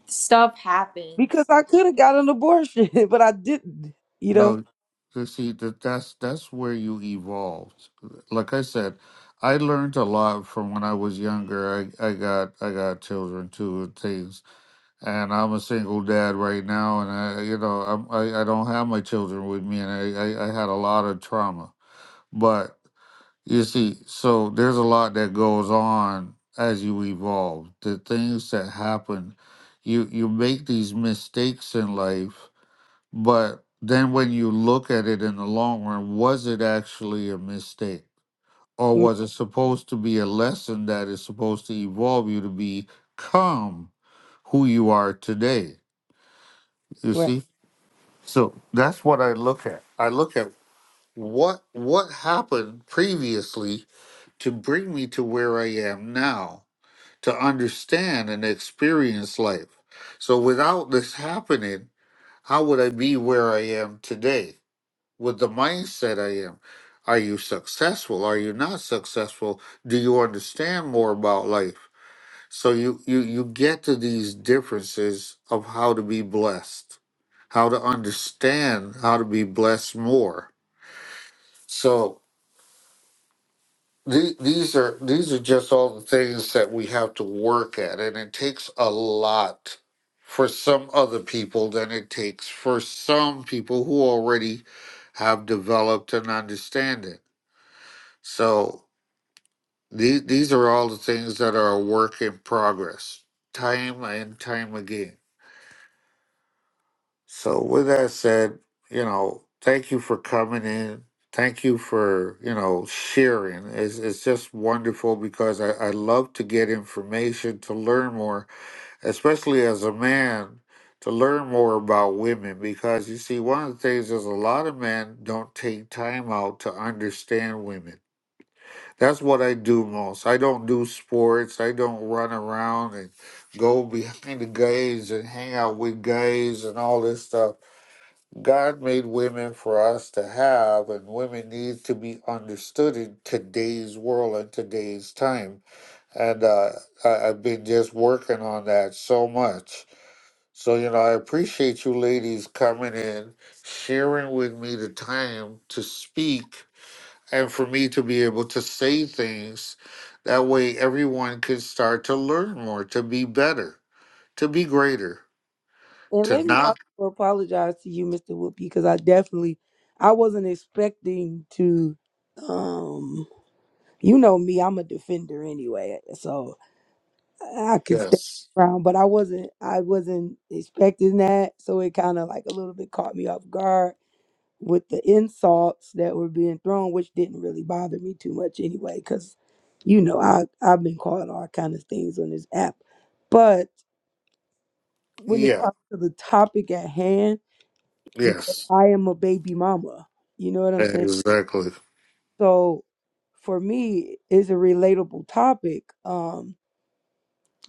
C: stuff
F: because
C: happens
F: I could have got an abortion, but I didn't, you know?
A: No, you see that that's that's where you evolved. Like I said, I learned a lot from when I was younger. I I got I got children too and things, and I'm a single dad right now, and I you know I'm, I I don't have my children with me, and I I, I had a lot of trauma, but. You see, so there's a lot that goes on as you evolve. The things that happen, you you make these mistakes in life, but then when you look at it in the long run, was it actually a mistake? Or
F: Mm,
A: was it supposed to be a lesson that is supposed to evolve you to become who you are today? You
F: Right.
A: see? So that's what I look at. I look at what what happened previously to bring me to where I am now, to understand and experience life. So without this happening, how would I be where I am today with the mindset I am? Are you successful? Are you not successful? Do you understand more about life? So you, you, you get to these differences of how to be blessed, how to understand how to be blessed more. So the- these are these are just all the things that we have to work at and it takes a lot for some other people than it takes for some people who already have developed and understand it. so the, these are all the things that are a work in progress time and time again So with that said, you know, thank you for coming in. Thank you for, you know, sharing. It's, it's just wonderful because I, I love to get information to learn more, especially as a man, to learn more about women. Because you see, one of the things is a lot of men don't take time out to understand women. That's what I do most. I don't do sports. I don't run around and go behind the guys and hang out with guys and all this stuff. God made women for us to have, and women need to be understood in today's world and today's time. And uh, I, I've been just working on that so much. So, you know, I appreciate you ladies coming in, sharing with me the time to speak, and for me to be able to say things. That way, everyone can start to learn more, to be better, to be greater,
F: And
A: to
F: let me
A: not.
F: also apologize to you, Mr. Whoopi, because I definitely I wasn't expecting to um you know me, I'm a defender anyway, so I could stay
A: Yes.
F: around, but I wasn't I wasn't expecting that. So it kinda like a little bit caught me off guard with the insults that were being thrown, which didn't really bother me too much anyway, because you know, I I've been called all kind of things on this app. But when it
A: Yeah.
F: comes to the topic at hand, because
A: Yes.
F: I am a baby mama. You know what I'm saying?
A: Exactly.
F: So for me, it's a relatable topic. Um,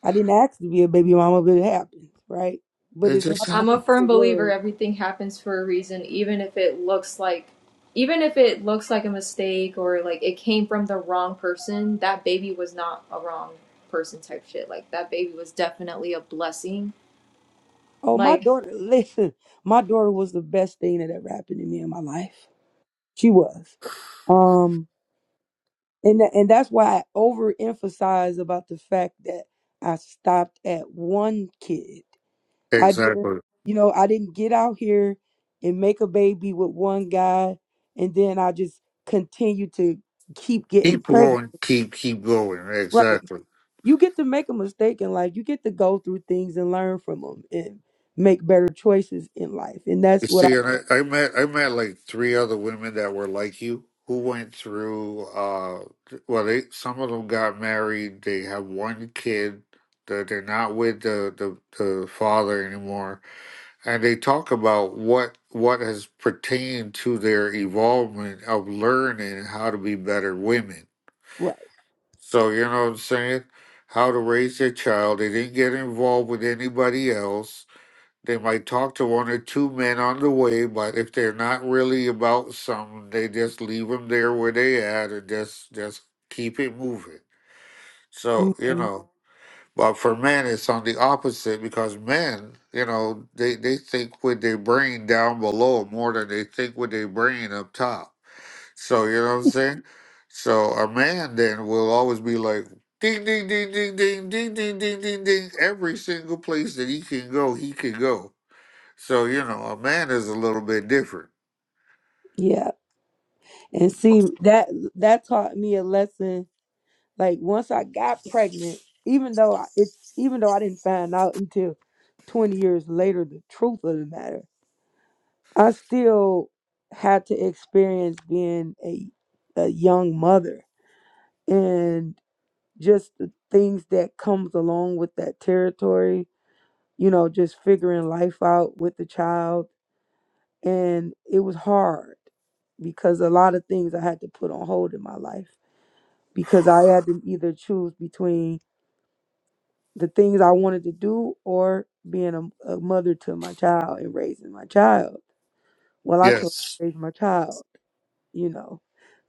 F: I didn't ask to be a baby mama, but it happened, right? But
A: It
F: it's
A: just
F: not the
C: I'm
F: end
C: a
A: happened.
C: firm
F: of the
C: believer
F: world.
C: everything happens for a reason, even if it looks like even if it looks like a mistake or like it came from the wrong person, that baby was not a wrong person type shit. Like that baby was definitely a blessing.
F: Oh, my
C: Like
F: daughter, listen, my daughter was the best thing that ever happened to me in my life. She was. Um, and tha- and that's why I overemphasize about the fact that I stopped at one kid I didn't,
A: Exactly.
F: you know, I didn't get out here and make a baby with one guy, and then I just continue to keep getting
A: Keep
F: pregnant.
A: going. Keep keep going.
F: Like
A: Exactly.
F: you get to make a mistake in life, you get to go through things and learn from them and make better choices in life, and
A: You
F: that's what
A: see,
F: I
A: and I, I met I met like three other women that were like you who went through. uh Well, they some of them got married. They have one kid. that they're not with the, the the father anymore, and they talk about what what has pertained to their evolvement of learning how to be better women
F: right.
A: So, you know what I'm saying? How to raise their child. They didn't get involved with anybody else. They might talk to one or two men on the way, but if they're not really about something, they just leave them there where they at and just just keep it moving. So, you
F: hmm
A: know. But for men, it's on the opposite because men, you know, they, they think with their brain down below more than they think with their brain up top. So, you know what I'm saying? So, a man then will always be like, ding, ding, ding, ding, ding, ding, ding, ding, ding, ding. Every single place that he can go, he can go. So, you know, a man is a little bit different.
F: Yeah, and see that that taught me a lesson. Like once I got pregnant, even though I, it, even though I didn't find out until twenty years later the truth of the matter I still had to experience being a a young mother and just the things that comes along with that territory, you know, just figuring life out with the child and it was hard because a lot of things I had to put on hold in my life because I had to either choose between the things I wanted to do or being a, a mother to my child and raising my child. Well, I chose
A: Yes.
F: to raise my child you know,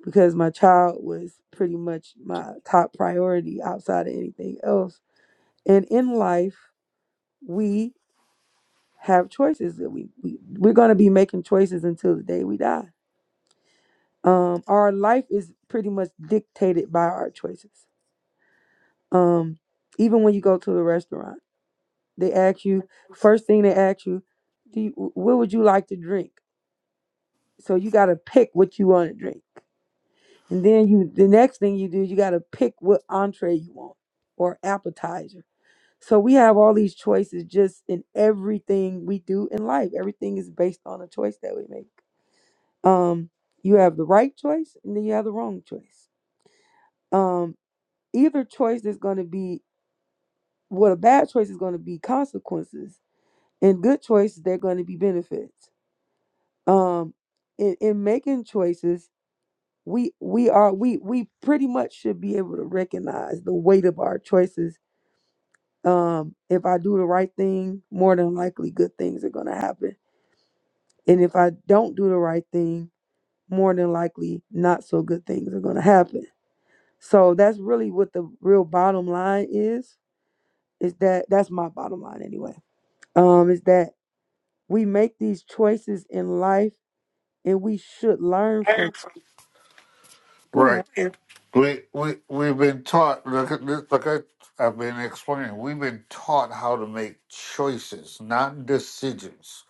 F: because my child was pretty much my top priority outside of anything else. And in life, we have choices that we, we we're going to be making choices until the day we die. Um, our life is pretty much dictated by our choices. Um, even when you go to the restaurant, they ask you first thing they ask you, do you, what would you like to drink? So you got to pick what you want to drink. And then you the next thing you do, you gotta pick what entree you want or appetizer. So we have all these choices just in everything we do in life. Everything is based on a choice that we make. Um, you have the right choice and then you have the wrong choice. Um, either choice is gonna be what a bad choice is gonna be consequences. And good choices, they're gonna be benefits. Um in, in making choices we we are we we pretty much should be able to recognize the weight of our choices um if i do the right thing more than likely good things are going to happen and if i don't do the right thing more than likely not so good things are going to happen so that's really what the real bottom line is is that that's my bottom line anyway um is that we make these choices in life and we should learn from go ahead
A: Right. We we we've been taught. Look at this. Look at I've been explaining. We've been taught how to make choices, not decisions.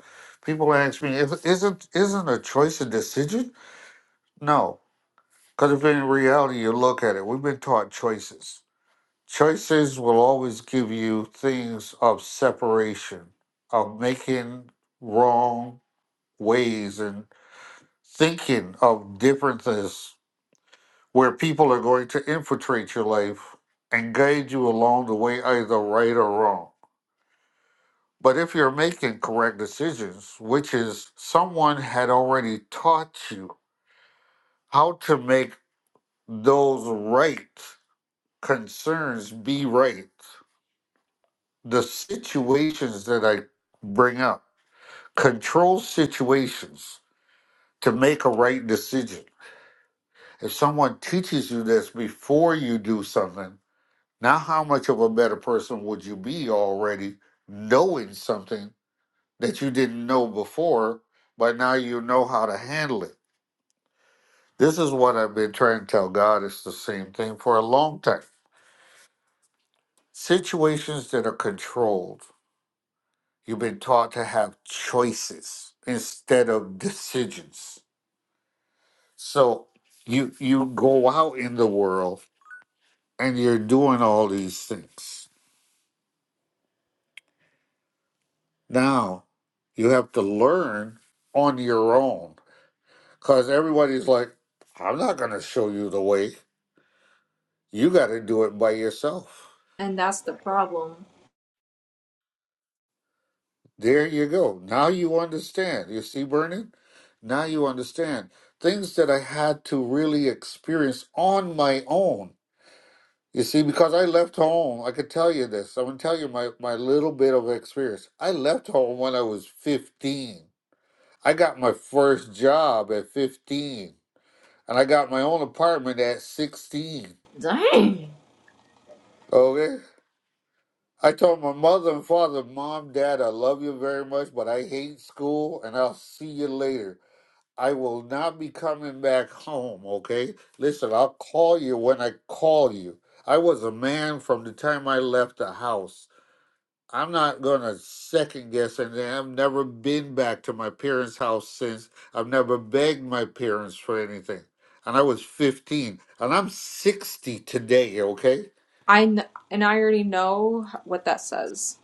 A: People ask me, if, "Isn't isn't a choice a decision?" No, because if in reality you look at it, we've been taught choices. Choices will always give you things of separation, of making wrong ways, and thinking of differences where people are going to infiltrate your life and guide you along the way, either right or wrong. But if you're making correct decisions, which is someone had already taught you how to make those right concerns be right, the situations that I bring up, control situations to make a right decision. If someone teaches you this before you do something, Now, how much of a better person would you be already knowing something that you didn't know before, but now you know how to handle it? This is what I've been trying to tell God. It's the same thing for a long time. Situations that are controlled, you've been taught to have choices instead of decisions. So you you go out in the world and you're doing all these things. Now you have to learn on your own Because everybody's like, I'm not going to show you the way. You got to do it by yourself.
C: and that's the problem.
A: There you go. Now you understand. You see, Vernon? Now you understand. Things that I had to really experience on my own. You see, because I left home, I could tell you this. I'm going to tell you my, my little bit of experience. I left home when I was 15. I got my first job at 15, and I got my own apartment at 16.
C: Dang.
A: Okay? I told my mother and father, Mom, Dad, I love you very much, but I hate school and I'll see you later. I will not be coming back home, okay? Listen, I'll call you when I call you. I was a man from the time I left the house. I'm not gonna second guess and I've never been back to my parents' house since. I've never begged my parents for anything. And I was 15 and I'm 60 today, okay?
C: I kn- and I already know what that says.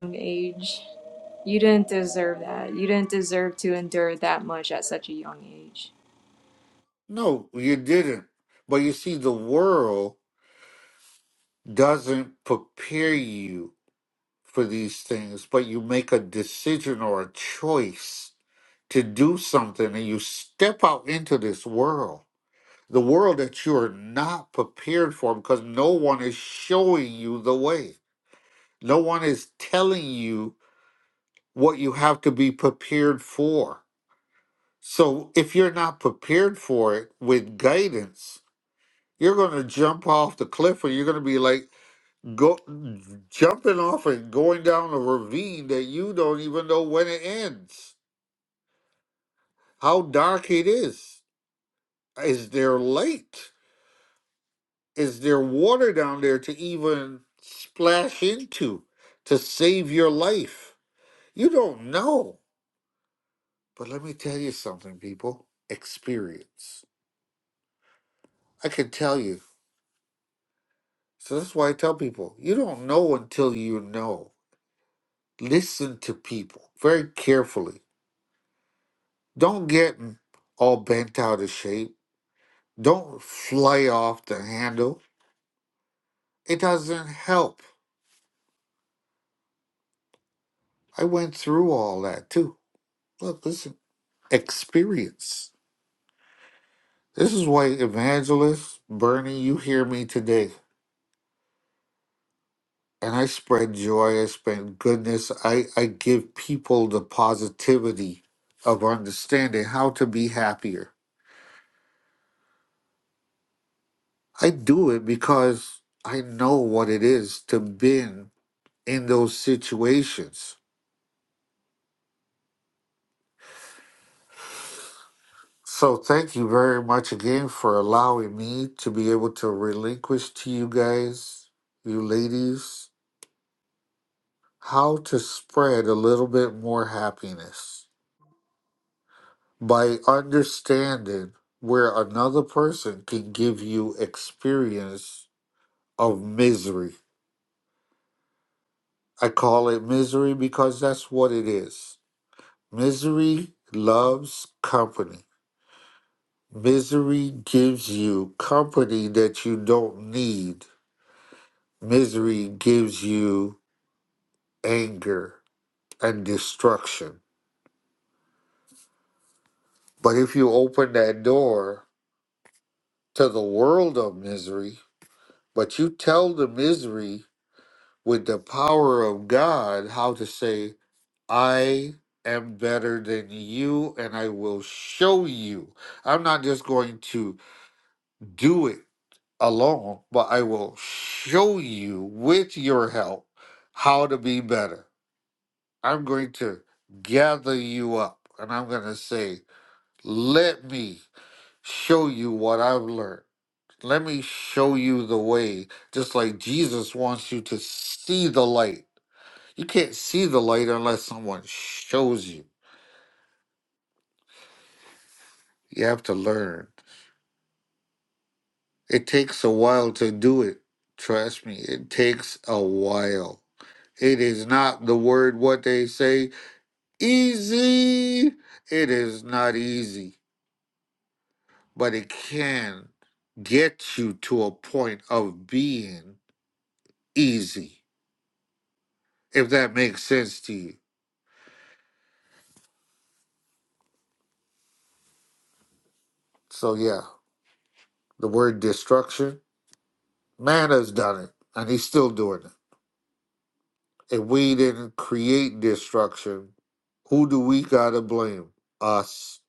C: Young age. You didn't deserve that. You didn't deserve to endure that much at such a young age.
A: No, you didn't. But you see, the world doesn't prepare you for these things, but you make a decision or a choice to do something and you step out into this world, the world that you are not prepared for because no one is showing you the way. No one is telling you what you have to be prepared for. So if you're not prepared for it with guidance, You're going to jump off the cliff, or you're going to be like go jumping off and going down a ravine that you don't even know when it ends. How dark it is. Is there light? Is there water down there to even splash into to save your life? You don't know. But let me tell you something, people. Experience. I can tell you. So that's why I tell people you don't know until you know listen to people very carefully Don't get all bent out of shape. Don't fly off the handle. It doesn't help. I went through all that too. Look, listen, experience. This is why, evangelist Bernie, you hear me today. And I spread joy, I spread goodness, I, I give people the positivity of understanding how to be happier. I do it because I know what it is to been in those situations So thank you very much again for allowing me to be able to relinquish to you guys, you ladies, how to spread a little bit more happiness by understanding where another person can give you experience of misery. I call it misery because that's what it is. Misery loves company. Misery gives you company that you don't need Misery gives you anger and destruction. But if you open that door to the world of misery, but you tell the misery with the power of God how to say, I am better than you and I will show you. I'm not just going to do it alone, but I will show you with your help how to be better. I'm going to gather you up and I'm going to say, let me show you what I've learned. Let me show you the way, just like Jesus wants you to see the light. You can't see the light unless someone shows you. You have to learn. It takes a while to do it. Trust me, it takes a while. It is not the word, what they say, easy. It is not easy. but it can get you to a point of being easy, if that makes sense to you. So, yeah, the word destruction, man has done it, and he's still doing it. If we didn't create destruction, who do we got to blame? Us.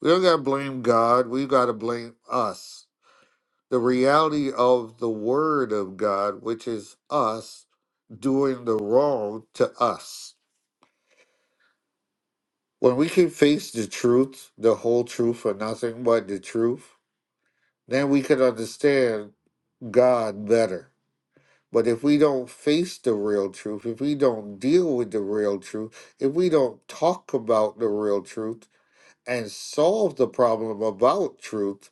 A: We don't got to blame God. We got to blame us. The reality of the word of God, which is us doing the wrong to us. When we can face the truth, the whole truth, or nothing but the truth, then we can understand God better. But if we don't face the real truth, if we don't deal with the real truth, if we don't talk about the real truth and solve the problem about truth,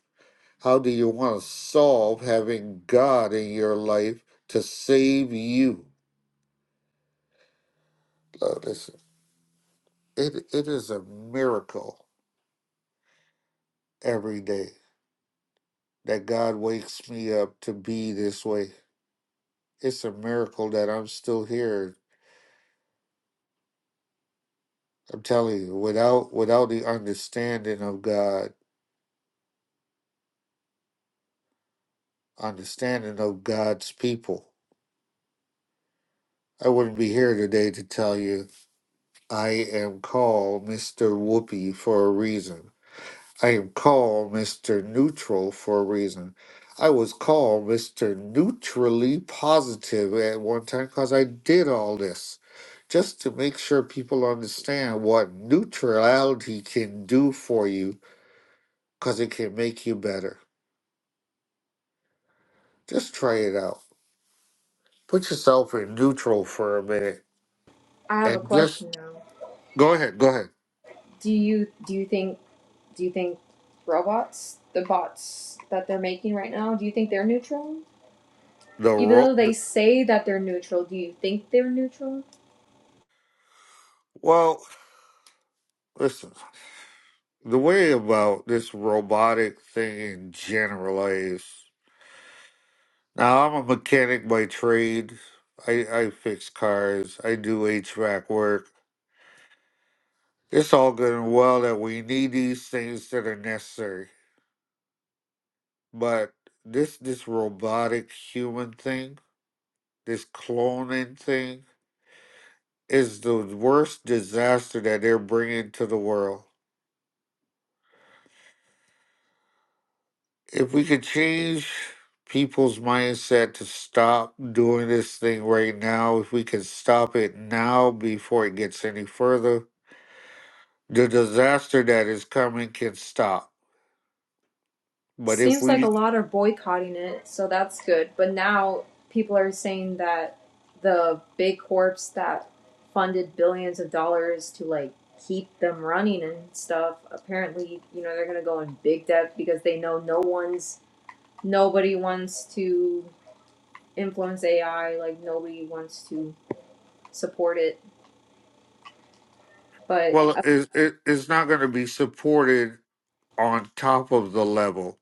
A: how do you want to solve having God in your life to save you? Uh, listen, it, it is a miracle every day that God wakes me up to be this way. It's a miracle that I'm still here. I'm telling you, without without the understanding of God, understanding of God's people, I wouldn't be here today to tell you I am called Mr. Whoopi for a reason. I am called Mr. Neutral for a reason. I was called Mr. Neutrally Positive at one time because I did all this just to make sure people understand what neutrality can do for you because it can make you better. Just try it out. Put yourself in neutral for a minute
C: I have a
A: and just
C: question now.
A: go ahead. Go ahead.
C: Do you do you think do you think robots, the bots that they're making right now, do you think they're neutral?
A: The
C: Even
A: ro-
C: though they
A: the-
C: say that they're neutral, do you think they're neutral?
A: well, listen. The way about this robotic thing in general is. Now I'm a mechanic by trade. I, I fix cars. I do HVAC work. It's all good and well that we need these things that are necessary. But this this robotic human thing, this cloning thing, is the worst disaster that they're bringing to the world. If we could change people's mindset to stop doing this thing right now, if we could stop it now before it gets any further, the disaster that is coming can stop. But if
C: Seems like a
A: we,
C: lot are boycotting it, so that's good. But now people are saying that the big corps that funded billions of dollars to like keep them running and stuff, apparently, you know, they're gonna go in big debt because they know no one's nobody wants to influence AI. Like nobody wants to support it, but
A: well,
C: uh,
A: it, it, it's not going to be supported on top of the level.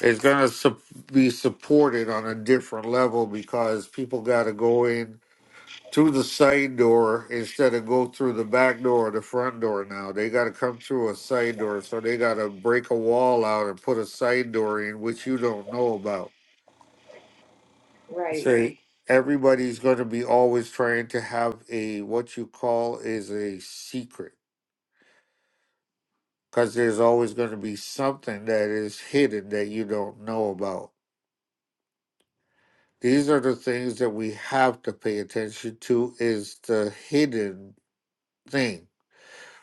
A: It's going to su- be supported on a different level because people got to go in through the side door instead of go through the back door or the front door now. They got to come through a side door. So they got to break a wall out and put a side door in, which you don't know about
C: right,
A: say everybody's going to be always trying to have a what you call is a secret because there's always going to be something that is hidden that you don't know about these are the things that we have to pay attention to is the hidden thing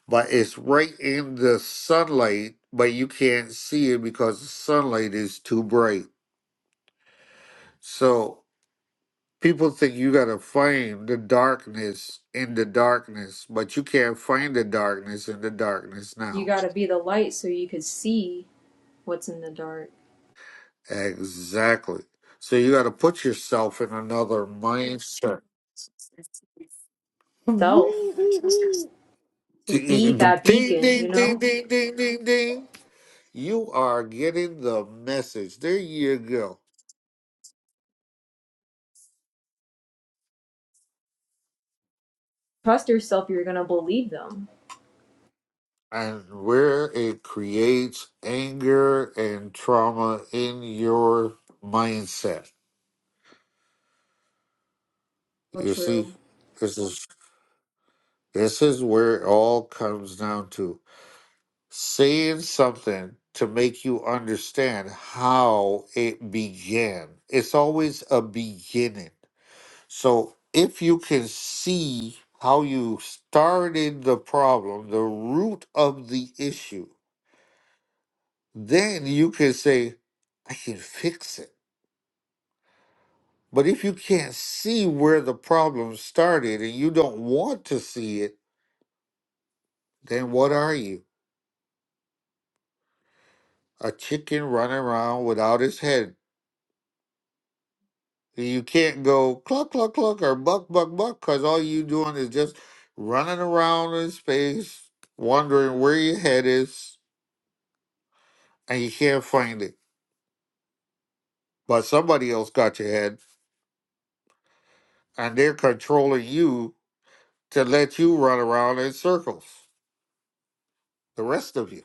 A: but it's right in the sunlight but you can't see it because the sunlight is too bright so People think you gotta find the darkness in the darkness, but you can't find the darkness in the darkness
C: you
A: now.
C: got to be the light so you could see what's in the dark.
A: Exactly. So you gotta put yourself in another mindset.
C: Self to be
A: Ding, ding,
C: that beacon,
A: ding,
C: you
A: ding,
C: know.
A: ding, ding, ding. You are getting the message. There you go.
C: Trust yourself. You're gonna believe them.
A: And where it creates anger and trauma in your mindset.
C: So
A: You see?
C: true.
A: this is. This is where it all comes down to saying something to make you understand how it began. It's always a beginning. So if you can see how you started the problem, the root of the issue, then you can say, I can fix it. But if you can't see where the problem started and you don't want to see it, then what are you? a chicken running around without his head. You can't go cluck cluck cluck or buck buck buck because all you doing is just running around in space, wondering where your head is, and you can't find it. But somebody else got your head, and they're controlling you to let you run around in circles. The rest of you,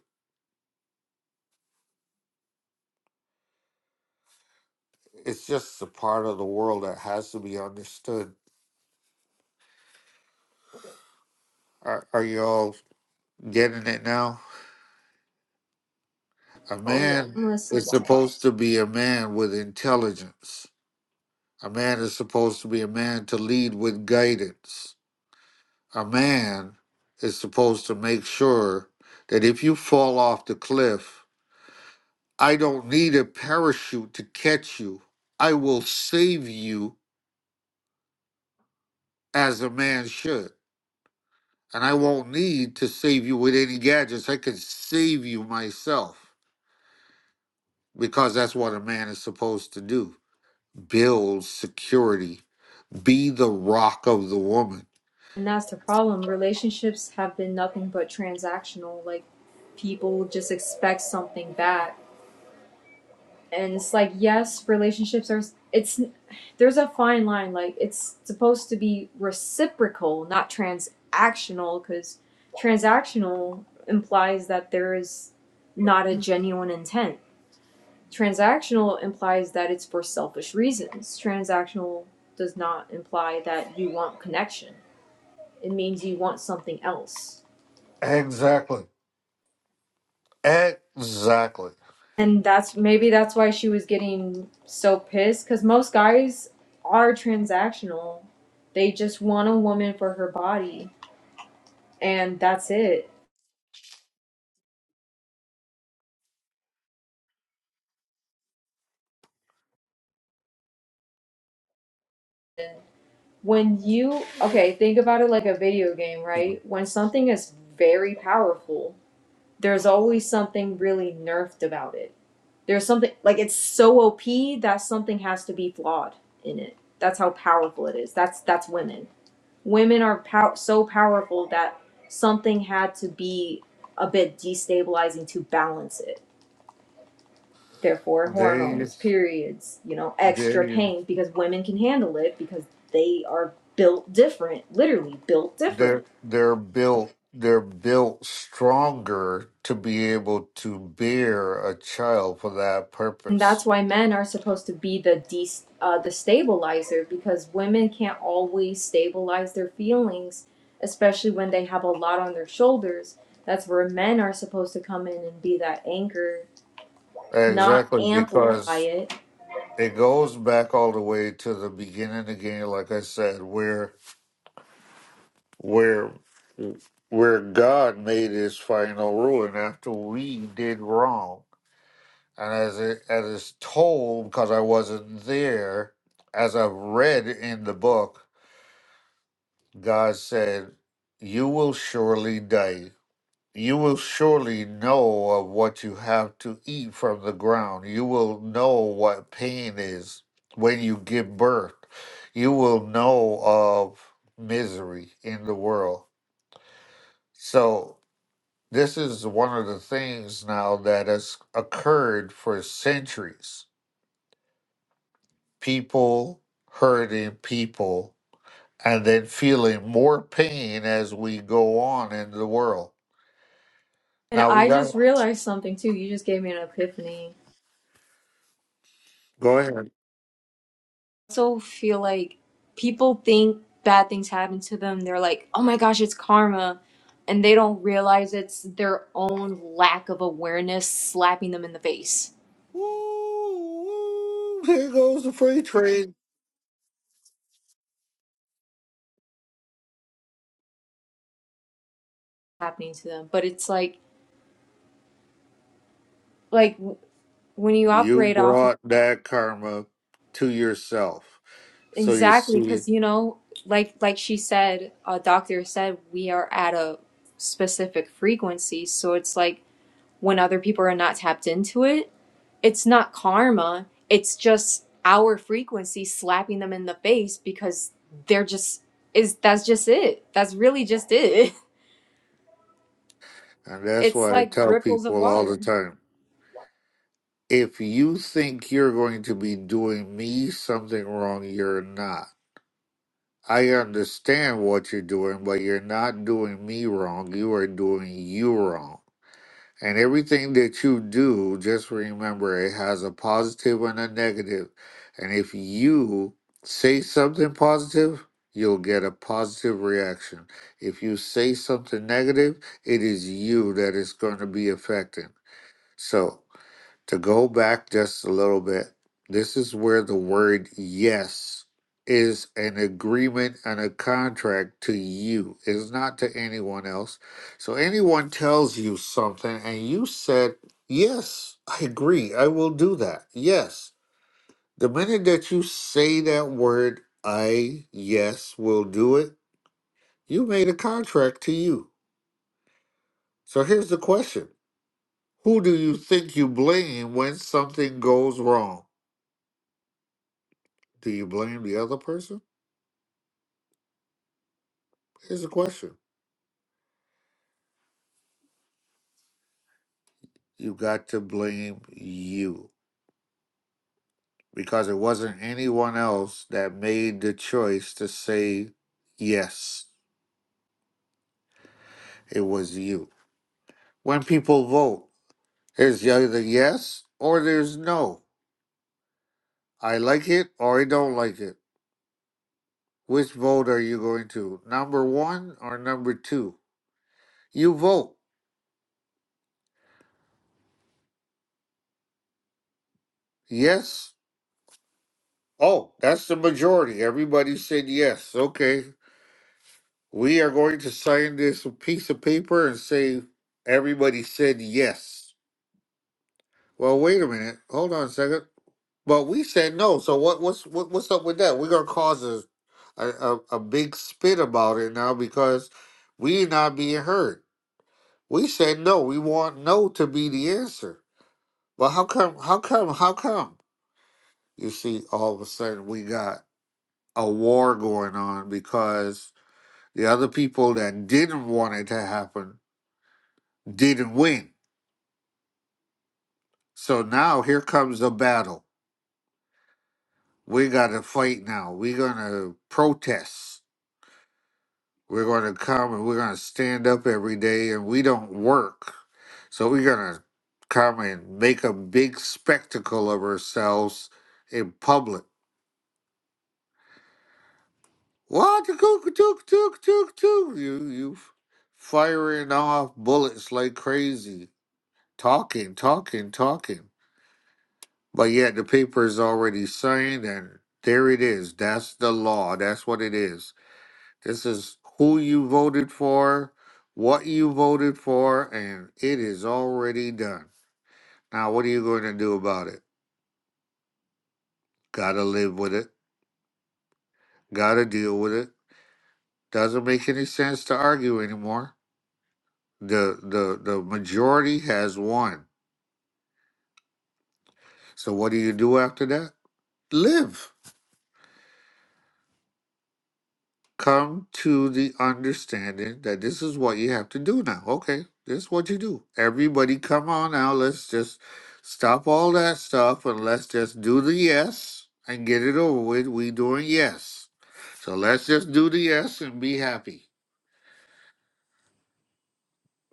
A: it's just a part of the world that has to be understood. Are, are you all getting it now? A
C: Oh yeah,
A: man
C: I'm listening.
A: is supposed to be a man with intelligence A man is supposed to be a man to lead with guidance. A man is supposed to make sure that if you fall off the cliff, I don't need a parachute to catch you. I will save you as a man should. And I won't need to save you with any gadgets. I can save you myself because that's what a man is supposed to do build security, be the rock of the woman.
C: And that's the problem. Relationships have been nothing but transactional. Like people just expect something back and it's like yes relationships are it's there's a fine line like it's supposed to be reciprocal not transactional because transactional implies that there is not a genuine intent transactional implies that it's for selfish reasons transactional does not imply that you want connection it means you want something else
A: Exactly. Exactly.
C: and that's maybe that's why she was getting so pissed because most guys are transactional they just want a woman for her body and that's it when you okay think about it like a video game right when something is very powerful there's always something really nerfed about it there's something like it's so op that something has to be flawed in it that's how powerful it is that's that's women women are pow- so powerful that something had to be a bit destabilizing to balance it therefore
A: They
C: hormones periods you know extra
A: they
C: pain because women can handle it because they are built different literally built different
A: they're they're built they're built stronger to be able to bear a child for that
C: and that's
A: purpose.
C: why men are supposed to be the de- uh, the stabilizer because women can't always stabilize their feelings especially when they have a lot on their shoulders that's where men are supposed to come in and be that anchor not
A: Exactly,
C: amplify
A: because
C: it.
A: it goes back all the way to the beginning again, like I said, where where where God made his final ruling after we did wrong. And as it as it's told, because I wasn't there, as I've read in the book, God said, You will surely die. You will surely know of what you have to eat from the ground. You will know what pain is when you give birth. You will know of misery in the world. So, this is one of the things now that has occurred for centuries. People hurting people and then feeling more pain as we go on in the world
C: And
A: Now we
C: I
A: got
C: just realized something too. You just gave me an epiphany.
A: Go ahead.
C: I also feel like people think bad things happen to them. They're like, oh my gosh, it's karma. And they don't realize it's their own lack of awareness slapping them in the face
A: Woo, woo, here goes the free trade.
C: happening to them. But it's like, like w- when you
A: You
C: operate off of
A: brought that karma to yourself. So you
C: exactly
A: see,
C: because you know, like like she said, a doctor said, we are at a specific frequency. So it's like when other people are not tapped into it. It's not karma, it's just our frequency slapping them in the face because they're just is that's just it. That's really just it.
A: and that's
C: It's
A: why I
C: like
A: tell
C: ripples of
A: people all the
C: water.
A: time if you think you're going to be doing me something wrong, you're not. I understand what you're doing, but you're not doing me wrong. You are doing you wrong. And everything that you do, just remember it has a positive and a negative. And if you say something positive, you'll get a positive reaction. If you say something negative, it is you that is going to be affected. So to go back just a little bit, this is where the word yes is an agreement and a contract to you, it's not to anyone else. So, anyone tells you something and you said, Yes, I agree, I will do that. Yes. The minute that you say that word, I, yes, will do it, you made a contract to you. So, here's the question Who do you think you blame when something goes wrong? Do you blame the other person? Here's the question. You got to blame you because it wasn't anyone else that made the choice to say yes. It was you. When people vote, it's either yes or there's no. I like it or I don't like it. Which vote are you going to? Number one or number two? You vote. Yes. Oh, that's the majority. Everybody said yes. Okay. We are going to sign this piece of paper and say everybody said yes. Well, wait a minute. Hold on a second. But we said no. So what? What's what, what's up with that? We're gonna cause a, a a a big spit about it now because we not being heard. We said no. We want no to be the answer. But how come? How come? How come? You see, all of a sudden we got a war going on because the other people that didn't want it to happen didn't win. So now here comes the battle. We got to fight now. We're going to protest. We're going to come and we're going to stand up every day and we don't work. So we're going to come and make a big spectacle of ourselves in public. What? Took, took, took, took, took. You, you firing off bullets like crazy, talking, talking, talking. But yet the paper is already saying that there it is. That's the law. That's what it is. This is who you voted for, what you voted for, and it is already done. Now, what are you going to do about it? Gotta live with it. Gotta deal with it. Doesn't make any sense to argue anymore. The the the majority has won. So what do you do after that? Live. come to the understanding that this is what you have to do now. Okay, this is what you do. Everybody, come on now. Let's just stop all that stuff and let's just do the yes and get it over with. We doing yes. So let's just do the yes and be happy.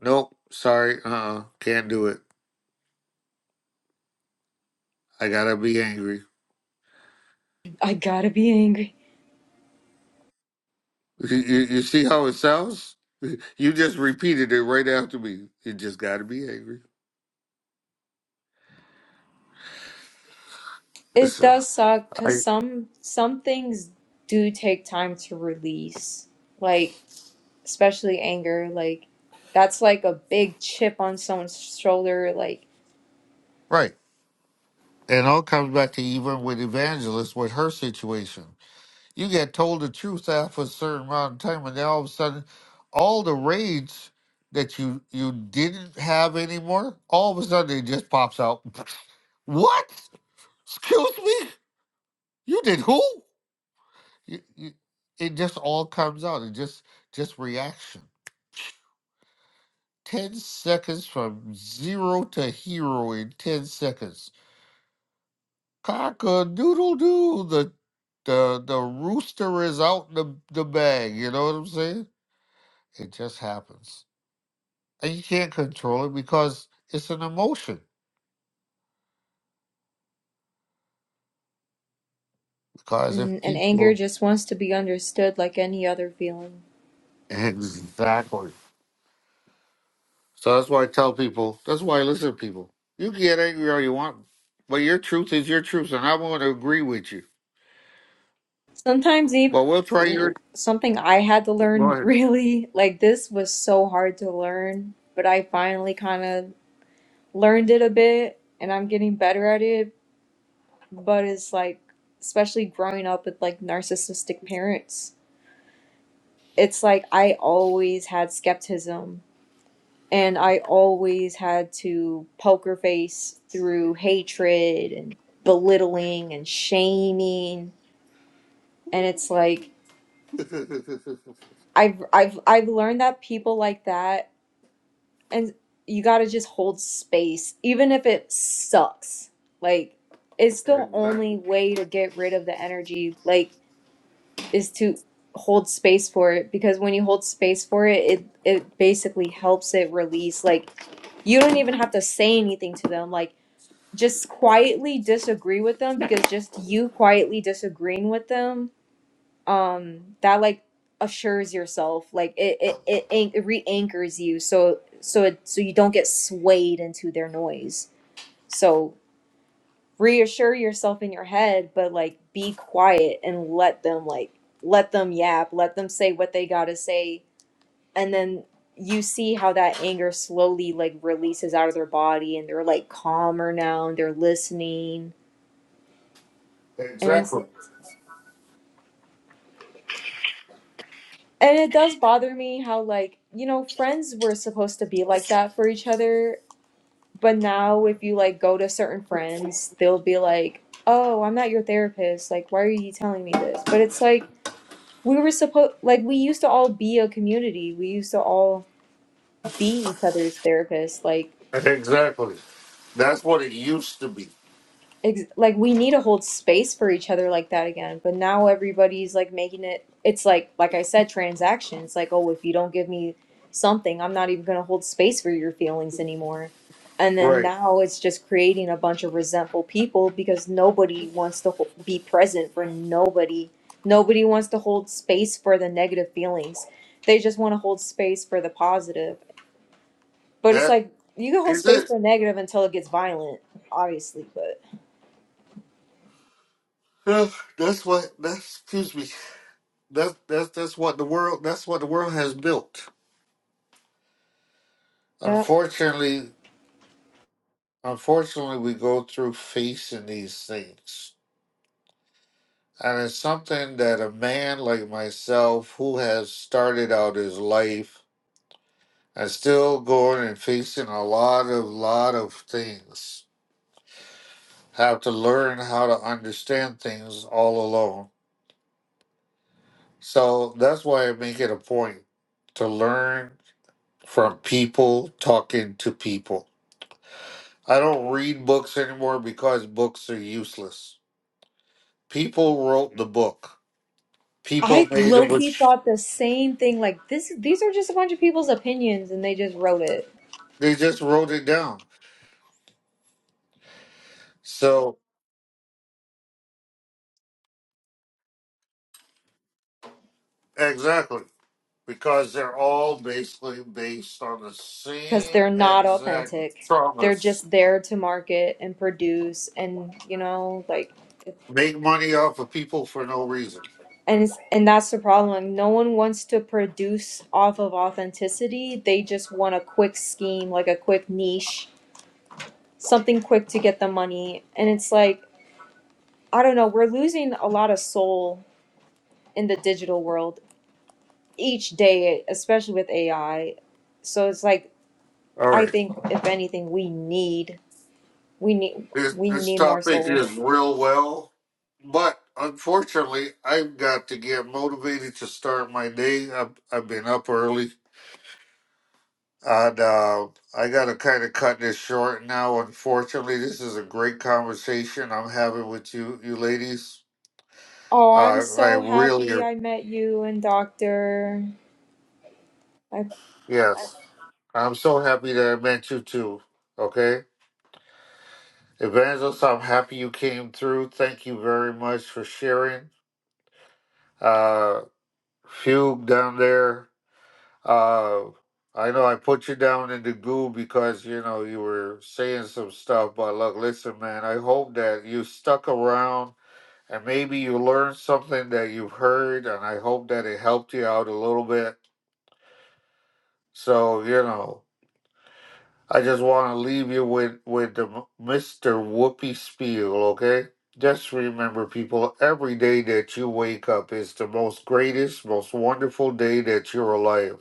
A: Nope, sorry, uh, uh can't do it. I gotta be angry.
C: I gotta be angry.
A: You, you, you see how it sounds? You just repeated it right after me. You just gotta be angry.
C: It
A: Listen,
C: does suck because
A: I
C: some some things do take time to release. Like especially anger. Like that's like a big chip on someone's shoulder. Like
A: right. And all comes back to even with Evangelist, with her situation. You get told the truth after a certain amount of time, and then all of a sudden, all the rage that you you didn't have anymore, all of a sudden it just pops out. What? Excuse me? You did who? You, you, it just all comes out. It just just reaction. Ten seconds from zero to hero in ten seconds. Cock a doodle doo. The the the rooster is out the the bag. You know what I'm saying? It just happens, and you can't control it because it's an emotion. Because if
C: n- and anger
A: people
C: just wants to be understood like any other feeling.
A: exactly, so that's why I tell people. That's why I listen to people. You can get angry all you want, but your truth is your truth, and I'm going to agree with you.
C: Sometimes even
A: But we'll try your.
C: something I had to
A: Go
C: learn
A: ahead.
C: really like this was so hard to learn, but I finally kind of learned it a bit and I'm getting better at it, but it's like especially growing up with like narcissistic parents. It's like I always had skepticism and I always had to poker face through hatred and belittling and shaming and it's like
A: exactly.
C: I've I've I've learned that people like that and you got to just hold space even if it sucks like it's the only way to get rid of the energy like is to hold space for it because when you hold space for it it it basically helps it release like you don't even have to say anything to them like just quietly disagree with them because just you quietly disagreeing with them um that like assures yourself like it it it, anch- it re-anchors you so so it so you don't get swayed into their noise so reassure yourself in your head but like be quiet and let them like let them yap let them say what they gotta say and then you see how that anger slowly like releases out of their body and they're like calmer now and they're listening and. it's
A: Exactly.
C: And it does bother me how like, you know, friends were supposed to be like that for each other, but now if you like go to certain friends, they'll be like, "Oh, I'm not your therapist. Like, why are you telling me this?" But it's like we were supposed like we used to all be a community. We used to all be each other's therapists. Like
A: Exactly. That's what it used to be.
C: ex- like we need to hold space for each other like that again but now everybody's like making it it's like like i said transactions. it's like oh if you don't give me something i'm not even going to hold space for your feelings anymore and then
A: Right.
C: now it's just creating a bunch of resentful people because nobody wants to ho- be present for nobody nobody wants to hold space for the negative feelings they just want to hold space for the positive but it's
A: That
C: like you can hold
A: is
C: space
A: it.
C: for negative until it gets violent obviously but
A: Ugh, That's what. That's excuse me. That that's that's what the world. That's what the world has built.
C: yeah
A: Unfortunately, unfortunately, we go through facing these things, and it's something that a man like myself, who has started out his life, and still going and facing a lot of lot of things, have to learn how to understand things all alone. So that's why I make it a point to learn from people talking to people. I don't read books anymore because books are useless. People wrote the book. People
C: I
A: made a
C: low
A: book.
C: key thought the same thing. Like this, these are just a bunch of people's opinions, and they just wrote it
A: They just wrote it down. So exactly because they're all basically based on the
C: because
A: same
C: they're not
A: exact
C: authentic. They're
A: traumas.
C: just there to market and produce, and you know, like,
A: Make money off of people for no reason.
C: and it's, and that's the problem. Like, no one wants to produce off of authenticity. They just want a quick scheme, like a quick niche, something quick to get the money. And it's like, I don't know. We're losing a lot of soul in the digital world each day, especially with AI. So it's like
A: All
C: I
A: right.
C: think if anything, we need we need
A: This
C: we
A: this
C: need more
A: topic
C: soul.
A: is real well, but unfortunately, I've got to get motivated to start my day. I've, I've been up early, and uh, I got to kind of cut this short now. Unfortunately, this is a great conversation I'm having with you, you ladies.
C: Oh, I'm
A: Uh, I
C: so
A: really,
C: happy
A: am-
C: I met you and Doctor. I
A: yes, I'm so happy that I met you too. Okay, Evangelist, I'm happy you came through. Thank you very much for sharing. Uh, Fugue down there. Uh, I know I put you down in the goo because you know you were saying some stuff, but look, listen, man. I hope that you stuck around and maybe you learned something that you've heard, and I hope that it helped you out a little bit. So you know, I just want to leave you with with the M- Mr. Whoopi spiel, okay? Just remember, people, every day that you wake up is the most greatest, most wonderful day that you're alive.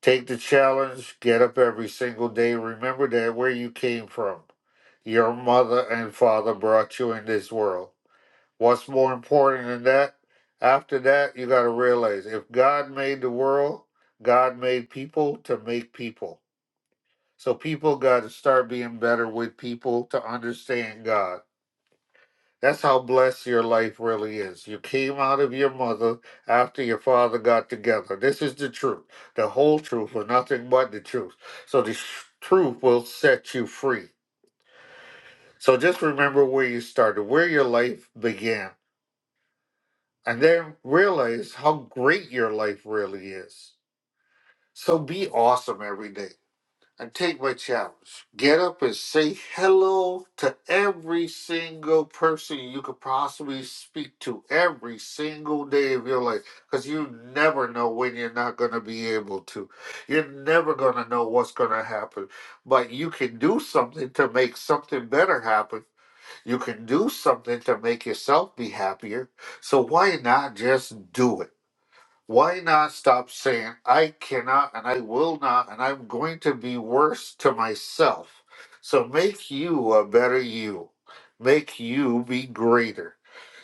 A: Take the challenge, get up every single day. Remember that where you came from, your mother and father brought you in this world. What's more important than that? After that, you got to realize if God made the world, God made people to make people. So people got to start being better with people to understand God that's how blessed your life really is. You came out of your mother after your father got together. This is the truth, the whole truth, and nothing but the truth. So the sh- truth will set you free. So just remember where you started, where your life began, and then realize how great your life really is. So be awesome every day. and take my challenge. Get up and say hello to every single person you could possibly speak to every single day of your life because you never know when you're not going to be able to. You're never going to know what's going to happen, but you can do something to make something better happen. You can do something to make yourself be happier. So why not just do it? why not stop saying, I cannot and I will not and I'm going to be worse to myself? So make you a better you. Make you be greater.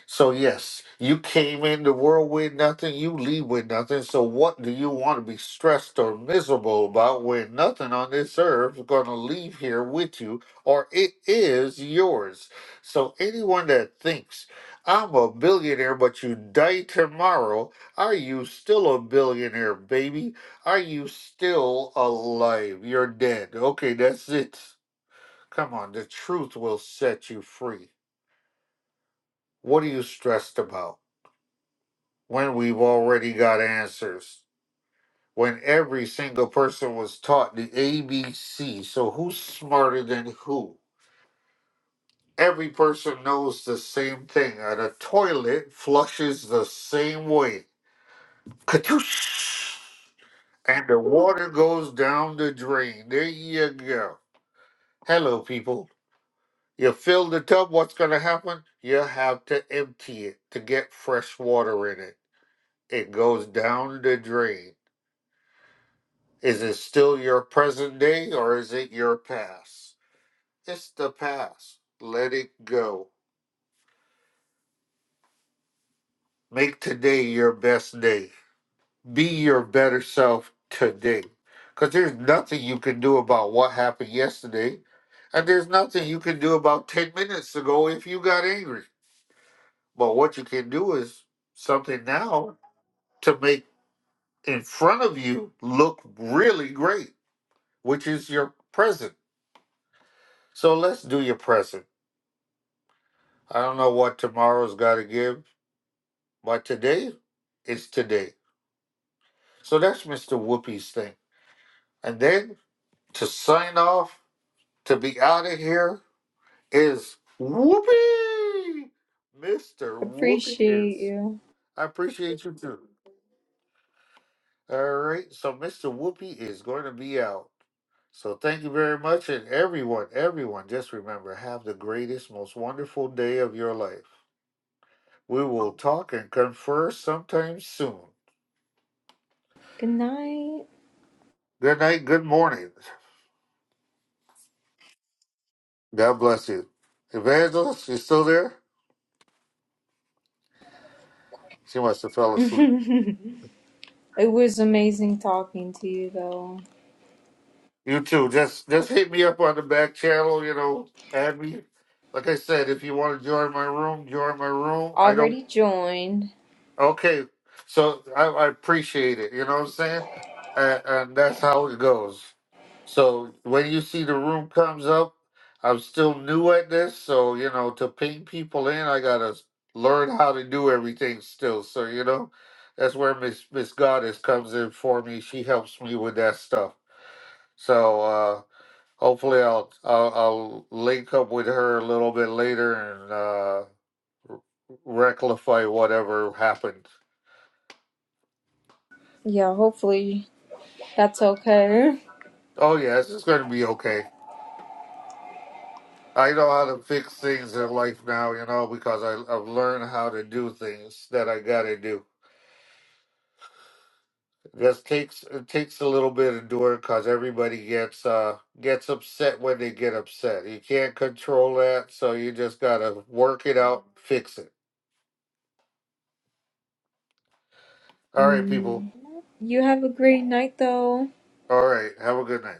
A: So, yes, you came in the world with nothing, you leave with nothing. So, what do you want to be stressed or miserable about when nothing on this earth is going to leave here with you or it is yours? So, anyone that thinks, I'm a billionaire, but you die tomorrow. Are you still a billionaire, baby? Are you still alive? You're dead. Okay, that's it. Come on, the truth will set you free. What are you stressed about when we've already got answers? When every single person was taught the ABC, so who's smarter than who? Every person knows the same thing, and a toilet flushes the same way. Katoosh! and the water goes down the drain. There you go. Hello, people. You fill the tub, what's going to happen? You have to empty it to get fresh water in it. It goes down the drain. Is it still your present day or is it your past? It's the past. Let it go. Make today your best day. be your better self today. Because there's nothing you can do about what happened yesterday. And there's nothing you can do about 10 minutes ago if you got angry. But what you can do is something now to make in front of you look really great, which is your present. So let's do your present. I don't know what tomorrow's got to give, but today is today. So that's Mr. Whoopi's thing. And then to sign off, to be out of here, is Whoopi. Mr. Whoopi
C: appreciate
A: is.
C: you.
A: I appreciate you too. All right. So Mr. Whoopi is going to be out. So thank you very much. And everyone, everyone, just remember have the greatest, most wonderful day of your life. We will talk and confer sometime soon.
C: Good night.
A: Good night. Good morning. God bless you. Evangelist, you still there? She must have fell asleep.
C: it was amazing talking to you though.
A: You too. Just just hit me up on the back channel. You know, add me. Like I said, if you want to join my room, join my room. I don't.
C: Already joined.
A: Okay, so I, I appreciate it. You know what I'm saying? And, and that's how it goes. So when you see the room comes up, I'm still new at this, so you know to ping people in, I gotta learn how to do everything still. So you know, that's where Miss Miss Goddess comes in for me. She helps me with that stuff. So. uh Hopefully, I'll, I'll I'll link up with her a little bit later and uh, r- rectify whatever happened.
C: Yeah, hopefully that's okay.
A: Oh yes, it's going to be okay. I know how to fix things in life now, you know, because I, I've learned how to do things that I got to do. This takes it takes a little bit of doing because everybody gets uh gets upset when they get upset. You can't control that, so you just gotta work it out, fix it. All right, people.
C: Mm. You have a great night though.
A: All right, have a good night.